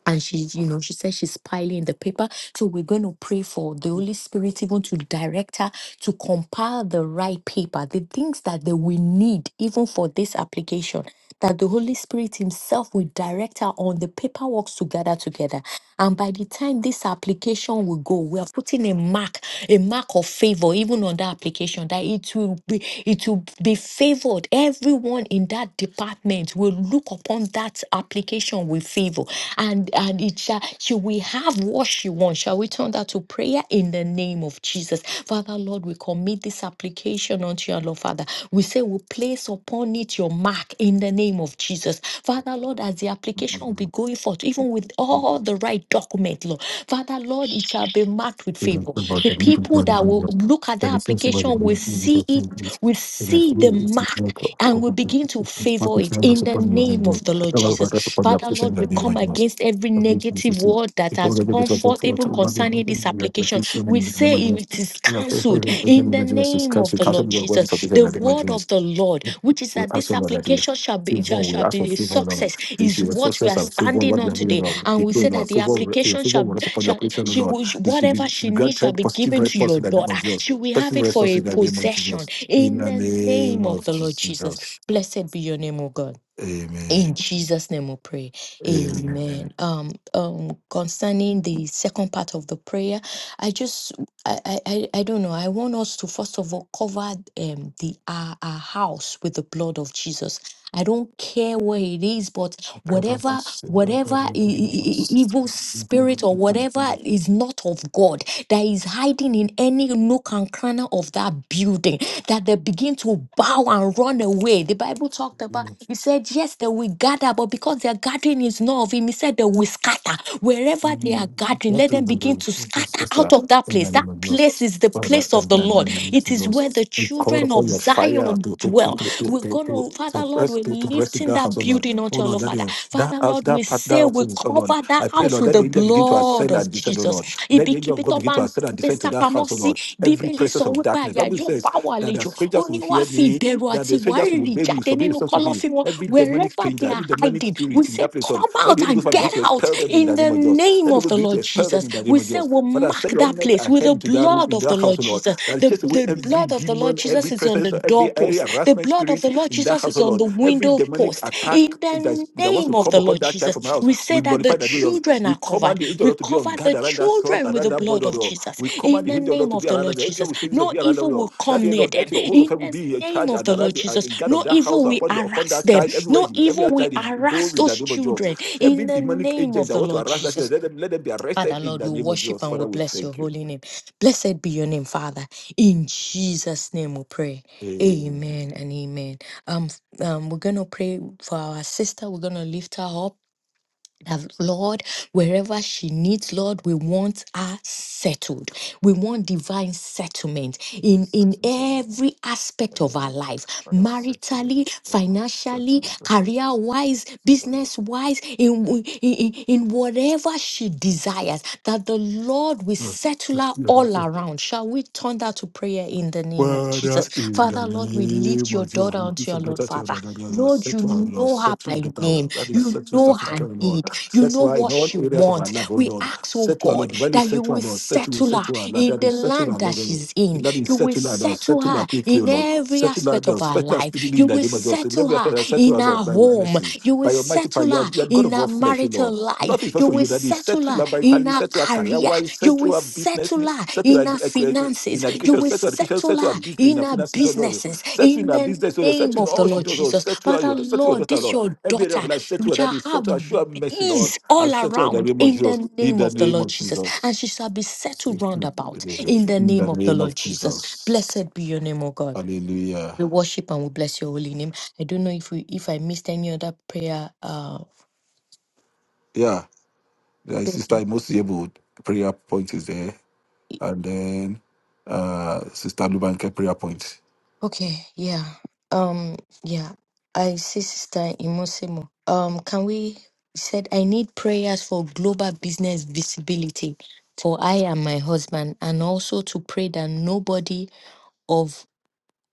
[SPEAKER 7] and she you know she said she's piling the paper so we're going to pray for the holy spirit even to direct her to compile the right paper the things that they will need even for this application that the holy spirit himself will direct her on the paperwork to gather together and by the time this application application will go, we are putting a mark, a mark of favor, even on that application, that it will be it will be favored. Everyone in that department will look upon that application with favor. And and it shall she will have what she wants. Shall we turn that to prayer in the name of Jesus? Father Lord, we commit this application unto your Lord Father. We say we place upon it your mark in the name of Jesus. Father Lord, as the application will be going forth, even with all the right document, Lord. Father, Lord, it shall be marked with favor.
[SPEAKER 5] Thank
[SPEAKER 7] The people that will look at that application will see it, will see the mark, and will
[SPEAKER 5] you.
[SPEAKER 7] begin to favor
[SPEAKER 5] Marco
[SPEAKER 7] it
[SPEAKER 5] Fernando
[SPEAKER 7] in the
[SPEAKER 5] support me in the
[SPEAKER 7] name of
[SPEAKER 5] world.
[SPEAKER 7] the Lord
[SPEAKER 5] All
[SPEAKER 7] Jesus.
[SPEAKER 5] of us support the
[SPEAKER 7] Father,
[SPEAKER 5] application
[SPEAKER 7] Lord, we
[SPEAKER 5] that they
[SPEAKER 7] come
[SPEAKER 5] imagine us.
[SPEAKER 7] against every
[SPEAKER 5] As we used to
[SPEAKER 7] negative
[SPEAKER 5] see,
[SPEAKER 7] word that
[SPEAKER 5] the
[SPEAKER 7] has
[SPEAKER 5] government of the
[SPEAKER 7] come
[SPEAKER 5] church of
[SPEAKER 7] forth,
[SPEAKER 5] Lord,
[SPEAKER 7] even
[SPEAKER 5] all about the world,
[SPEAKER 7] concerning this
[SPEAKER 5] we are
[SPEAKER 7] application.
[SPEAKER 5] Christian
[SPEAKER 7] We
[SPEAKER 5] in the name
[SPEAKER 7] say
[SPEAKER 5] of Jesus.
[SPEAKER 7] it is
[SPEAKER 5] We are praying for
[SPEAKER 7] cancelled
[SPEAKER 5] the
[SPEAKER 7] in the
[SPEAKER 5] imagine us.
[SPEAKER 7] name of
[SPEAKER 5] Cancel,
[SPEAKER 7] the
[SPEAKER 5] cancel
[SPEAKER 7] Lord
[SPEAKER 5] the word is
[SPEAKER 7] Jesus.
[SPEAKER 5] application
[SPEAKER 7] The
[SPEAKER 5] that they
[SPEAKER 7] word
[SPEAKER 5] imagine us.
[SPEAKER 7] of the Lord, which is
[SPEAKER 5] We
[SPEAKER 7] that
[SPEAKER 5] ask
[SPEAKER 7] this
[SPEAKER 5] for Lord that you
[SPEAKER 7] application shall be
[SPEAKER 5] favor,
[SPEAKER 7] shall,
[SPEAKER 5] we
[SPEAKER 7] shall
[SPEAKER 5] ask for
[SPEAKER 7] be a
[SPEAKER 5] favor, Lord.
[SPEAKER 7] success,
[SPEAKER 5] You see,
[SPEAKER 7] is
[SPEAKER 5] the
[SPEAKER 7] what we
[SPEAKER 5] process
[SPEAKER 7] are
[SPEAKER 5] of favor,
[SPEAKER 7] standing
[SPEAKER 5] what we
[SPEAKER 7] on
[SPEAKER 5] have here,
[SPEAKER 7] today.
[SPEAKER 5] Lord,
[SPEAKER 7] And
[SPEAKER 5] we
[SPEAKER 7] we
[SPEAKER 5] pray,
[SPEAKER 7] say
[SPEAKER 5] Lord,
[SPEAKER 7] that the
[SPEAKER 5] favor, your
[SPEAKER 7] application
[SPEAKER 5] favor
[SPEAKER 7] shall
[SPEAKER 5] will support the
[SPEAKER 7] Shall,
[SPEAKER 5] operation,
[SPEAKER 7] she
[SPEAKER 5] Lord.
[SPEAKER 7] will,
[SPEAKER 5] You should be,
[SPEAKER 7] whatever
[SPEAKER 5] should
[SPEAKER 7] she
[SPEAKER 5] be
[SPEAKER 7] needs shall
[SPEAKER 5] granted
[SPEAKER 7] be
[SPEAKER 5] positive
[SPEAKER 7] given to
[SPEAKER 5] response
[SPEAKER 7] your
[SPEAKER 5] in the name
[SPEAKER 7] daughter.
[SPEAKER 5] of Jesus.
[SPEAKER 7] She will have
[SPEAKER 5] Positive
[SPEAKER 7] it for
[SPEAKER 5] response
[SPEAKER 7] a
[SPEAKER 5] in the name of
[SPEAKER 7] possession
[SPEAKER 5] Jesus. In
[SPEAKER 7] in
[SPEAKER 5] the
[SPEAKER 7] the
[SPEAKER 5] name
[SPEAKER 7] name of
[SPEAKER 5] of
[SPEAKER 7] the Lord Jesus.
[SPEAKER 5] Jesus.
[SPEAKER 7] Blessed be your name, O God.
[SPEAKER 5] Amen.
[SPEAKER 7] In Jesus' name we pray. Amen.
[SPEAKER 5] Amen.
[SPEAKER 7] Um, um, concerning the second part of the prayer, I just I I, I I don't know. I want us to first of all cover um the our, our house with the blood of Jesus. I don't care where it is, but whatever whatever i- i- i- evil spirit or whatever is not of God that is hiding in any nook and corner of that building, that they begin to bow and run away. The Bible talked about he said, Yes, they will gather, but because their gathering is not of him, he said they will scatter. Wherever they are gathering, let
[SPEAKER 5] What
[SPEAKER 7] them begin
[SPEAKER 5] we
[SPEAKER 7] to
[SPEAKER 5] will
[SPEAKER 7] scatter
[SPEAKER 5] scatter
[SPEAKER 7] out of that
[SPEAKER 5] in the
[SPEAKER 7] place. That
[SPEAKER 5] name of yours.
[SPEAKER 7] place is the
[SPEAKER 5] Father,
[SPEAKER 7] place of
[SPEAKER 5] in
[SPEAKER 7] the
[SPEAKER 5] the
[SPEAKER 7] Lord.
[SPEAKER 5] name of
[SPEAKER 7] It is
[SPEAKER 5] Jesus,
[SPEAKER 7] where the
[SPEAKER 5] we call
[SPEAKER 7] children of
[SPEAKER 5] upon your fire
[SPEAKER 7] Zion
[SPEAKER 5] to to to
[SPEAKER 7] dwell.
[SPEAKER 5] to
[SPEAKER 7] We're
[SPEAKER 5] to to
[SPEAKER 7] gonna,
[SPEAKER 5] to
[SPEAKER 7] Father Lord,
[SPEAKER 5] rest
[SPEAKER 7] we're
[SPEAKER 5] to, to rest in
[SPEAKER 7] lifting
[SPEAKER 5] that house,
[SPEAKER 7] that
[SPEAKER 5] oh Lord.
[SPEAKER 7] building
[SPEAKER 5] Oh
[SPEAKER 7] unto your
[SPEAKER 5] Lord,
[SPEAKER 7] Lord,
[SPEAKER 5] let
[SPEAKER 7] Father.
[SPEAKER 5] your that
[SPEAKER 7] Father
[SPEAKER 5] house,
[SPEAKER 7] Lord, we
[SPEAKER 5] that partner
[SPEAKER 7] say
[SPEAKER 5] of
[SPEAKER 7] we
[SPEAKER 5] you, oh Lord.
[SPEAKER 7] cover that
[SPEAKER 5] I pray,
[SPEAKER 7] house
[SPEAKER 5] Lord,
[SPEAKER 7] with
[SPEAKER 5] let
[SPEAKER 7] the
[SPEAKER 5] the angel begin to
[SPEAKER 7] blood
[SPEAKER 5] ascend
[SPEAKER 7] of
[SPEAKER 5] and descend, oh
[SPEAKER 7] Jesus.
[SPEAKER 5] Lord.
[SPEAKER 7] It
[SPEAKER 5] Let
[SPEAKER 7] be
[SPEAKER 5] the angel
[SPEAKER 7] keep
[SPEAKER 5] of
[SPEAKER 7] it
[SPEAKER 5] God
[SPEAKER 7] up
[SPEAKER 5] begin to
[SPEAKER 7] and
[SPEAKER 5] ascend and
[SPEAKER 7] be
[SPEAKER 5] descend to that house, oh
[SPEAKER 7] sapamosi.
[SPEAKER 5] Lord. Every
[SPEAKER 7] Bíbélì
[SPEAKER 5] presence
[SPEAKER 7] sọ
[SPEAKER 5] of
[SPEAKER 7] wípé
[SPEAKER 5] darkness.
[SPEAKER 7] àyà
[SPEAKER 5] Bible
[SPEAKER 7] yóò
[SPEAKER 5] says
[SPEAKER 7] pa
[SPEAKER 5] that the
[SPEAKER 7] wà ó
[SPEAKER 5] strangers
[SPEAKER 7] ní
[SPEAKER 5] will
[SPEAKER 7] wá
[SPEAKER 5] hear
[SPEAKER 7] fi
[SPEAKER 5] me
[SPEAKER 7] ìbẹ̀rù
[SPEAKER 5] that
[SPEAKER 7] àti
[SPEAKER 5] the strangers will
[SPEAKER 7] ìwárìrì
[SPEAKER 5] obey me, will
[SPEAKER 7] jáde
[SPEAKER 5] submit
[SPEAKER 7] nínú
[SPEAKER 5] themselves to me.
[SPEAKER 7] kọ́lọ́fín wọn
[SPEAKER 5] Every demonic
[SPEAKER 7] wherever
[SPEAKER 5] stranger,
[SPEAKER 7] they
[SPEAKER 5] every
[SPEAKER 7] are
[SPEAKER 5] demonic
[SPEAKER 7] hiding we
[SPEAKER 5] spirit in
[SPEAKER 7] say
[SPEAKER 5] that place, Lord,
[SPEAKER 7] come
[SPEAKER 5] let
[SPEAKER 7] out
[SPEAKER 5] the Holy
[SPEAKER 7] and
[SPEAKER 5] Ghost Father, begin
[SPEAKER 7] get
[SPEAKER 5] to
[SPEAKER 7] out
[SPEAKER 5] expel them in
[SPEAKER 7] in
[SPEAKER 5] the
[SPEAKER 7] the
[SPEAKER 5] name of Jesus.
[SPEAKER 7] name
[SPEAKER 5] Let the Holy
[SPEAKER 7] of
[SPEAKER 5] Ghost
[SPEAKER 7] the
[SPEAKER 5] begin to
[SPEAKER 7] lord
[SPEAKER 5] expel them
[SPEAKER 7] jesus
[SPEAKER 5] in the
[SPEAKER 7] we
[SPEAKER 5] name of
[SPEAKER 7] say
[SPEAKER 5] Jesus.
[SPEAKER 7] we'll
[SPEAKER 5] Father,
[SPEAKER 7] mark
[SPEAKER 5] send your
[SPEAKER 7] that
[SPEAKER 5] net
[SPEAKER 7] place with
[SPEAKER 5] ahead
[SPEAKER 7] the
[SPEAKER 5] into that room,
[SPEAKER 7] blood
[SPEAKER 5] in
[SPEAKER 7] of the
[SPEAKER 5] that house,
[SPEAKER 7] lord
[SPEAKER 5] O Lord,
[SPEAKER 7] jesus
[SPEAKER 5] that it
[SPEAKER 7] the,
[SPEAKER 5] chase away
[SPEAKER 7] the
[SPEAKER 5] every
[SPEAKER 7] blood of the lord
[SPEAKER 5] demon, every
[SPEAKER 7] jesus is on the
[SPEAKER 5] presence, every
[SPEAKER 7] doorpost
[SPEAKER 5] area
[SPEAKER 7] the
[SPEAKER 5] harassment
[SPEAKER 7] blood of
[SPEAKER 5] spirit
[SPEAKER 7] the lord
[SPEAKER 5] in that
[SPEAKER 7] jesus
[SPEAKER 5] house,
[SPEAKER 7] is
[SPEAKER 5] O
[SPEAKER 7] on
[SPEAKER 5] Lord.
[SPEAKER 7] the
[SPEAKER 5] Every
[SPEAKER 7] window
[SPEAKER 5] demonic
[SPEAKER 7] post
[SPEAKER 5] attack
[SPEAKER 7] in the
[SPEAKER 5] that, is, that wants
[SPEAKER 7] name
[SPEAKER 5] to
[SPEAKER 7] of
[SPEAKER 5] come
[SPEAKER 7] the
[SPEAKER 5] upon
[SPEAKER 7] lord
[SPEAKER 5] that child
[SPEAKER 7] jesus
[SPEAKER 5] from our house,
[SPEAKER 7] we say
[SPEAKER 5] we
[SPEAKER 7] that the
[SPEAKER 5] nullify that Jesus.
[SPEAKER 7] children
[SPEAKER 5] We
[SPEAKER 7] are covered
[SPEAKER 5] command the angel of
[SPEAKER 7] we
[SPEAKER 5] Lord to be
[SPEAKER 7] cover
[SPEAKER 5] on guard
[SPEAKER 7] the
[SPEAKER 5] around that son,
[SPEAKER 7] children with
[SPEAKER 5] around
[SPEAKER 7] the
[SPEAKER 5] that boy,
[SPEAKER 7] blood
[SPEAKER 5] O
[SPEAKER 7] of
[SPEAKER 5] Lord.
[SPEAKER 7] jesus
[SPEAKER 5] We command
[SPEAKER 7] in
[SPEAKER 5] the
[SPEAKER 7] the
[SPEAKER 5] angel of Lord
[SPEAKER 7] name
[SPEAKER 5] to
[SPEAKER 7] of
[SPEAKER 5] be
[SPEAKER 7] the
[SPEAKER 5] around that.
[SPEAKER 7] lord
[SPEAKER 5] The angel
[SPEAKER 7] jesus
[SPEAKER 5] will say this will
[SPEAKER 7] no
[SPEAKER 5] be around them,
[SPEAKER 7] evil
[SPEAKER 5] Lord.
[SPEAKER 7] will
[SPEAKER 5] That
[SPEAKER 7] come
[SPEAKER 5] you
[SPEAKER 7] near
[SPEAKER 5] know
[SPEAKER 7] them.
[SPEAKER 5] let your host of
[SPEAKER 7] In
[SPEAKER 5] heaven
[SPEAKER 7] the
[SPEAKER 5] be in
[SPEAKER 7] name
[SPEAKER 5] charge
[SPEAKER 7] of
[SPEAKER 5] and
[SPEAKER 7] the Lord
[SPEAKER 5] around the, and
[SPEAKER 7] Jesus,
[SPEAKER 5] in guard of
[SPEAKER 7] no
[SPEAKER 5] that house
[SPEAKER 7] evil will
[SPEAKER 5] upon the upon
[SPEAKER 7] harass
[SPEAKER 5] that
[SPEAKER 7] them.
[SPEAKER 5] child everywhere.
[SPEAKER 7] No
[SPEAKER 5] He, every
[SPEAKER 7] evil will
[SPEAKER 5] child is
[SPEAKER 7] harass
[SPEAKER 5] goes in
[SPEAKER 7] those
[SPEAKER 5] the name of Jesus.
[SPEAKER 7] children. In
[SPEAKER 5] Every
[SPEAKER 7] the
[SPEAKER 5] demonic
[SPEAKER 7] name
[SPEAKER 5] agent
[SPEAKER 7] of
[SPEAKER 5] that
[SPEAKER 7] the
[SPEAKER 5] wants to
[SPEAKER 7] Lord
[SPEAKER 5] arrest that
[SPEAKER 7] Jesus.
[SPEAKER 5] child, let them let them be
[SPEAKER 7] Father,
[SPEAKER 5] arrested in
[SPEAKER 7] Lord,
[SPEAKER 5] the
[SPEAKER 7] we
[SPEAKER 5] name of
[SPEAKER 7] worship
[SPEAKER 5] Jesus.
[SPEAKER 7] and we
[SPEAKER 5] Father, we
[SPEAKER 7] bless your
[SPEAKER 5] thank you.
[SPEAKER 7] holy name. Blessed be your name, Father. In Jesus' name we pray.
[SPEAKER 5] Amen.
[SPEAKER 7] Amen and amen. Um, um, we're gonna pray for our sister. We're gonna lift her up that Lord, wherever she needs, Lord, we want her settled. We want divine settlement in, in
[SPEAKER 5] Such a name,
[SPEAKER 7] every
[SPEAKER 5] I
[SPEAKER 7] aspect of
[SPEAKER 5] do that.
[SPEAKER 7] our life
[SPEAKER 5] Father, such a
[SPEAKER 7] maritally,
[SPEAKER 5] name, such
[SPEAKER 7] financially,
[SPEAKER 5] a name, such
[SPEAKER 7] career wise,
[SPEAKER 5] a
[SPEAKER 7] business wise, in, in, in in whatever she desires, that the Lord will
[SPEAKER 5] name.
[SPEAKER 7] settle her all
[SPEAKER 5] Mm.
[SPEAKER 7] around. Shall we turn that to prayer in the name of
[SPEAKER 5] Father,
[SPEAKER 7] Jesus?
[SPEAKER 5] in the
[SPEAKER 7] Father, Lord, we
[SPEAKER 5] name
[SPEAKER 7] lift your
[SPEAKER 5] of Jesus,
[SPEAKER 7] daughter unto
[SPEAKER 5] release
[SPEAKER 7] your
[SPEAKER 5] your
[SPEAKER 7] Lord,
[SPEAKER 5] daughter to your
[SPEAKER 7] Father.
[SPEAKER 5] daughter, Lord.
[SPEAKER 7] Lord,
[SPEAKER 5] Settle her,
[SPEAKER 7] you
[SPEAKER 5] Lord.
[SPEAKER 7] know her
[SPEAKER 5] Settle your
[SPEAKER 7] by
[SPEAKER 5] daughter. O Lord.
[SPEAKER 7] name.
[SPEAKER 5] That is
[SPEAKER 7] You
[SPEAKER 5] settle
[SPEAKER 7] know
[SPEAKER 5] South Africa,
[SPEAKER 7] her
[SPEAKER 5] O Lord.
[SPEAKER 7] need. You know
[SPEAKER 5] Settle her in
[SPEAKER 7] what
[SPEAKER 5] all
[SPEAKER 7] she
[SPEAKER 5] areas of her life,
[SPEAKER 7] wants.
[SPEAKER 5] oh
[SPEAKER 7] We
[SPEAKER 5] Lord.
[SPEAKER 7] ask, oh
[SPEAKER 5] Settle her, Lord.
[SPEAKER 7] God,
[SPEAKER 5] Divinely
[SPEAKER 7] that you
[SPEAKER 5] settle her,
[SPEAKER 7] will
[SPEAKER 5] Lord. Settle,
[SPEAKER 7] settle her
[SPEAKER 5] settle her, Lord.
[SPEAKER 7] in
[SPEAKER 5] That
[SPEAKER 7] the
[SPEAKER 5] is settle
[SPEAKER 7] land
[SPEAKER 5] her,
[SPEAKER 7] that
[SPEAKER 5] Lord. Oh Lord.
[SPEAKER 7] she's in.
[SPEAKER 5] That is
[SPEAKER 7] You will
[SPEAKER 5] settle her, Lord.
[SPEAKER 7] settle
[SPEAKER 5] Settle
[SPEAKER 7] her
[SPEAKER 5] her quickly, oh
[SPEAKER 7] in
[SPEAKER 5] Lord.
[SPEAKER 7] every
[SPEAKER 5] Settle her,
[SPEAKER 7] aspect of
[SPEAKER 5] Lord.
[SPEAKER 7] her
[SPEAKER 5] Settle her
[SPEAKER 7] life.
[SPEAKER 5] speedily
[SPEAKER 7] You
[SPEAKER 5] in the
[SPEAKER 7] will
[SPEAKER 5] name of Jesus. In
[SPEAKER 7] settle
[SPEAKER 5] every
[SPEAKER 7] her
[SPEAKER 5] effort, settle
[SPEAKER 7] in
[SPEAKER 5] her,
[SPEAKER 7] her
[SPEAKER 5] Lord, by your
[SPEAKER 7] home.
[SPEAKER 5] mercy.
[SPEAKER 7] You will
[SPEAKER 5] By your mighty power,
[SPEAKER 7] settle
[SPEAKER 5] you are,
[SPEAKER 7] her
[SPEAKER 5] you are God
[SPEAKER 7] in
[SPEAKER 5] of
[SPEAKER 7] her
[SPEAKER 5] all flesh, oh
[SPEAKER 7] marital
[SPEAKER 5] Lord. Nothing is
[SPEAKER 7] life. You
[SPEAKER 5] possible for
[SPEAKER 7] will
[SPEAKER 5] you that is set
[SPEAKER 7] settle
[SPEAKER 5] to
[SPEAKER 7] her
[SPEAKER 5] love
[SPEAKER 7] in
[SPEAKER 5] vitally,
[SPEAKER 7] her
[SPEAKER 5] set to her career
[SPEAKER 7] career.
[SPEAKER 5] wise,
[SPEAKER 7] You
[SPEAKER 5] set to
[SPEAKER 7] will
[SPEAKER 5] her business,
[SPEAKER 7] settle
[SPEAKER 5] needs,
[SPEAKER 7] her
[SPEAKER 5] set to her
[SPEAKER 7] in her
[SPEAKER 5] uh, uh,
[SPEAKER 7] finances.
[SPEAKER 5] in
[SPEAKER 7] You
[SPEAKER 5] education,
[SPEAKER 7] will
[SPEAKER 5] set to her education, set
[SPEAKER 7] settle
[SPEAKER 5] to her
[SPEAKER 7] her
[SPEAKER 5] business, in
[SPEAKER 7] in
[SPEAKER 5] her
[SPEAKER 7] her
[SPEAKER 5] finances, oh Lord.
[SPEAKER 7] businesses.
[SPEAKER 5] Set to in
[SPEAKER 7] In
[SPEAKER 5] her
[SPEAKER 7] the
[SPEAKER 5] business, oh Lord. Set
[SPEAKER 7] name
[SPEAKER 5] to in
[SPEAKER 7] of the
[SPEAKER 5] all she
[SPEAKER 7] Lord
[SPEAKER 5] does, oh,
[SPEAKER 7] Jesus.
[SPEAKER 5] set to her,
[SPEAKER 7] Father,
[SPEAKER 5] your, set to your
[SPEAKER 7] Lord,
[SPEAKER 5] daughter,
[SPEAKER 7] this
[SPEAKER 5] Lord.
[SPEAKER 7] your
[SPEAKER 5] Every area
[SPEAKER 7] daughter.
[SPEAKER 5] of life, set
[SPEAKER 7] We
[SPEAKER 5] to her
[SPEAKER 7] shall
[SPEAKER 5] that is, set
[SPEAKER 7] have
[SPEAKER 5] to her, show her mercy, Lord.
[SPEAKER 7] ease
[SPEAKER 5] And
[SPEAKER 7] all
[SPEAKER 5] set to her in the
[SPEAKER 7] around
[SPEAKER 5] name of
[SPEAKER 7] in the
[SPEAKER 5] Jesus. In
[SPEAKER 7] name
[SPEAKER 5] the
[SPEAKER 7] of the
[SPEAKER 5] name
[SPEAKER 7] Lord
[SPEAKER 5] of
[SPEAKER 7] Jesus, and
[SPEAKER 5] Jesus.
[SPEAKER 7] she shall be
[SPEAKER 5] It's
[SPEAKER 7] settled round
[SPEAKER 5] true.
[SPEAKER 7] about in the
[SPEAKER 5] In
[SPEAKER 7] name
[SPEAKER 5] the
[SPEAKER 7] of the
[SPEAKER 5] name of
[SPEAKER 7] Lord Jesus.
[SPEAKER 5] Jesus.
[SPEAKER 7] Blessed be your name, O God.
[SPEAKER 5] Hallelujah.
[SPEAKER 7] We worship and we bless your holy name. I don't know if we if I missed any other prayer. Uh,
[SPEAKER 5] Yeah. yeah Sister Imosi Ebo, prayer point is there. And then uh, Sister Lubanke, prayer point.
[SPEAKER 7] okay, yeah, um, yeah. I see, Sister Imosemo. Um, can we she said I need prayers for global business visibility for I and my husband, and also to pray that nobody of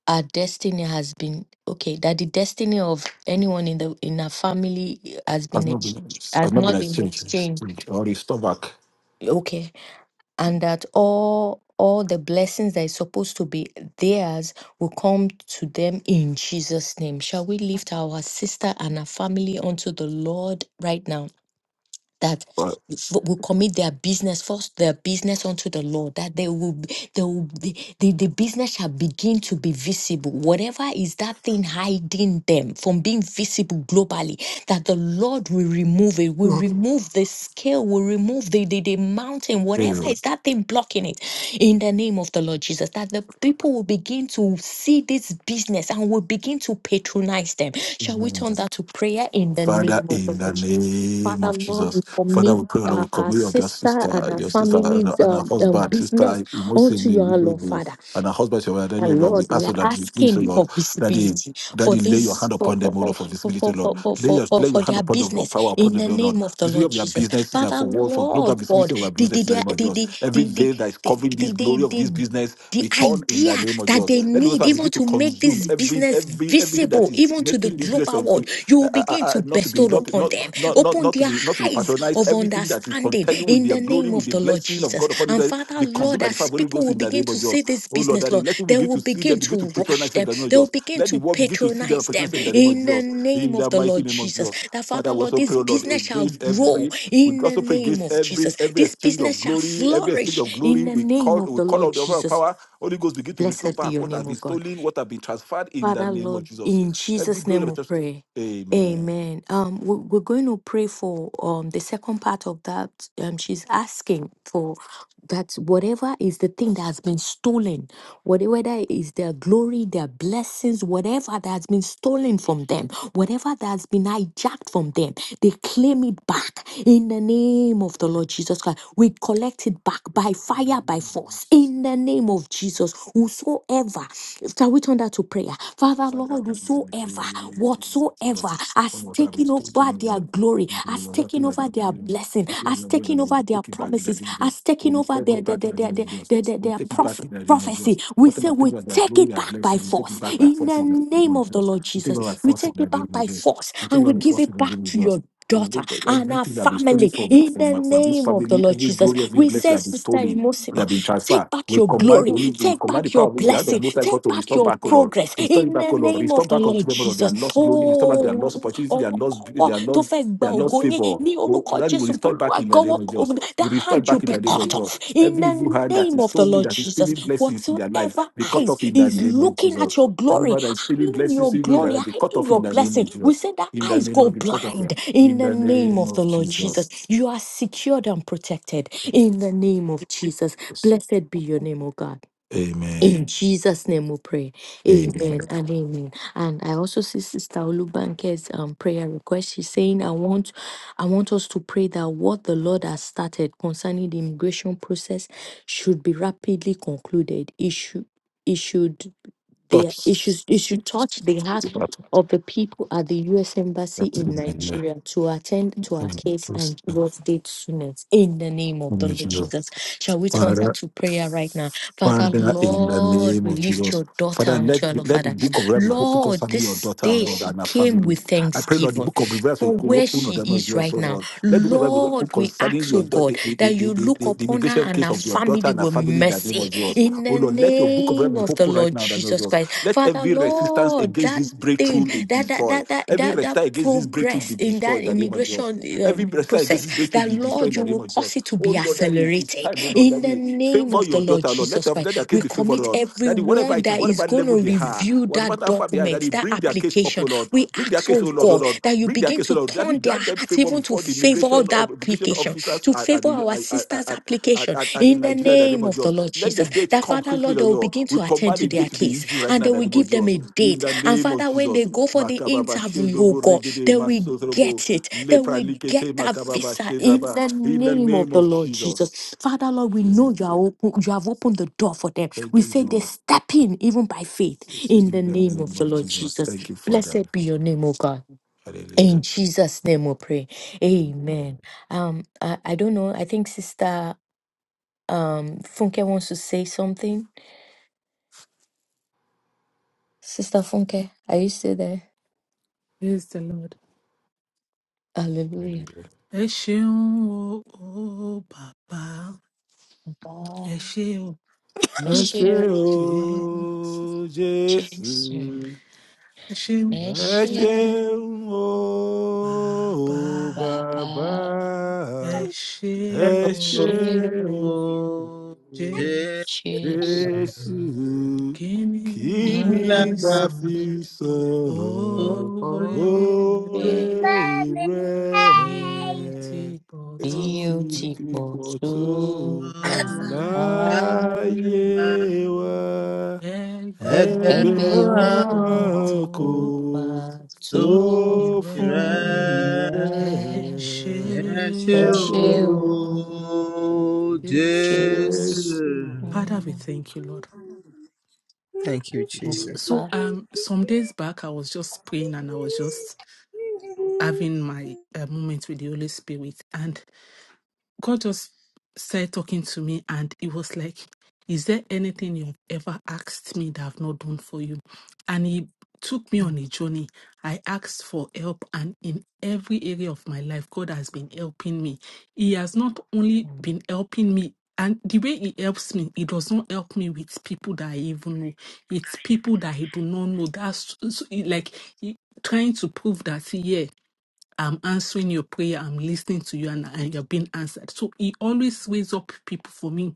[SPEAKER 7] our destiny has been okay that the destiny of anyone in the in our family has
[SPEAKER 5] I've
[SPEAKER 7] been
[SPEAKER 5] not
[SPEAKER 7] ex-
[SPEAKER 5] been I've
[SPEAKER 7] has
[SPEAKER 5] not been
[SPEAKER 7] not been
[SPEAKER 5] exchanged.
[SPEAKER 7] exchanged
[SPEAKER 5] exchanged. I already stopped back.
[SPEAKER 7] okay and that all all the blessings that is supposed to be theirs will come to them in jesus name shall we lift our sister and her family unto the lord right now that
[SPEAKER 5] But
[SPEAKER 7] f- will commit their business first their business unto the lord that they will b- they will be- the, the business shall begin to be visible whatever is that thing hiding them from being visible globally that the lord will remove it will remove the scale will remove the, the the mountain
[SPEAKER 5] praise the
[SPEAKER 7] whatever
[SPEAKER 5] Lord.
[SPEAKER 7] is that thing blocking it in the name of the lord jesus that the people will begin to see this business and will begin to patronize them shall we
[SPEAKER 5] Amen.
[SPEAKER 7] turn that to prayer in the
[SPEAKER 5] Father,
[SPEAKER 7] name of the
[SPEAKER 5] in the
[SPEAKER 7] lord Jesus?
[SPEAKER 5] name
[SPEAKER 7] Father
[SPEAKER 5] of
[SPEAKER 7] Lord, we
[SPEAKER 5] Jesus. Father,
[SPEAKER 7] commit
[SPEAKER 5] we pray, O Lord,
[SPEAKER 7] uh,
[SPEAKER 5] we
[SPEAKER 7] our
[SPEAKER 5] commit of your
[SPEAKER 7] sister
[SPEAKER 5] sister,
[SPEAKER 7] and her
[SPEAKER 5] your sister and her
[SPEAKER 7] family's
[SPEAKER 5] and her
[SPEAKER 7] um, um,
[SPEAKER 5] husband, sister
[SPEAKER 7] business unto
[SPEAKER 5] Imosimi,
[SPEAKER 7] your hand, Lord
[SPEAKER 5] Ibubu,
[SPEAKER 7] Father.
[SPEAKER 5] and her husband, Shewa, Daddy, O
[SPEAKER 7] And
[SPEAKER 5] Lord.
[SPEAKER 7] Lord,
[SPEAKER 5] We
[SPEAKER 7] we
[SPEAKER 5] ask
[SPEAKER 7] are
[SPEAKER 5] you that you please, O
[SPEAKER 7] asking for
[SPEAKER 5] Lord, that he
[SPEAKER 7] visibility for
[SPEAKER 5] Daddy, lay your
[SPEAKER 7] this,
[SPEAKER 5] hand
[SPEAKER 7] for
[SPEAKER 5] upon
[SPEAKER 7] for
[SPEAKER 5] them, O
[SPEAKER 7] for
[SPEAKER 5] Lord, for
[SPEAKER 7] for
[SPEAKER 5] visibility, O
[SPEAKER 7] for
[SPEAKER 5] Lord.
[SPEAKER 7] for, for,
[SPEAKER 5] Lay
[SPEAKER 7] for,
[SPEAKER 5] your,
[SPEAKER 7] for
[SPEAKER 5] lay your
[SPEAKER 7] for
[SPEAKER 5] hand
[SPEAKER 7] their
[SPEAKER 5] upon them, for
[SPEAKER 7] business
[SPEAKER 5] power upon
[SPEAKER 7] in
[SPEAKER 5] them,
[SPEAKER 7] the
[SPEAKER 5] O Lord.
[SPEAKER 7] name of the Lord
[SPEAKER 5] Visibility of their
[SPEAKER 7] Jesus.
[SPEAKER 5] business, O Lord,
[SPEAKER 7] Father,
[SPEAKER 5] for world, for
[SPEAKER 7] Lord
[SPEAKER 5] global
[SPEAKER 7] God,
[SPEAKER 5] visibility of their
[SPEAKER 7] the the
[SPEAKER 5] business in the
[SPEAKER 7] the
[SPEAKER 5] name of
[SPEAKER 7] the
[SPEAKER 5] Jesus.
[SPEAKER 7] the
[SPEAKER 5] Every
[SPEAKER 7] the
[SPEAKER 5] veil that is
[SPEAKER 7] the,
[SPEAKER 5] covering
[SPEAKER 7] the,
[SPEAKER 5] this
[SPEAKER 7] the,
[SPEAKER 5] glory of this
[SPEAKER 7] the
[SPEAKER 5] business
[SPEAKER 7] the
[SPEAKER 5] be torn in
[SPEAKER 7] idea
[SPEAKER 5] the name of
[SPEAKER 7] that
[SPEAKER 5] Jesus.
[SPEAKER 7] they
[SPEAKER 5] Let the
[SPEAKER 7] need
[SPEAKER 5] gospel
[SPEAKER 7] even
[SPEAKER 5] begin to
[SPEAKER 7] to make
[SPEAKER 5] consume
[SPEAKER 7] this
[SPEAKER 5] every
[SPEAKER 7] business
[SPEAKER 5] every everything
[SPEAKER 7] visible
[SPEAKER 5] that is
[SPEAKER 7] even to the
[SPEAKER 5] making this place
[SPEAKER 7] global
[SPEAKER 5] of
[SPEAKER 7] world you will
[SPEAKER 5] uh, uh,
[SPEAKER 7] begin
[SPEAKER 5] uh,
[SPEAKER 7] to
[SPEAKER 5] not to
[SPEAKER 7] bestow
[SPEAKER 5] be not
[SPEAKER 7] upon
[SPEAKER 5] not
[SPEAKER 7] them
[SPEAKER 5] not not
[SPEAKER 7] open
[SPEAKER 5] not to
[SPEAKER 7] their
[SPEAKER 5] be not to be
[SPEAKER 7] eyes
[SPEAKER 5] patronized.
[SPEAKER 7] of
[SPEAKER 5] Everything that is
[SPEAKER 7] understanding
[SPEAKER 5] contending with
[SPEAKER 7] in
[SPEAKER 5] their
[SPEAKER 7] the
[SPEAKER 5] glory,
[SPEAKER 7] name
[SPEAKER 5] with
[SPEAKER 7] of
[SPEAKER 5] the
[SPEAKER 7] the lord
[SPEAKER 5] blessing of
[SPEAKER 7] jesus
[SPEAKER 5] God upon it,
[SPEAKER 7] and
[SPEAKER 5] that
[SPEAKER 7] father
[SPEAKER 5] they consume
[SPEAKER 7] lord
[SPEAKER 5] by the fire
[SPEAKER 7] as
[SPEAKER 5] of Holy
[SPEAKER 7] people
[SPEAKER 5] Ghost
[SPEAKER 7] will
[SPEAKER 5] in the
[SPEAKER 7] begin
[SPEAKER 5] name
[SPEAKER 7] to
[SPEAKER 5] of
[SPEAKER 7] see
[SPEAKER 5] Jesus.
[SPEAKER 7] this
[SPEAKER 5] Oh Lord,
[SPEAKER 7] business
[SPEAKER 5] that
[SPEAKER 7] lord
[SPEAKER 5] let me
[SPEAKER 7] they
[SPEAKER 5] begin
[SPEAKER 7] will
[SPEAKER 5] to see them,
[SPEAKER 7] begin
[SPEAKER 5] begin
[SPEAKER 7] to
[SPEAKER 5] to
[SPEAKER 7] rush
[SPEAKER 5] patronize them in
[SPEAKER 7] them.
[SPEAKER 5] the name of
[SPEAKER 7] They will
[SPEAKER 5] Jesus.
[SPEAKER 7] begin
[SPEAKER 5] Let the
[SPEAKER 7] to
[SPEAKER 5] world begin to see them,
[SPEAKER 7] patronize them
[SPEAKER 5] patronize them in the name of
[SPEAKER 7] in the
[SPEAKER 5] Jesus.
[SPEAKER 7] name
[SPEAKER 5] In
[SPEAKER 7] of
[SPEAKER 5] the
[SPEAKER 7] the
[SPEAKER 5] mighty
[SPEAKER 7] Lord
[SPEAKER 5] name of
[SPEAKER 7] Jesus.
[SPEAKER 5] Jesus,
[SPEAKER 7] That
[SPEAKER 5] Father,
[SPEAKER 7] Father,
[SPEAKER 5] we
[SPEAKER 7] Lord,
[SPEAKER 5] also pray,
[SPEAKER 7] this
[SPEAKER 5] oh Lord,
[SPEAKER 7] business shall
[SPEAKER 5] against
[SPEAKER 7] grow
[SPEAKER 5] every. We
[SPEAKER 7] in the
[SPEAKER 5] also pray
[SPEAKER 7] name
[SPEAKER 5] against
[SPEAKER 7] of
[SPEAKER 5] every
[SPEAKER 7] Jesus.
[SPEAKER 5] every
[SPEAKER 7] This
[SPEAKER 5] exchange of
[SPEAKER 7] business shall
[SPEAKER 5] glory, every exchange of
[SPEAKER 7] flourish in
[SPEAKER 5] glory.
[SPEAKER 7] the
[SPEAKER 5] We
[SPEAKER 7] name
[SPEAKER 5] call
[SPEAKER 7] of
[SPEAKER 5] we
[SPEAKER 7] the
[SPEAKER 5] call
[SPEAKER 7] Lord
[SPEAKER 5] out the over of
[SPEAKER 7] Jesus.
[SPEAKER 5] power. Holy Ghost begin to restore
[SPEAKER 7] Blessed be
[SPEAKER 5] back
[SPEAKER 7] your
[SPEAKER 5] what has
[SPEAKER 7] name, O
[SPEAKER 5] been
[SPEAKER 7] God.
[SPEAKER 5] stolen, what has been transferred in the
[SPEAKER 7] Father,
[SPEAKER 5] name of
[SPEAKER 7] Lord,
[SPEAKER 5] Jesus.
[SPEAKER 7] in
[SPEAKER 5] Every
[SPEAKER 7] Jesus'
[SPEAKER 5] glory
[SPEAKER 7] name
[SPEAKER 5] of
[SPEAKER 7] we pray.
[SPEAKER 5] a Amen.
[SPEAKER 7] Amen. Um, we- we're going to pray for um the second part of that. Um, she's asking for that whatever is the thing that has been stolen, whatever that is their glory, their blessings, whatever that has been stolen from them, whatever that has been hijacked from them, they claim it back in the name of the Lord Jesus Christ. We collect it back by fire, by force, in the name of Jesus. Whosoever Shall we turn that to prayer? Father,
[SPEAKER 5] Father,
[SPEAKER 7] Lord,
[SPEAKER 5] in the
[SPEAKER 7] whosoever,
[SPEAKER 5] name of
[SPEAKER 7] whatsoever
[SPEAKER 5] Jesus, one
[SPEAKER 7] has
[SPEAKER 5] more time,
[SPEAKER 7] taken
[SPEAKER 5] restore
[SPEAKER 7] over
[SPEAKER 5] the
[SPEAKER 7] their
[SPEAKER 5] Lord.
[SPEAKER 7] glory, has
[SPEAKER 5] That thing
[SPEAKER 7] taken
[SPEAKER 5] that you
[SPEAKER 7] over
[SPEAKER 5] are
[SPEAKER 7] their
[SPEAKER 5] doing,
[SPEAKER 7] blessing,
[SPEAKER 5] that thing that you
[SPEAKER 7] has
[SPEAKER 5] are doing,
[SPEAKER 7] taken
[SPEAKER 5] we
[SPEAKER 7] over
[SPEAKER 5] will
[SPEAKER 7] their
[SPEAKER 5] take it back in the
[SPEAKER 7] promises,
[SPEAKER 5] name of Jesus.
[SPEAKER 7] has
[SPEAKER 5] We
[SPEAKER 7] taken over
[SPEAKER 5] request
[SPEAKER 7] their,
[SPEAKER 5] it
[SPEAKER 7] their,
[SPEAKER 5] back in
[SPEAKER 7] their,
[SPEAKER 5] the
[SPEAKER 7] their,
[SPEAKER 5] name
[SPEAKER 7] their,
[SPEAKER 5] of Jesus.
[SPEAKER 7] their, their,
[SPEAKER 5] We will
[SPEAKER 7] their
[SPEAKER 5] take it
[SPEAKER 7] prof-
[SPEAKER 5] back in the name of Jesus.
[SPEAKER 7] prophecy. We
[SPEAKER 5] What I
[SPEAKER 7] say
[SPEAKER 5] take
[SPEAKER 7] we
[SPEAKER 5] was their
[SPEAKER 7] take
[SPEAKER 5] glory
[SPEAKER 7] it
[SPEAKER 5] and
[SPEAKER 7] back by
[SPEAKER 5] blessing, we take it
[SPEAKER 7] force
[SPEAKER 5] back by
[SPEAKER 7] in
[SPEAKER 5] force
[SPEAKER 7] the
[SPEAKER 5] in the
[SPEAKER 7] name
[SPEAKER 5] name of
[SPEAKER 7] of the
[SPEAKER 5] Jesus.
[SPEAKER 7] Lord
[SPEAKER 5] We take it back by
[SPEAKER 7] Jesus. We
[SPEAKER 5] force in
[SPEAKER 7] take
[SPEAKER 5] the
[SPEAKER 7] it
[SPEAKER 5] name
[SPEAKER 7] back
[SPEAKER 5] of
[SPEAKER 7] by
[SPEAKER 5] Jesus.
[SPEAKER 7] force
[SPEAKER 5] We take it
[SPEAKER 7] and we
[SPEAKER 5] back by
[SPEAKER 7] give
[SPEAKER 5] force
[SPEAKER 7] it
[SPEAKER 5] in the
[SPEAKER 7] back
[SPEAKER 5] name of
[SPEAKER 7] to
[SPEAKER 5] Jesus.
[SPEAKER 7] your
[SPEAKER 5] And we
[SPEAKER 7] daughter
[SPEAKER 5] look at
[SPEAKER 7] and her
[SPEAKER 5] Everything that been
[SPEAKER 7] family
[SPEAKER 5] stolen from,
[SPEAKER 7] in the
[SPEAKER 5] from, uh, from this
[SPEAKER 7] name of the
[SPEAKER 5] family,
[SPEAKER 7] Lord
[SPEAKER 5] every
[SPEAKER 7] Jesus.
[SPEAKER 5] glory, every
[SPEAKER 7] We
[SPEAKER 5] blessing
[SPEAKER 7] say,
[SPEAKER 5] that been
[SPEAKER 7] Sister
[SPEAKER 5] stolen,
[SPEAKER 7] Imosima,
[SPEAKER 5] that have been transferred,
[SPEAKER 7] Take back
[SPEAKER 5] we
[SPEAKER 7] your
[SPEAKER 5] command, the
[SPEAKER 7] glory.
[SPEAKER 5] we
[SPEAKER 7] Take
[SPEAKER 5] command the
[SPEAKER 7] back
[SPEAKER 5] power
[SPEAKER 7] your
[SPEAKER 5] of the hand of
[SPEAKER 7] blessing.
[SPEAKER 5] Most High God
[SPEAKER 7] Take
[SPEAKER 5] to
[SPEAKER 7] back
[SPEAKER 5] restore
[SPEAKER 7] your
[SPEAKER 5] back, O Lord.
[SPEAKER 7] progress.
[SPEAKER 5] Restore it
[SPEAKER 7] In
[SPEAKER 5] back,
[SPEAKER 7] the
[SPEAKER 5] O Lord.
[SPEAKER 7] name
[SPEAKER 5] Restore
[SPEAKER 7] of the
[SPEAKER 5] back unto
[SPEAKER 7] Lord
[SPEAKER 5] them, O Lord, their
[SPEAKER 7] Jesus.
[SPEAKER 5] lost glory, restore back their
[SPEAKER 7] Oh,
[SPEAKER 5] lost opportunity, their lost,
[SPEAKER 7] ọwọ́kọ́wọ́
[SPEAKER 5] their
[SPEAKER 7] tó
[SPEAKER 5] lost,
[SPEAKER 7] fẹ́ gba
[SPEAKER 5] their
[SPEAKER 7] ògo
[SPEAKER 5] lost
[SPEAKER 7] yín
[SPEAKER 5] favor.
[SPEAKER 7] ní
[SPEAKER 5] Oh,
[SPEAKER 7] orúkọ
[SPEAKER 5] Lord, we
[SPEAKER 7] Jésù
[SPEAKER 5] restore it back
[SPEAKER 7] Olúwa
[SPEAKER 5] in the name of Jesus.
[SPEAKER 7] gọ́wọ́
[SPEAKER 5] We
[SPEAKER 7] that
[SPEAKER 5] restore it
[SPEAKER 7] hand you
[SPEAKER 5] back in
[SPEAKER 7] be
[SPEAKER 5] the name of
[SPEAKER 7] cut
[SPEAKER 5] Jesus.
[SPEAKER 7] off. In
[SPEAKER 5] Every
[SPEAKER 7] the
[SPEAKER 5] evil hand that
[SPEAKER 7] name
[SPEAKER 5] is
[SPEAKER 7] of the
[SPEAKER 5] stolen,
[SPEAKER 7] Lord
[SPEAKER 5] that is
[SPEAKER 7] Jesus.
[SPEAKER 5] stealing blessings in their life,
[SPEAKER 7] Whatsoever
[SPEAKER 5] be cut
[SPEAKER 7] eyes
[SPEAKER 5] off in the
[SPEAKER 7] is
[SPEAKER 5] name of
[SPEAKER 7] looking at
[SPEAKER 5] Jesus.
[SPEAKER 7] your glory,
[SPEAKER 5] Everybody that is stealing
[SPEAKER 7] eyeing your
[SPEAKER 5] blessings in their
[SPEAKER 7] glory,
[SPEAKER 5] life, be cut
[SPEAKER 7] eyeing
[SPEAKER 5] off
[SPEAKER 7] your
[SPEAKER 5] in the name
[SPEAKER 7] blessing,
[SPEAKER 5] of
[SPEAKER 7] we
[SPEAKER 5] Jesus.
[SPEAKER 7] say that
[SPEAKER 5] In the
[SPEAKER 7] eyes
[SPEAKER 5] name
[SPEAKER 7] go
[SPEAKER 5] of, be cut off
[SPEAKER 7] blind.
[SPEAKER 5] them.
[SPEAKER 7] In
[SPEAKER 5] In
[SPEAKER 7] the
[SPEAKER 5] the
[SPEAKER 7] name
[SPEAKER 5] name
[SPEAKER 7] of the
[SPEAKER 5] of
[SPEAKER 7] Lord Jesus.
[SPEAKER 5] Jesus.
[SPEAKER 7] You are secured and protected. In the name of Jesus. Blessed be your name, O God.
[SPEAKER 5] Amen.
[SPEAKER 7] In Jesus' name we pray. Amen
[SPEAKER 5] Amen.
[SPEAKER 7] and amen. And I also see Sister Olubanke's um, prayer request. She's saying, I want I want us to pray that what the Lord has started concerning the immigration process should be rapidly concluded. It should it should they
[SPEAKER 5] Touch.
[SPEAKER 7] it should it should touch the heart of the people at the U.S. Embassy in Nigeria to attend to our case and give us date soonest in the name of the Lord Jesus. Shall we turn
[SPEAKER 5] Amen.
[SPEAKER 7] that to prayer right now?
[SPEAKER 5] Father,
[SPEAKER 7] Father,
[SPEAKER 5] in the
[SPEAKER 7] Lord,
[SPEAKER 5] name
[SPEAKER 7] we
[SPEAKER 5] of
[SPEAKER 7] lift
[SPEAKER 5] Jesus.
[SPEAKER 7] your daughter
[SPEAKER 5] Father, let,
[SPEAKER 7] unto your Lord,
[SPEAKER 5] let the
[SPEAKER 7] Father.
[SPEAKER 5] book of Revelation open
[SPEAKER 7] Lord,
[SPEAKER 5] concerning your
[SPEAKER 7] this
[SPEAKER 5] daughter, O
[SPEAKER 7] day
[SPEAKER 5] Lord,
[SPEAKER 7] she
[SPEAKER 5] and her
[SPEAKER 7] came
[SPEAKER 5] family.
[SPEAKER 7] with
[SPEAKER 5] I pray, Lord, the
[SPEAKER 7] thanksgiving
[SPEAKER 5] book of reverse
[SPEAKER 7] for
[SPEAKER 5] will
[SPEAKER 7] where
[SPEAKER 5] open on
[SPEAKER 7] she
[SPEAKER 5] them, O
[SPEAKER 7] is
[SPEAKER 5] Jesus,
[SPEAKER 7] right
[SPEAKER 5] O
[SPEAKER 7] now.
[SPEAKER 5] Lord. Let the book of Revelation open
[SPEAKER 7] Lord, we
[SPEAKER 5] concerning
[SPEAKER 7] ask, oh
[SPEAKER 5] your daughter,
[SPEAKER 7] God,
[SPEAKER 5] the, the,
[SPEAKER 7] that
[SPEAKER 5] the,
[SPEAKER 7] you
[SPEAKER 5] the,
[SPEAKER 7] look
[SPEAKER 5] the, the
[SPEAKER 7] upon her
[SPEAKER 5] immigration
[SPEAKER 7] and
[SPEAKER 5] case
[SPEAKER 7] her
[SPEAKER 5] of your daughter
[SPEAKER 7] family
[SPEAKER 5] and her
[SPEAKER 7] with
[SPEAKER 5] family in the name
[SPEAKER 7] mercy
[SPEAKER 5] of Jesus.
[SPEAKER 7] in
[SPEAKER 5] Oh
[SPEAKER 7] the
[SPEAKER 5] Lord, let your book of
[SPEAKER 7] name
[SPEAKER 5] Revelation
[SPEAKER 7] of the
[SPEAKER 5] open right
[SPEAKER 7] Lord
[SPEAKER 5] now in the name of
[SPEAKER 7] Jesus
[SPEAKER 5] Jesus.
[SPEAKER 7] Christ.
[SPEAKER 5] Let
[SPEAKER 7] Father,
[SPEAKER 5] every resistance
[SPEAKER 7] Lord,
[SPEAKER 5] against
[SPEAKER 7] that
[SPEAKER 5] this
[SPEAKER 7] thing
[SPEAKER 5] breakthrough be
[SPEAKER 7] that that
[SPEAKER 5] destroyed.
[SPEAKER 7] that that
[SPEAKER 5] Every
[SPEAKER 7] that, that
[SPEAKER 5] resistance against this breakthrough
[SPEAKER 7] progress
[SPEAKER 5] be
[SPEAKER 7] in that
[SPEAKER 5] destroyed in the name of Jesus.
[SPEAKER 7] immigration
[SPEAKER 5] Every
[SPEAKER 7] um,
[SPEAKER 5] blessing against this
[SPEAKER 7] process
[SPEAKER 5] breakthrough
[SPEAKER 7] that
[SPEAKER 5] be destroyed
[SPEAKER 7] lord
[SPEAKER 5] in
[SPEAKER 7] you
[SPEAKER 5] the name
[SPEAKER 7] will
[SPEAKER 5] of
[SPEAKER 7] cause
[SPEAKER 5] Jesus.
[SPEAKER 7] it to
[SPEAKER 5] Oh
[SPEAKER 7] be
[SPEAKER 5] Lord, Daddy, it is
[SPEAKER 7] accelerated
[SPEAKER 5] time, oh Lord,
[SPEAKER 7] in the
[SPEAKER 5] Daddy.
[SPEAKER 7] name
[SPEAKER 5] Favor
[SPEAKER 7] of the
[SPEAKER 5] your
[SPEAKER 7] lord
[SPEAKER 5] daughter, Lord. Let,
[SPEAKER 7] jesus
[SPEAKER 5] her,
[SPEAKER 7] christ
[SPEAKER 5] let their case
[SPEAKER 7] we
[SPEAKER 5] be favored,
[SPEAKER 7] commit
[SPEAKER 5] Lord. Daddy, whatever
[SPEAKER 7] everyone
[SPEAKER 5] it is,
[SPEAKER 7] that is
[SPEAKER 5] whatever
[SPEAKER 7] going
[SPEAKER 5] level
[SPEAKER 7] to
[SPEAKER 5] they are,
[SPEAKER 7] review
[SPEAKER 5] what no
[SPEAKER 7] that
[SPEAKER 5] matter how far they are,
[SPEAKER 7] document,
[SPEAKER 5] Daddy,
[SPEAKER 7] that
[SPEAKER 5] bring their case up, oh
[SPEAKER 7] application.
[SPEAKER 5] Lord.
[SPEAKER 7] We
[SPEAKER 5] Bring their
[SPEAKER 7] ask,
[SPEAKER 5] case,
[SPEAKER 7] oh
[SPEAKER 5] oh Lord, oh
[SPEAKER 7] God,
[SPEAKER 5] Lord.
[SPEAKER 7] that you
[SPEAKER 5] Bring their
[SPEAKER 7] begin
[SPEAKER 5] case, oh
[SPEAKER 7] to
[SPEAKER 5] Lord. Daddy,
[SPEAKER 7] turn their
[SPEAKER 5] grant them
[SPEAKER 7] hearts
[SPEAKER 5] favor
[SPEAKER 7] even to
[SPEAKER 5] before the
[SPEAKER 7] favor
[SPEAKER 5] immigration
[SPEAKER 7] that
[SPEAKER 5] of immigration
[SPEAKER 7] application,
[SPEAKER 5] officers
[SPEAKER 7] to
[SPEAKER 5] at, at,
[SPEAKER 7] favor
[SPEAKER 5] the,
[SPEAKER 7] our
[SPEAKER 5] at, at,
[SPEAKER 7] sister's
[SPEAKER 5] at, at,
[SPEAKER 7] application
[SPEAKER 5] at, in
[SPEAKER 7] in the
[SPEAKER 5] Nigeria in the name
[SPEAKER 7] name
[SPEAKER 5] of
[SPEAKER 7] of the
[SPEAKER 5] Jesus.
[SPEAKER 7] Lord
[SPEAKER 5] Let the
[SPEAKER 7] Jesus.
[SPEAKER 5] date
[SPEAKER 7] That
[SPEAKER 5] come
[SPEAKER 7] Father,
[SPEAKER 5] quickly,
[SPEAKER 7] Lord, they
[SPEAKER 5] Lord.
[SPEAKER 7] will
[SPEAKER 5] Lord.
[SPEAKER 7] begin
[SPEAKER 5] We
[SPEAKER 7] to attend
[SPEAKER 5] command
[SPEAKER 7] to
[SPEAKER 5] the
[SPEAKER 7] their
[SPEAKER 5] date to be
[SPEAKER 7] case
[SPEAKER 5] issued right
[SPEAKER 7] and
[SPEAKER 5] now in
[SPEAKER 7] they
[SPEAKER 5] the
[SPEAKER 7] will
[SPEAKER 5] name of
[SPEAKER 7] give them
[SPEAKER 5] Jesus.
[SPEAKER 7] a
[SPEAKER 5] In
[SPEAKER 7] date.
[SPEAKER 5] the
[SPEAKER 7] And
[SPEAKER 5] name of
[SPEAKER 7] Father, when they
[SPEAKER 5] Jesus.
[SPEAKER 7] go for the
[SPEAKER 5] Makababa,
[SPEAKER 7] interview, oh
[SPEAKER 5] Shedrobo,
[SPEAKER 7] God,
[SPEAKER 5] Regede,
[SPEAKER 7] they will
[SPEAKER 5] Masodrobo.
[SPEAKER 7] get it. They
[SPEAKER 5] Lepra
[SPEAKER 7] will get
[SPEAKER 5] likete
[SPEAKER 7] that
[SPEAKER 5] makababa
[SPEAKER 7] visa in
[SPEAKER 5] shendraba.
[SPEAKER 7] the
[SPEAKER 5] In the
[SPEAKER 7] name of
[SPEAKER 5] name
[SPEAKER 7] the
[SPEAKER 5] of
[SPEAKER 7] Lord
[SPEAKER 5] Jesus.
[SPEAKER 7] Jesus. Father, Lord, we know you are open, you have opened the door for them. We
[SPEAKER 5] Thank you,
[SPEAKER 7] say they
[SPEAKER 5] Lord.
[SPEAKER 7] step in even by faith in
[SPEAKER 5] In
[SPEAKER 7] the
[SPEAKER 5] the
[SPEAKER 7] name of
[SPEAKER 5] name
[SPEAKER 7] the
[SPEAKER 5] of
[SPEAKER 7] Lord
[SPEAKER 5] Jesus.
[SPEAKER 7] Jesus.
[SPEAKER 5] Thank you, Father.
[SPEAKER 7] Blessed be your name, oh God. In
[SPEAKER 5] Hallelujah.
[SPEAKER 7] Jesus' name we pray.
[SPEAKER 5] Ẹ
[SPEAKER 7] Amen. Um, I, I don't know. I think Sister um Funke wants to say something. Sister Funke, are you still there?
[SPEAKER 9] Praise the Lord.
[SPEAKER 7] Hallelujah.
[SPEAKER 9] Ẹ ṣeun o, o bàbá. Ẹ
[SPEAKER 7] ẹ
[SPEAKER 9] ṣe o,
[SPEAKER 7] ṣé o
[SPEAKER 5] ṣé
[SPEAKER 9] Jésù.
[SPEAKER 5] o,
[SPEAKER 7] jésù
[SPEAKER 5] Jésù.
[SPEAKER 9] Ẹ ṣeun
[SPEAKER 7] ẹ
[SPEAKER 5] Ẹ
[SPEAKER 9] o,
[SPEAKER 5] ṣeun
[SPEAKER 9] bàbá.
[SPEAKER 5] o,
[SPEAKER 7] bàbá
[SPEAKER 9] Ẹ
[SPEAKER 5] Bàbá.
[SPEAKER 9] ṣe
[SPEAKER 7] ẹ
[SPEAKER 5] Ẹ
[SPEAKER 7] ṣé
[SPEAKER 9] o,
[SPEAKER 5] ṣé
[SPEAKER 7] o
[SPEAKER 5] o.
[SPEAKER 9] Jésù.
[SPEAKER 7] jésù
[SPEAKER 5] Jésus,
[SPEAKER 9] Kí ni n
[SPEAKER 7] kí
[SPEAKER 9] bá
[SPEAKER 7] n
[SPEAKER 9] fi
[SPEAKER 5] kimi
[SPEAKER 7] máa
[SPEAKER 9] san
[SPEAKER 5] dafi
[SPEAKER 7] fi
[SPEAKER 5] sọ,
[SPEAKER 9] owó
[SPEAKER 7] òfé
[SPEAKER 9] ewé
[SPEAKER 5] ore
[SPEAKER 9] bí ó ti
[SPEAKER 5] rẹ̀
[SPEAKER 9] pọ̀
[SPEAKER 7] bí
[SPEAKER 5] yóò
[SPEAKER 9] tó
[SPEAKER 7] ó
[SPEAKER 5] ti
[SPEAKER 7] ti
[SPEAKER 5] fi
[SPEAKER 7] pọ̀
[SPEAKER 5] pọ̀
[SPEAKER 7] tó
[SPEAKER 5] tó
[SPEAKER 1] Amen.
[SPEAKER 9] láyé
[SPEAKER 7] láyé
[SPEAKER 5] láyé
[SPEAKER 9] mi?
[SPEAKER 5] wa.
[SPEAKER 9] Ẹgbẹ̀rún ọ̀run
[SPEAKER 5] Ẹgbẹ̀rún
[SPEAKER 9] kò mọ̀
[SPEAKER 7] ẹgbẹ̀rún
[SPEAKER 9] tó.
[SPEAKER 7] kò
[SPEAKER 5] àkò
[SPEAKER 7] máa tó
[SPEAKER 5] tó
[SPEAKER 9] ìwé
[SPEAKER 7] fún
[SPEAKER 5] fún
[SPEAKER 1] Hey.
[SPEAKER 7] rẹ
[SPEAKER 9] Ẹ ṣé
[SPEAKER 5] rẹ̀.
[SPEAKER 7] ẹ
[SPEAKER 1] Yeshua,
[SPEAKER 5] Ẹ
[SPEAKER 7] ṣé
[SPEAKER 5] ṣé o,
[SPEAKER 7] o
[SPEAKER 9] o. Yes.
[SPEAKER 1] Jesus.
[SPEAKER 7] jésù.
[SPEAKER 5] Jésù.
[SPEAKER 9] Father, we thank you, Lord.
[SPEAKER 1] Thank you,
[SPEAKER 7] Thank
[SPEAKER 1] Jesus.
[SPEAKER 7] you,
[SPEAKER 9] So,
[SPEAKER 7] Father.
[SPEAKER 9] um, some days back, I was just praying and I was just having my uh, moment with the Holy Spirit, and. God just started talking to me, and it was like, Is there anything you have ever asked me that I've not done for you? And He took me on a journey. I asked for help, and in every area of my life, God has been helping me. He has not only
[SPEAKER 7] Mhm.
[SPEAKER 9] been helping me. And the way he helps me, he does not help me with people that I even know. It's people that I do not know. That's so- like he, trying to prove that, yeah, I'm answering your prayer, I'm listening to you, and, and you're being answered. So he always wakes up people for me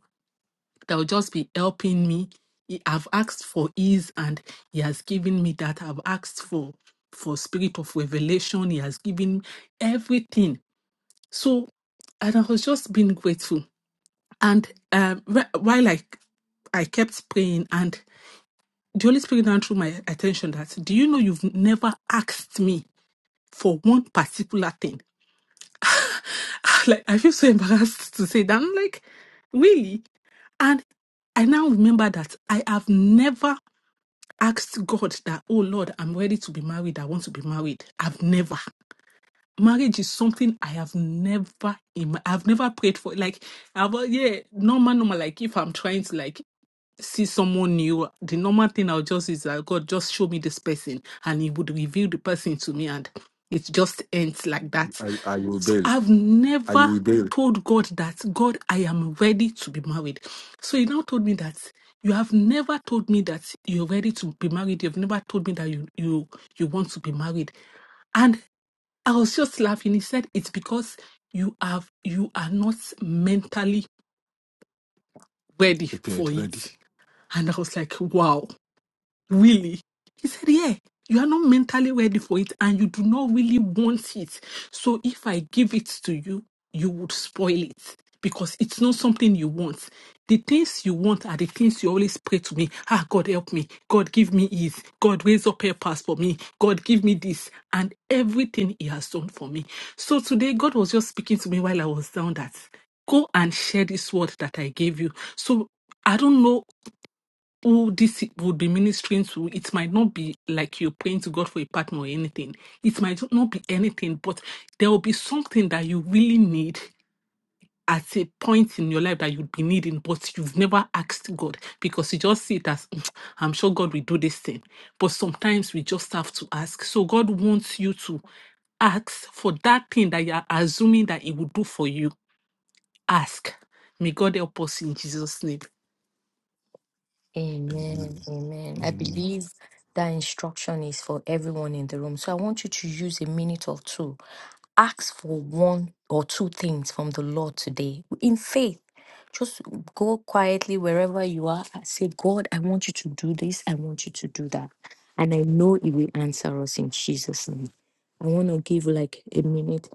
[SPEAKER 9] that will just be helping me. He- I've asked for ease, and he has given me that. I've asked for for spirit of revelation. He has given everything. So, and I was just being grateful. And um, wh- while I I kept praying, and the Holy Spirit now drew my attention that, do you know you've never asked me for one particular thing? like I feel so embarrassed to say that. I'm like, really? And I now remember that I have never asked God that, oh Lord, I'm ready to be married. I want to be married. I've never. Marriage is something I have never, im- I've never prayed for. Like, I've, yeah, normal, normal. Like, if I'm trying to, like, see someone new, the normal thing I'll just is that God just show me this person and he would reveal the person to me and it just ends like that.
[SPEAKER 5] I, I will
[SPEAKER 9] So
[SPEAKER 5] bail.
[SPEAKER 9] I've
[SPEAKER 5] I
[SPEAKER 9] never
[SPEAKER 5] will bail.
[SPEAKER 9] told God that God, I am ready to be married. So he now told me that you have never told me that you're ready to be married. You've never told me that you you you want to be married. And I was just laughing. He said it's because you have you are not mentally ready
[SPEAKER 5] Prepared,
[SPEAKER 9] for
[SPEAKER 5] ready.
[SPEAKER 9] it. And I was like, wow really he said yeah you are not mentally ready for it and you do not really want it so if i give it to you you would spoil it because it's not something you want the things you want are the things you always pray to me ah god help me god give me ease god raise up helpers for me god give me this and everything he has done for me so today god was just speaking to me while i was down that go and share this word that i gave you so I don't know who this would be ministering to, it might not be like you're praying to God for a partner or anything. It might not be anything, but there will be something that you really need at a point in your life that you'd be needing, but you've never asked God because you just see it as, "Mm, I'm sure God will do this thing. But sometimes we just have to ask. So God wants you to ask for that thing that you're assuming that He will do for you. Ask. May God help us in Jesus' name.
[SPEAKER 7] Amen. Amen. I believe that instruction is for everyone in the room. So I want you to use a minute or two. Ask for one or two things from the Lord today in faith. Just go quietly wherever you are and say, God, I want you to do this. I want you to do that. And I know He will answer us in Jesus' name. I want to give like a minute.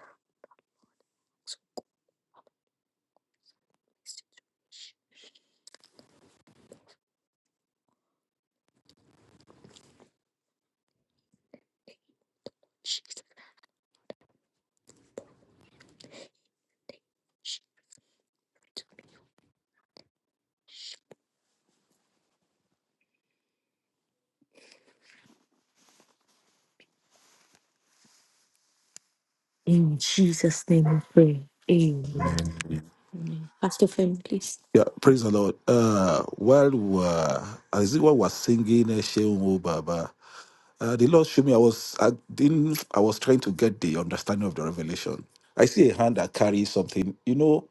[SPEAKER 7] In Jesus' name we pray. Amen. Amen. Pastor Femi, please.
[SPEAKER 5] Yeah, praise the Lord. Uh, while we were, as it were, was singing uh, Shehu Mo Baba, uh, the Lord showed me I was I didn't I was trying to get the understanding of the revelation. I see a hand that carries something. You know,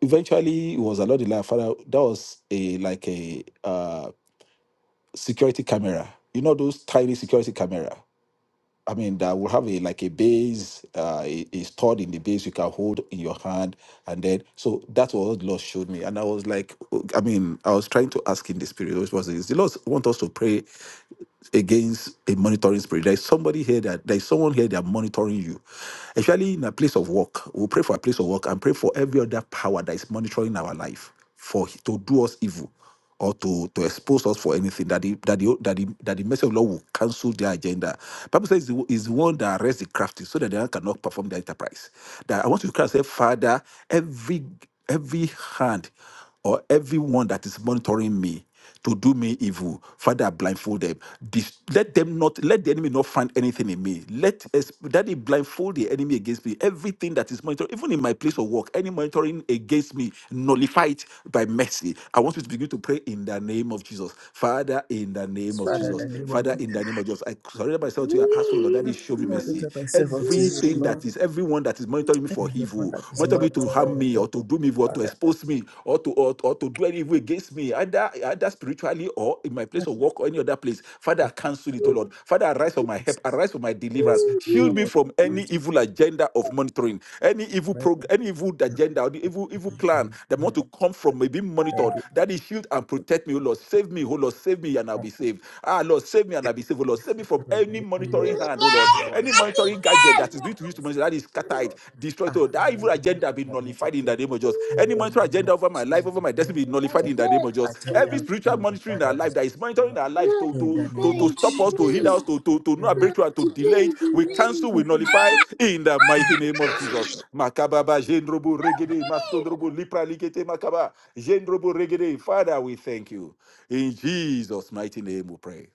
[SPEAKER 5] eventually it was a Lord the Lord, Father. That was a like a uh, security camera. You know those tiny security camera. I mean, that will have a like a base, uh, i- is stored in the base you can hold in your hand, and then so that's what the Lord showed me, and I was like, oh, I mean, I was trying to ask in the spirit, which was this: the Lord want us to pray against a monitoring spirit. There is somebody here that there is someone here that monitoring you. Especially in a place of work. We'll pray for a place of work and pray for every other power that is monitoring our life for to do us evil or to, to expose us for anything that the that the that the, that the message of the Lord will cancel their agenda. Bible says is the is the one that arrests the crafty so that they cannot perform their enterprise. That I want you to cry and say, Father, every every hand or everyone that is monitoring me to do me evil. Father, blindfold them. Dis- let them not, let the enemy not find anything in me. Let us, that it blindfold the enemy against me. Everything that is monitored, even in my place of work, any monitoring against me, nullify it by mercy. I want you to begin to pray in the name of Jesus. Father, in the name of Jesus. Father, in the name of Jesus. I surrender myself to you. I ask for Lord, that is show me mercy. Everything that is, everyone that is monitoring me for evil evil, not of to harm me or to do me evil or to expose me or to or, or to do any evil against me, either either spiritually or in my place of work or any other place. Father, cancel it, O Lord. Father, arise for my help, arise for my deliverance. Shield me from any evil agenda of monitoring, any evil program, any evil agenda or the evil evil plan that want to come from me being monitored. That is shield and protect me, O Lord. Save me, O Lord, save me and I'll be saved. Ah Lord, save me and I'll be saved. O Lord, save me from any monitoring hand, oh Lord, any monitoring gadget that is being used to monitor that is scattered, destroyed,
[SPEAKER 1] Ah,
[SPEAKER 5] oh, that evil agenda be nullified in the name of Jesus. Any monitoring agenda over my life, over my destiny, be nullified in the name of Jesus.
[SPEAKER 1] I thank God
[SPEAKER 5] Every spiritual monitoring in our life that is monitoring our life to
[SPEAKER 1] in
[SPEAKER 5] to
[SPEAKER 1] the
[SPEAKER 5] to, to
[SPEAKER 1] name of
[SPEAKER 5] stop us, to hinder
[SPEAKER 1] Jesus.
[SPEAKER 5] us, to to to not breakthrough, and to delay it, we cancel, we nullify in the mighty name of Jesus. Makababa jendrobo regede masodrobo lipra ligete, makaba jendrobo regede. Father, we thank you in Jesus' mighty name. We pray.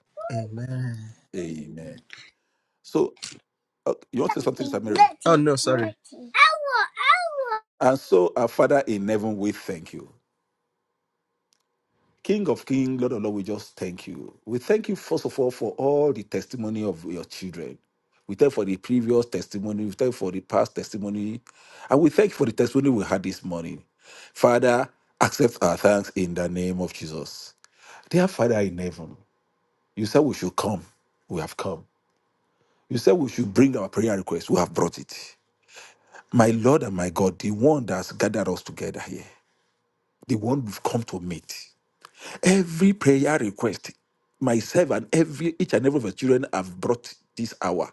[SPEAKER 5] Amen. So uh, you want to say something, Sister Mary?
[SPEAKER 1] Oh no, sorry.
[SPEAKER 5] And so, our Father in heaven, we thank you. King of King, Lord of Lord, we just thank you. We thank you, first of all, for all the testimony of your children. We thank you for the previous testimony. We thank you for the past testimony. And we thank you for the testimony we had this morning. Father, accept our thanks in the name of Jesus. Dear Father in heaven, you said we should come. We have come. You said we should bring our prayer request. We have brought it. My Lord and my God, the one that's gathered us together here, the one we've come to meet. Every prayer request, myself and every each and every of the children have brought this hour.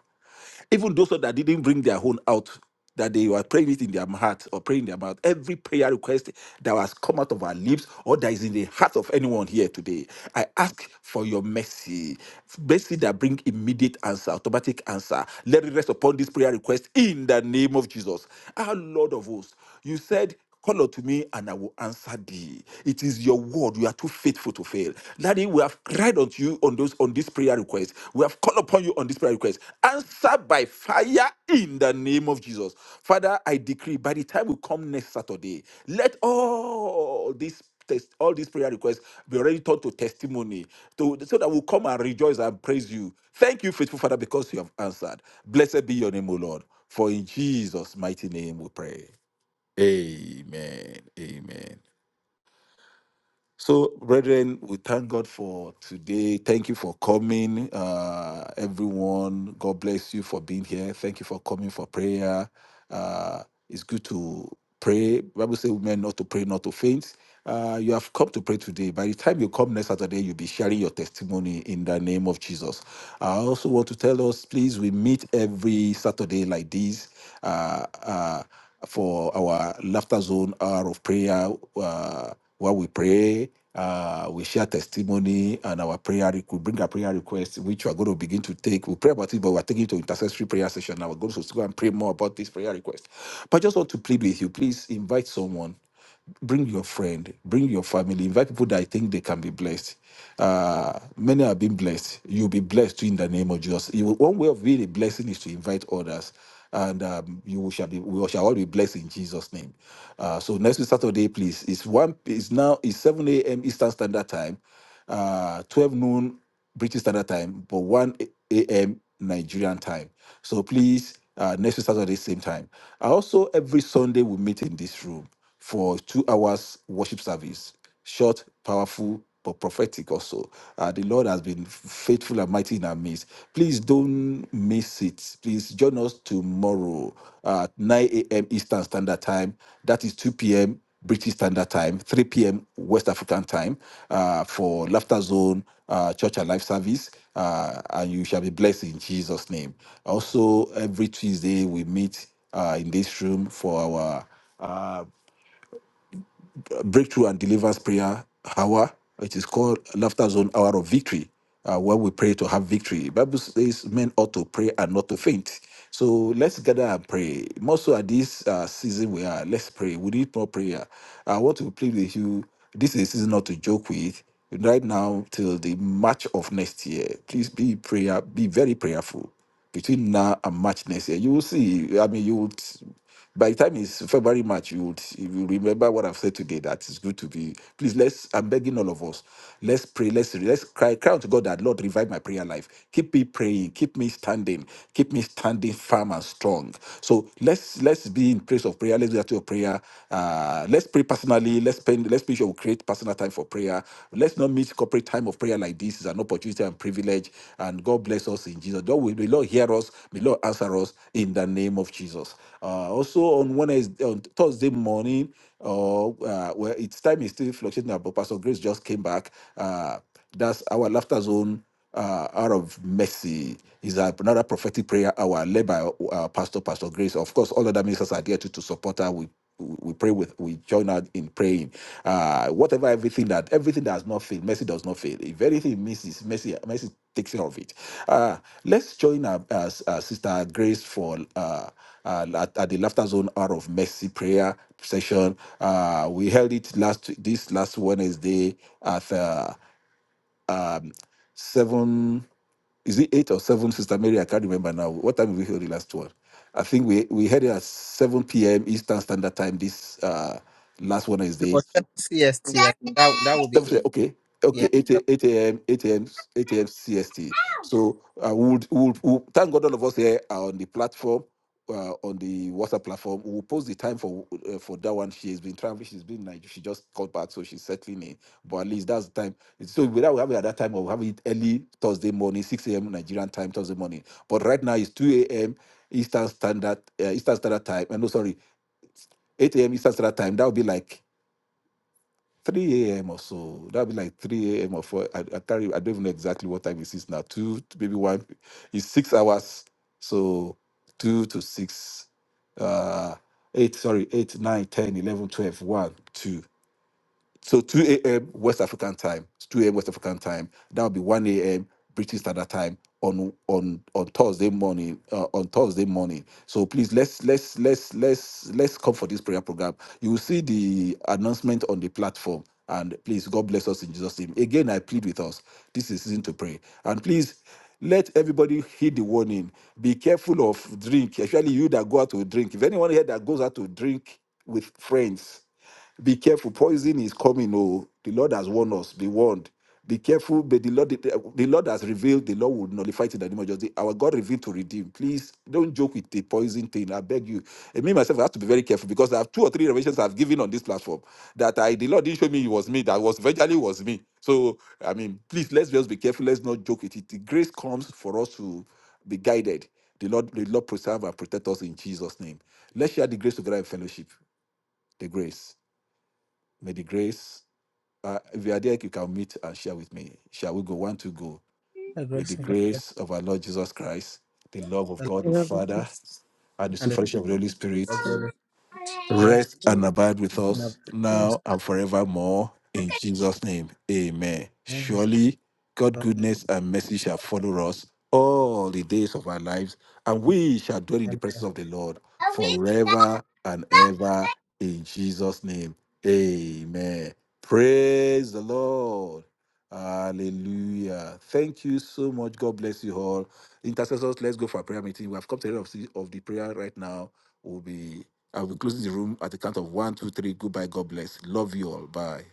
[SPEAKER 5] Even those that didn't bring their own out, that they were praying it in their heart or praying in their mouth. Every prayer request that has come out of our lips or that is in the heart of anyone here today, I ask for your mercy. Mercy that bring immediate answer, automatic answer. Let it rest upon this prayer request in the name of Jesus. Our Lord of hosts, you said. Call unto me and I will answer thee. It is your word. You are too faithful to fail. Daddy, we have cried unto you on those on this prayer request. We have called upon you on this prayer request. Answer by fire in the name of Jesus. Father, I decree by the time we come next Saturday, let all these test all these prayer requests be already turned to testimony to, so that we'll come and rejoice and praise you. Thank you, faithful Father, because you have answered. Blessed be your name, O Lord. For in Jesus' mighty name we pray. Amen. Amen. So, brethren, we thank God for today. Thank you for coming, uh, everyone. God bless you for being here. Thank you for coming for prayer. Uh, it's good to pray. Bible says, "Women not to pray, not to faint." Uh, you have come to pray today. By the time you come next Saturday, you'll be sharing your testimony in the name of Jesus. I also want to tell us, please, we meet every Saturday like this. Uh, uh, for our laughter zone hour of prayer. Uh, where we pray, uh, we share testimony and our prayer. re- We bring our prayer requests, which we are going to begin to take. We pray about it, but we're taking it to intercessory prayer session. Now we're going to go and pray more about this prayer request. But I just want to plead with you, please invite someone bring your friend, bring your family, invite people that I think they can be blessed. Uh, many have been blessed. You'll be blessed too in the name of Jesus. You, will, one way of being a blessing is to invite others and um, you shall be we shall all be blessed in Jesus name. Uh, so next week Saturday, please. It's one. It's now. It's seven a.m. Eastern Standard Time, uh, twelve noon British Standard Time, but one a.m. Nigerian time. So please, uh, next week Saturday same time. Uh, Also, every Sunday we meet in this room for two hours worship service short, powerful, but prophetic also. Uh, the Lord has been faithful and mighty in our midst. Please don't miss it. Please join us tomorrow at 9 a.m. Eastern Standard Time. That is 2 p.m. British Standard Time, 3 p.m. West African Time uh, for Laughter Zone uh, Church and Life Service. Uh, and you shall be blessed in Jesus' name. Also, every Tuesday we meet uh, in this room for our Breakthrough and Deliverance Prayer Hour. It is called Laughter Zone Hour of Victory, uh, where we pray to have victory. Bible says men ought to pray and not to faint. So let's gather and pray. More so at this uh, season we are, let's pray. We need more prayer. I want to plead with you. This is a season not to joke with. Right now till the March of next year, please be prayer, be very prayerful between now and March next year. You will see. I mean, you would. By the time it's February, March, you would you will remember what I've said today. That it's good to be. Please, let's. I'm begging all of us. Let's pray. Let's let's cry. Cry out to God that Lord revive my prayer life. Keep me praying. Keep me standing. Keep me standing firm and strong. So let's let's be in place of prayer. Let's do that to your prayer. Uh, let's pray personally. Let's spend. Let's make sure we create personal time for prayer. Let's not miss corporate time time of prayer like this is an opportunity and privilege. And God bless us in Jesus. God will, may Lord hear us. May Lord answer us in the name of Jesus. Uh, also on Wednesday, on Thursday morning, uh, uh, well, its time is still fluctuating, but Pastor Grace just came back. Uh, that's our laughter zone uh, out of mercy is another prophetic prayer hour led by uh, Pastor Pastor Grace. Of course, all other ministers are there to to support her. We we pray with we join out in praying. Uh, whatever everything that everything that has not failed, mercy does not fail. If anything misses, mercy mercy takes care of it. Uh, let's join our, our, our sister Grace for uh, uh, at, at the laughter zone hour of mercy prayer session. Uh, we held it last this last Wednesday at. uh, um, seven is it eight or seven, Sister Mary? I can't remember now. What time did we hear the last one? I think we we had it at seven p.m. Eastern Standard Time this uh, last
[SPEAKER 1] It
[SPEAKER 5] Wednesday,
[SPEAKER 1] was seven CST. think that that would be
[SPEAKER 5] Seven
[SPEAKER 1] it.
[SPEAKER 5] thirty, okay,
[SPEAKER 1] Yeah.
[SPEAKER 5] okay, 8 a.m., 8 a.m., 8 a.m. CST. So uh, we would, we would, we would- thank God all of us here are on the platform, uh, on the WhatsApp platform. We'll post the time for uh, for that one. She has been traveling. She's been like she just called back, so she's settling in. But at least that's the time. So without we have it at that time, or we have it early Thursday morning, 6 a.m. Nigerian time Thursday morning. But right now it's 2 a.m. Eastern Standard uh, Eastern Standard Time. Uh, no, sorry, 8 a.m. Eastern Standard Time. That would be like 3 a.m. or so. That'll be like 3 a.m. or 4. I, I can't re- I don't even know exactly what time it is now. Two, to maybe one. It's six hours. So two to six, uh, eight, sorry, eight, nine, ten, eleven, twelve, one, two. So 2 a.m. West African time. It's 2 a.m. West African time. That would be 1 a.m. British Standard Time on on on Thursday morning. Uh, on Thursday morning. So please let's let's let's let's let's come for this prayer program. You will see the announcement on the platform. And please, God bless us in Jesus' name. Again, I plead with us. This is season to pray. And please let everybody heed the warning. Be careful of drink, especially you that go out to drink. If anyone here that goes out to drink with friends, be careful. Poison is coming. Oh, the Lord has warned us. Be warned. Be careful. But the Lord, the, the Lord has revealed. The Lord will nullify it in the name of Jesus. Our God revealed to redeem. Please don't joke with the poison thing. I beg you. And me myself I have to be very careful because I have two or three revelations I've given on this platform that I the Lord didn't show me it was me. That was virtually was me. So I mean, please let's just be careful. Let's not joke with it. The grace comes for us to be guided. The Lord, the Lord preserve and protect us in Jesus' name. Let's share the grace together in fellowship. The grace. May the grace, uh, if you are there, you can meet and share with me. Shall we go? One, two, go.
[SPEAKER 1] The
[SPEAKER 5] May
[SPEAKER 1] grace
[SPEAKER 5] the
[SPEAKER 1] of the Lord
[SPEAKER 5] grace of our Lord Jesus Christ, the love
[SPEAKER 1] the
[SPEAKER 5] of
[SPEAKER 1] Lord,
[SPEAKER 5] God the
[SPEAKER 7] Lord, we
[SPEAKER 5] Father, and the
[SPEAKER 1] and
[SPEAKER 5] sweet
[SPEAKER 1] the Spirit
[SPEAKER 5] fellowship of the Holy Spirit
[SPEAKER 1] of the
[SPEAKER 7] Thank
[SPEAKER 1] Holy Spirit rest
[SPEAKER 5] Rest
[SPEAKER 7] you.
[SPEAKER 5] and abide with
[SPEAKER 1] and abide
[SPEAKER 5] us
[SPEAKER 7] for your
[SPEAKER 1] with us.
[SPEAKER 5] now and forevermore. In Jesus' name, amen.
[SPEAKER 1] Amen.
[SPEAKER 5] Surely, God's goodness and mercy shall follow us all the days of our lives, and we shall dwell in the
[SPEAKER 1] God
[SPEAKER 5] presence
[SPEAKER 1] bless
[SPEAKER 5] of the Lord
[SPEAKER 1] you.
[SPEAKER 5] forever and ever. In Jesus' name, amen. Praise the Lord. Hallelujah. Thank you so much. God bless you all. Intercessors, let's go for a prayer meeting. We have come to the end of the of the prayer right now. We'll be I'll be closing the room at the count of one, two, three. Goodbye. God bless. Love you all. Bye.